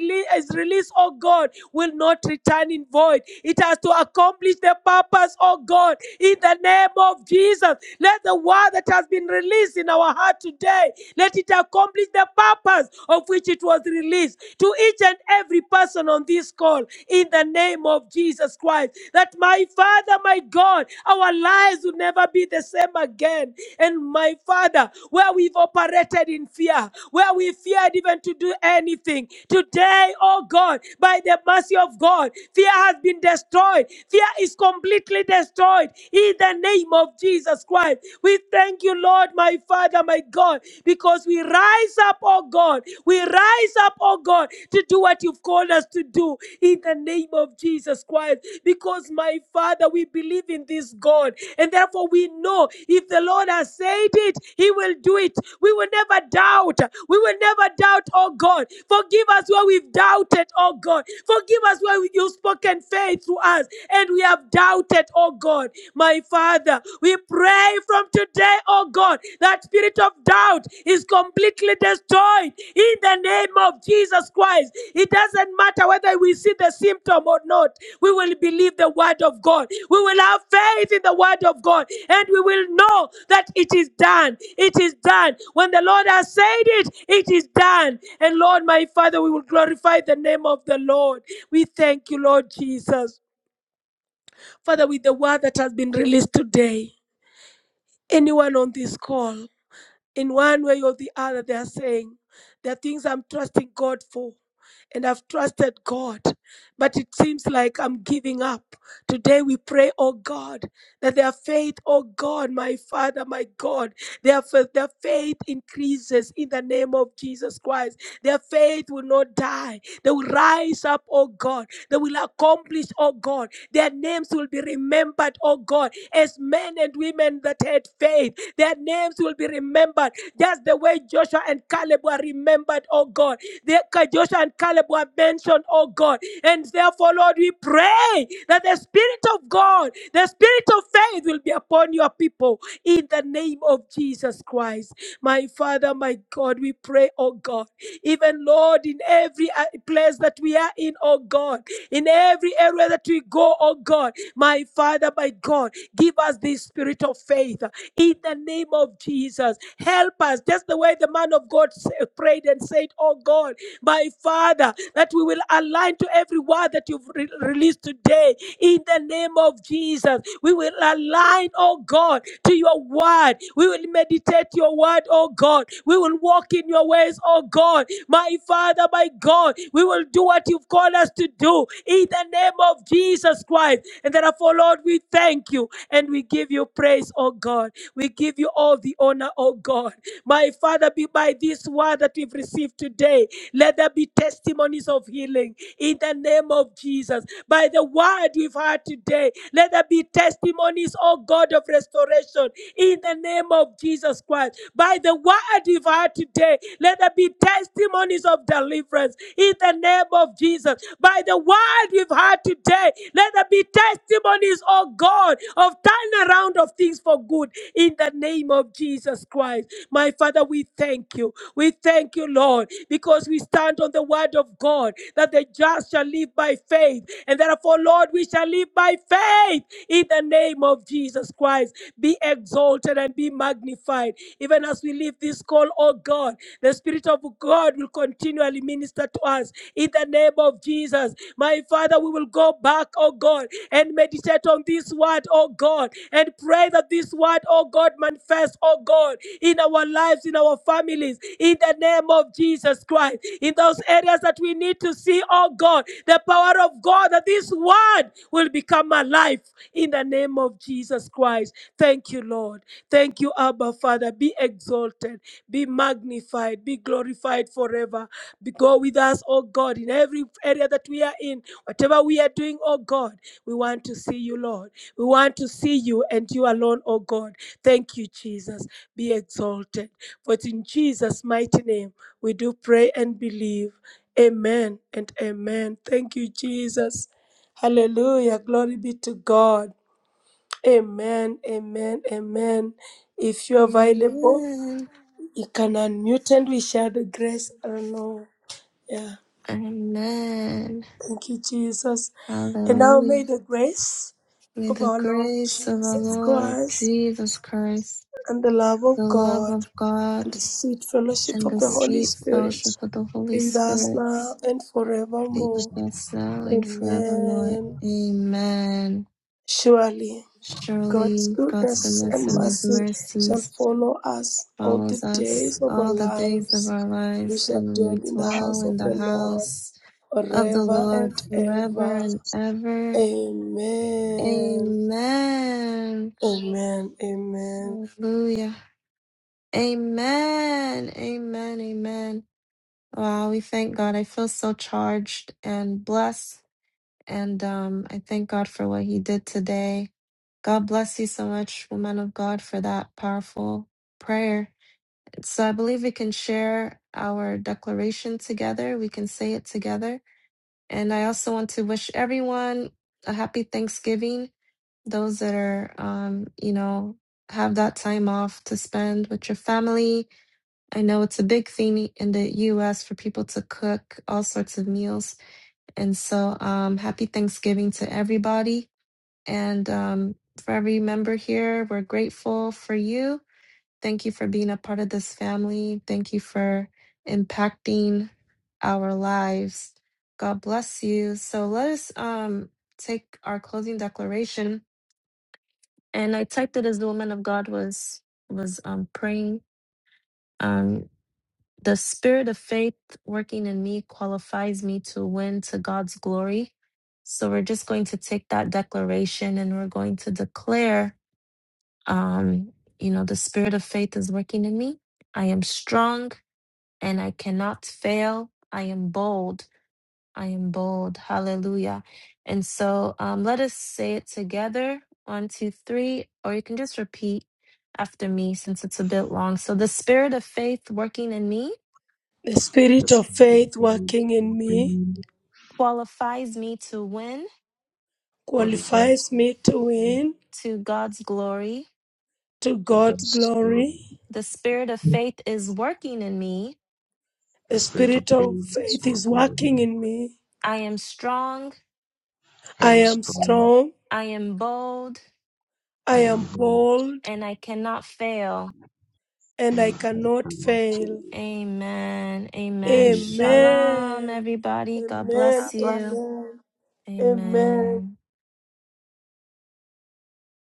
released, oh God, will not return in void. It has to accomplish the purpose, oh God, in the name of Jesus. Let the word that has been released in our heart today, let it accomplish the purpose of which it was released to each and every person on this call miracle in the name of Jesus Christ. That my Father, my God, our lives will never be the same again. And my Father, where we've operated in fear, where we feared even to do anything, today, oh God, by the mercy of God, fear has been destroyed. Fear is completely destroyed in the name of Jesus Christ. We thank you, Lord, my Father, my God, because we rise up up, oh God. We rise up, oh God, to do what you've called us to do in the name of Jesus Christ. Because, my Father, we believe in this God. And therefore, we know if the Lord has said it, He will do it. We will never doubt. We will never doubt, oh God. Forgive us where we've doubted, oh God. Forgive us where we- you've spoken faith through us and we have doubted, oh God. My Father, we pray from today, oh God, that spirit of doubt is completely destroyed in the name of Jesus Christ. It doesn't matter whether we see the symptom or not, we will believe the word of God. We will have faith in the word of God and we will know that it is done. It is done. When the Lord has said it, it is done. And Lord, my Father, we will glorify the name of the Lord. We thank you, Lord Jesus. Father, with the word that has been released today, anyone on this call, in one way or the other, they are saying, There are things I'm trusting God for, and I've trusted God, but it seems like I'm giving up. Today we pray, oh God, that their faith, oh God, my Father, my God, their, their faith increases in the name of Jesus Christ. Their faith will not die. They will rise up, oh God. They will accomplish, oh God. Their names will be remembered, oh God, as men and women that had faith their names will be remembered just the way Joshua and Caleb were remembered, oh God. They, Joshua and Caleb were mentioned, oh God. And therefore, Lord, we pray that the Spirit of God, the Spirit of faith will be upon your people in the name of Jesus Christ. My Father, my God, we pray, oh God. Even, Lord, in every uh, place that we are in, oh God, in every area that we go, oh God, my Father, my God, give us the spirit of faith in the name of Jesus. Help us, just the way the man of God prayed and said, Oh God, my Father, that we will align to every word that you've re- released today in the name of Jesus. We will align, oh God, to your word. We will meditate your word, oh God. We will walk in your ways, oh God. My Father, my God, we will do what you've called us to do in the name of Jesus Christ life. And therefore, Lord, we thank you and we give you praise, oh God. We give you all the honor, oh God. My Father, be by this word that we've received today, let there be testimonies of healing in the name of Jesus. By the word we've heard today, let there be testimonies, oh God, of restoration in the name of Jesus Christ. By the word we've heard today, let there be testimonies of deliverance in in the name of Jesus. By the word we've had today, let there be testimonies, oh God, of turnaround of things for good in the name of Jesus Christ. My Father, we thank you. We thank you, Lord, because we stand on the word of God that the just shall live by faith. And therefore, Lord, we shall live by faith in the name of Jesus Christ. Be exalted and be magnified even as we leave this call, oh God, the Spirit of God will continually minister to us in the name of Jesus. My Father, we will go back, oh God, and meditate on this word, oh God, and pray that this word, oh God, manifests, oh God, in our lives, in our families, in the name of Jesus Christ, in those areas that we need to see, oh God, the power of God, that this word will become alive in the name of Jesus Christ likewise. Thank you, Lord. Thank you, Abba Father. Be exalted, be magnified, be glorified forever. Be go with us, oh God, in every area that we are in. Whatever we are doing, oh God, we want to see you, Lord. We want to see you and you alone, oh God. Thank you, Jesus. Be exalted. For it's in Jesus' mighty name we do pray and believe. Amen and amen. Thank you, Jesus. Hallelujah. Glory be to God. Amen, amen, amen. If you're available,
Amen.
you can unmute and we share the grace. I don't know. Yeah.
Amen.
Thank you, Jesus. And now may
Hallelujah.
the grace
May
of
the
our Lord
grace of our
Jesus
Lord
Christ
Jesus Christ,
and the love
the
of
love
God
of
and
God,
the sweet fellowship
and
of
the
the
you. situation.
Holy
sweet
Spirit
fellowship of the Holy
be with us
Spirit
now and
be with
forevermore.
us now and forevermore.
Amen.
Amen.
Surely. God's
Surely God's
goodness and
goodness and his
mercy shall
mercies
follow us all the
follows
days
us
of our
all the days of
lives.
our
We
lives,
shall
and we
dwell in the
dwell
house of
in the
the Lord
house of the
forever
Lord
and
forever
ever.
and ever.
Amen.
Amen.
Amen. Amen.
Hallelujah. Amen. Amen. Amen. Wow, we thank God. I feel so charged and blessed And um, I thank God for what he did today. God bless you so much, woman of God, for that powerful prayer. So I believe we can share our declaration together. We can say it together. And I also want to wish everyone a happy Thanksgiving. Those that are, um, you know, have that time off to spend with your family. I know it's a big thing in the US for people to cook all sorts of meals and so, um, happy Thanksgiving to everybody. And um, for every member here, we're grateful for you. Thank you for being a part of this family. Thank you for impacting our lives. God bless you. So, let us um, take our closing declaration. And I typed it as the woman of God was was um, praying. Um, the spirit of faith working in me qualifies me to win to God's glory. So we're just going to take that declaration and we're going to declare, um, you know, the spirit of faith is working in me. I am strong and I cannot fail. I am bold. I am bold. Hallelujah. And so um, let us say it together. One, two, three. Or you can just repeat after me since it's a bit long. So the spirit of faith working in me
The spirit
Let's
of
kind of
faith
pain
working in me
being
qualifies me to win
qualified
qualifies
to
me to
go to
win
to God's glory.
to God's
God's glory.
glory.
The spirit of faith is working in me.
The
The spirit of
spirit
faith
of
is
faith
working
is
in me.
working in me.
I am strong,
I
I
am
am
strong.
strong.
I am bold,
I
I am
am
blind
bold.
and I cannot fail.
and I
and I
cannot
cannot
fail.
Amen. Amen.
see.
Shalom,
Amen.
everybody. God
Amen.
bless
God bless
you.
you. Amen. Amen.
Amen.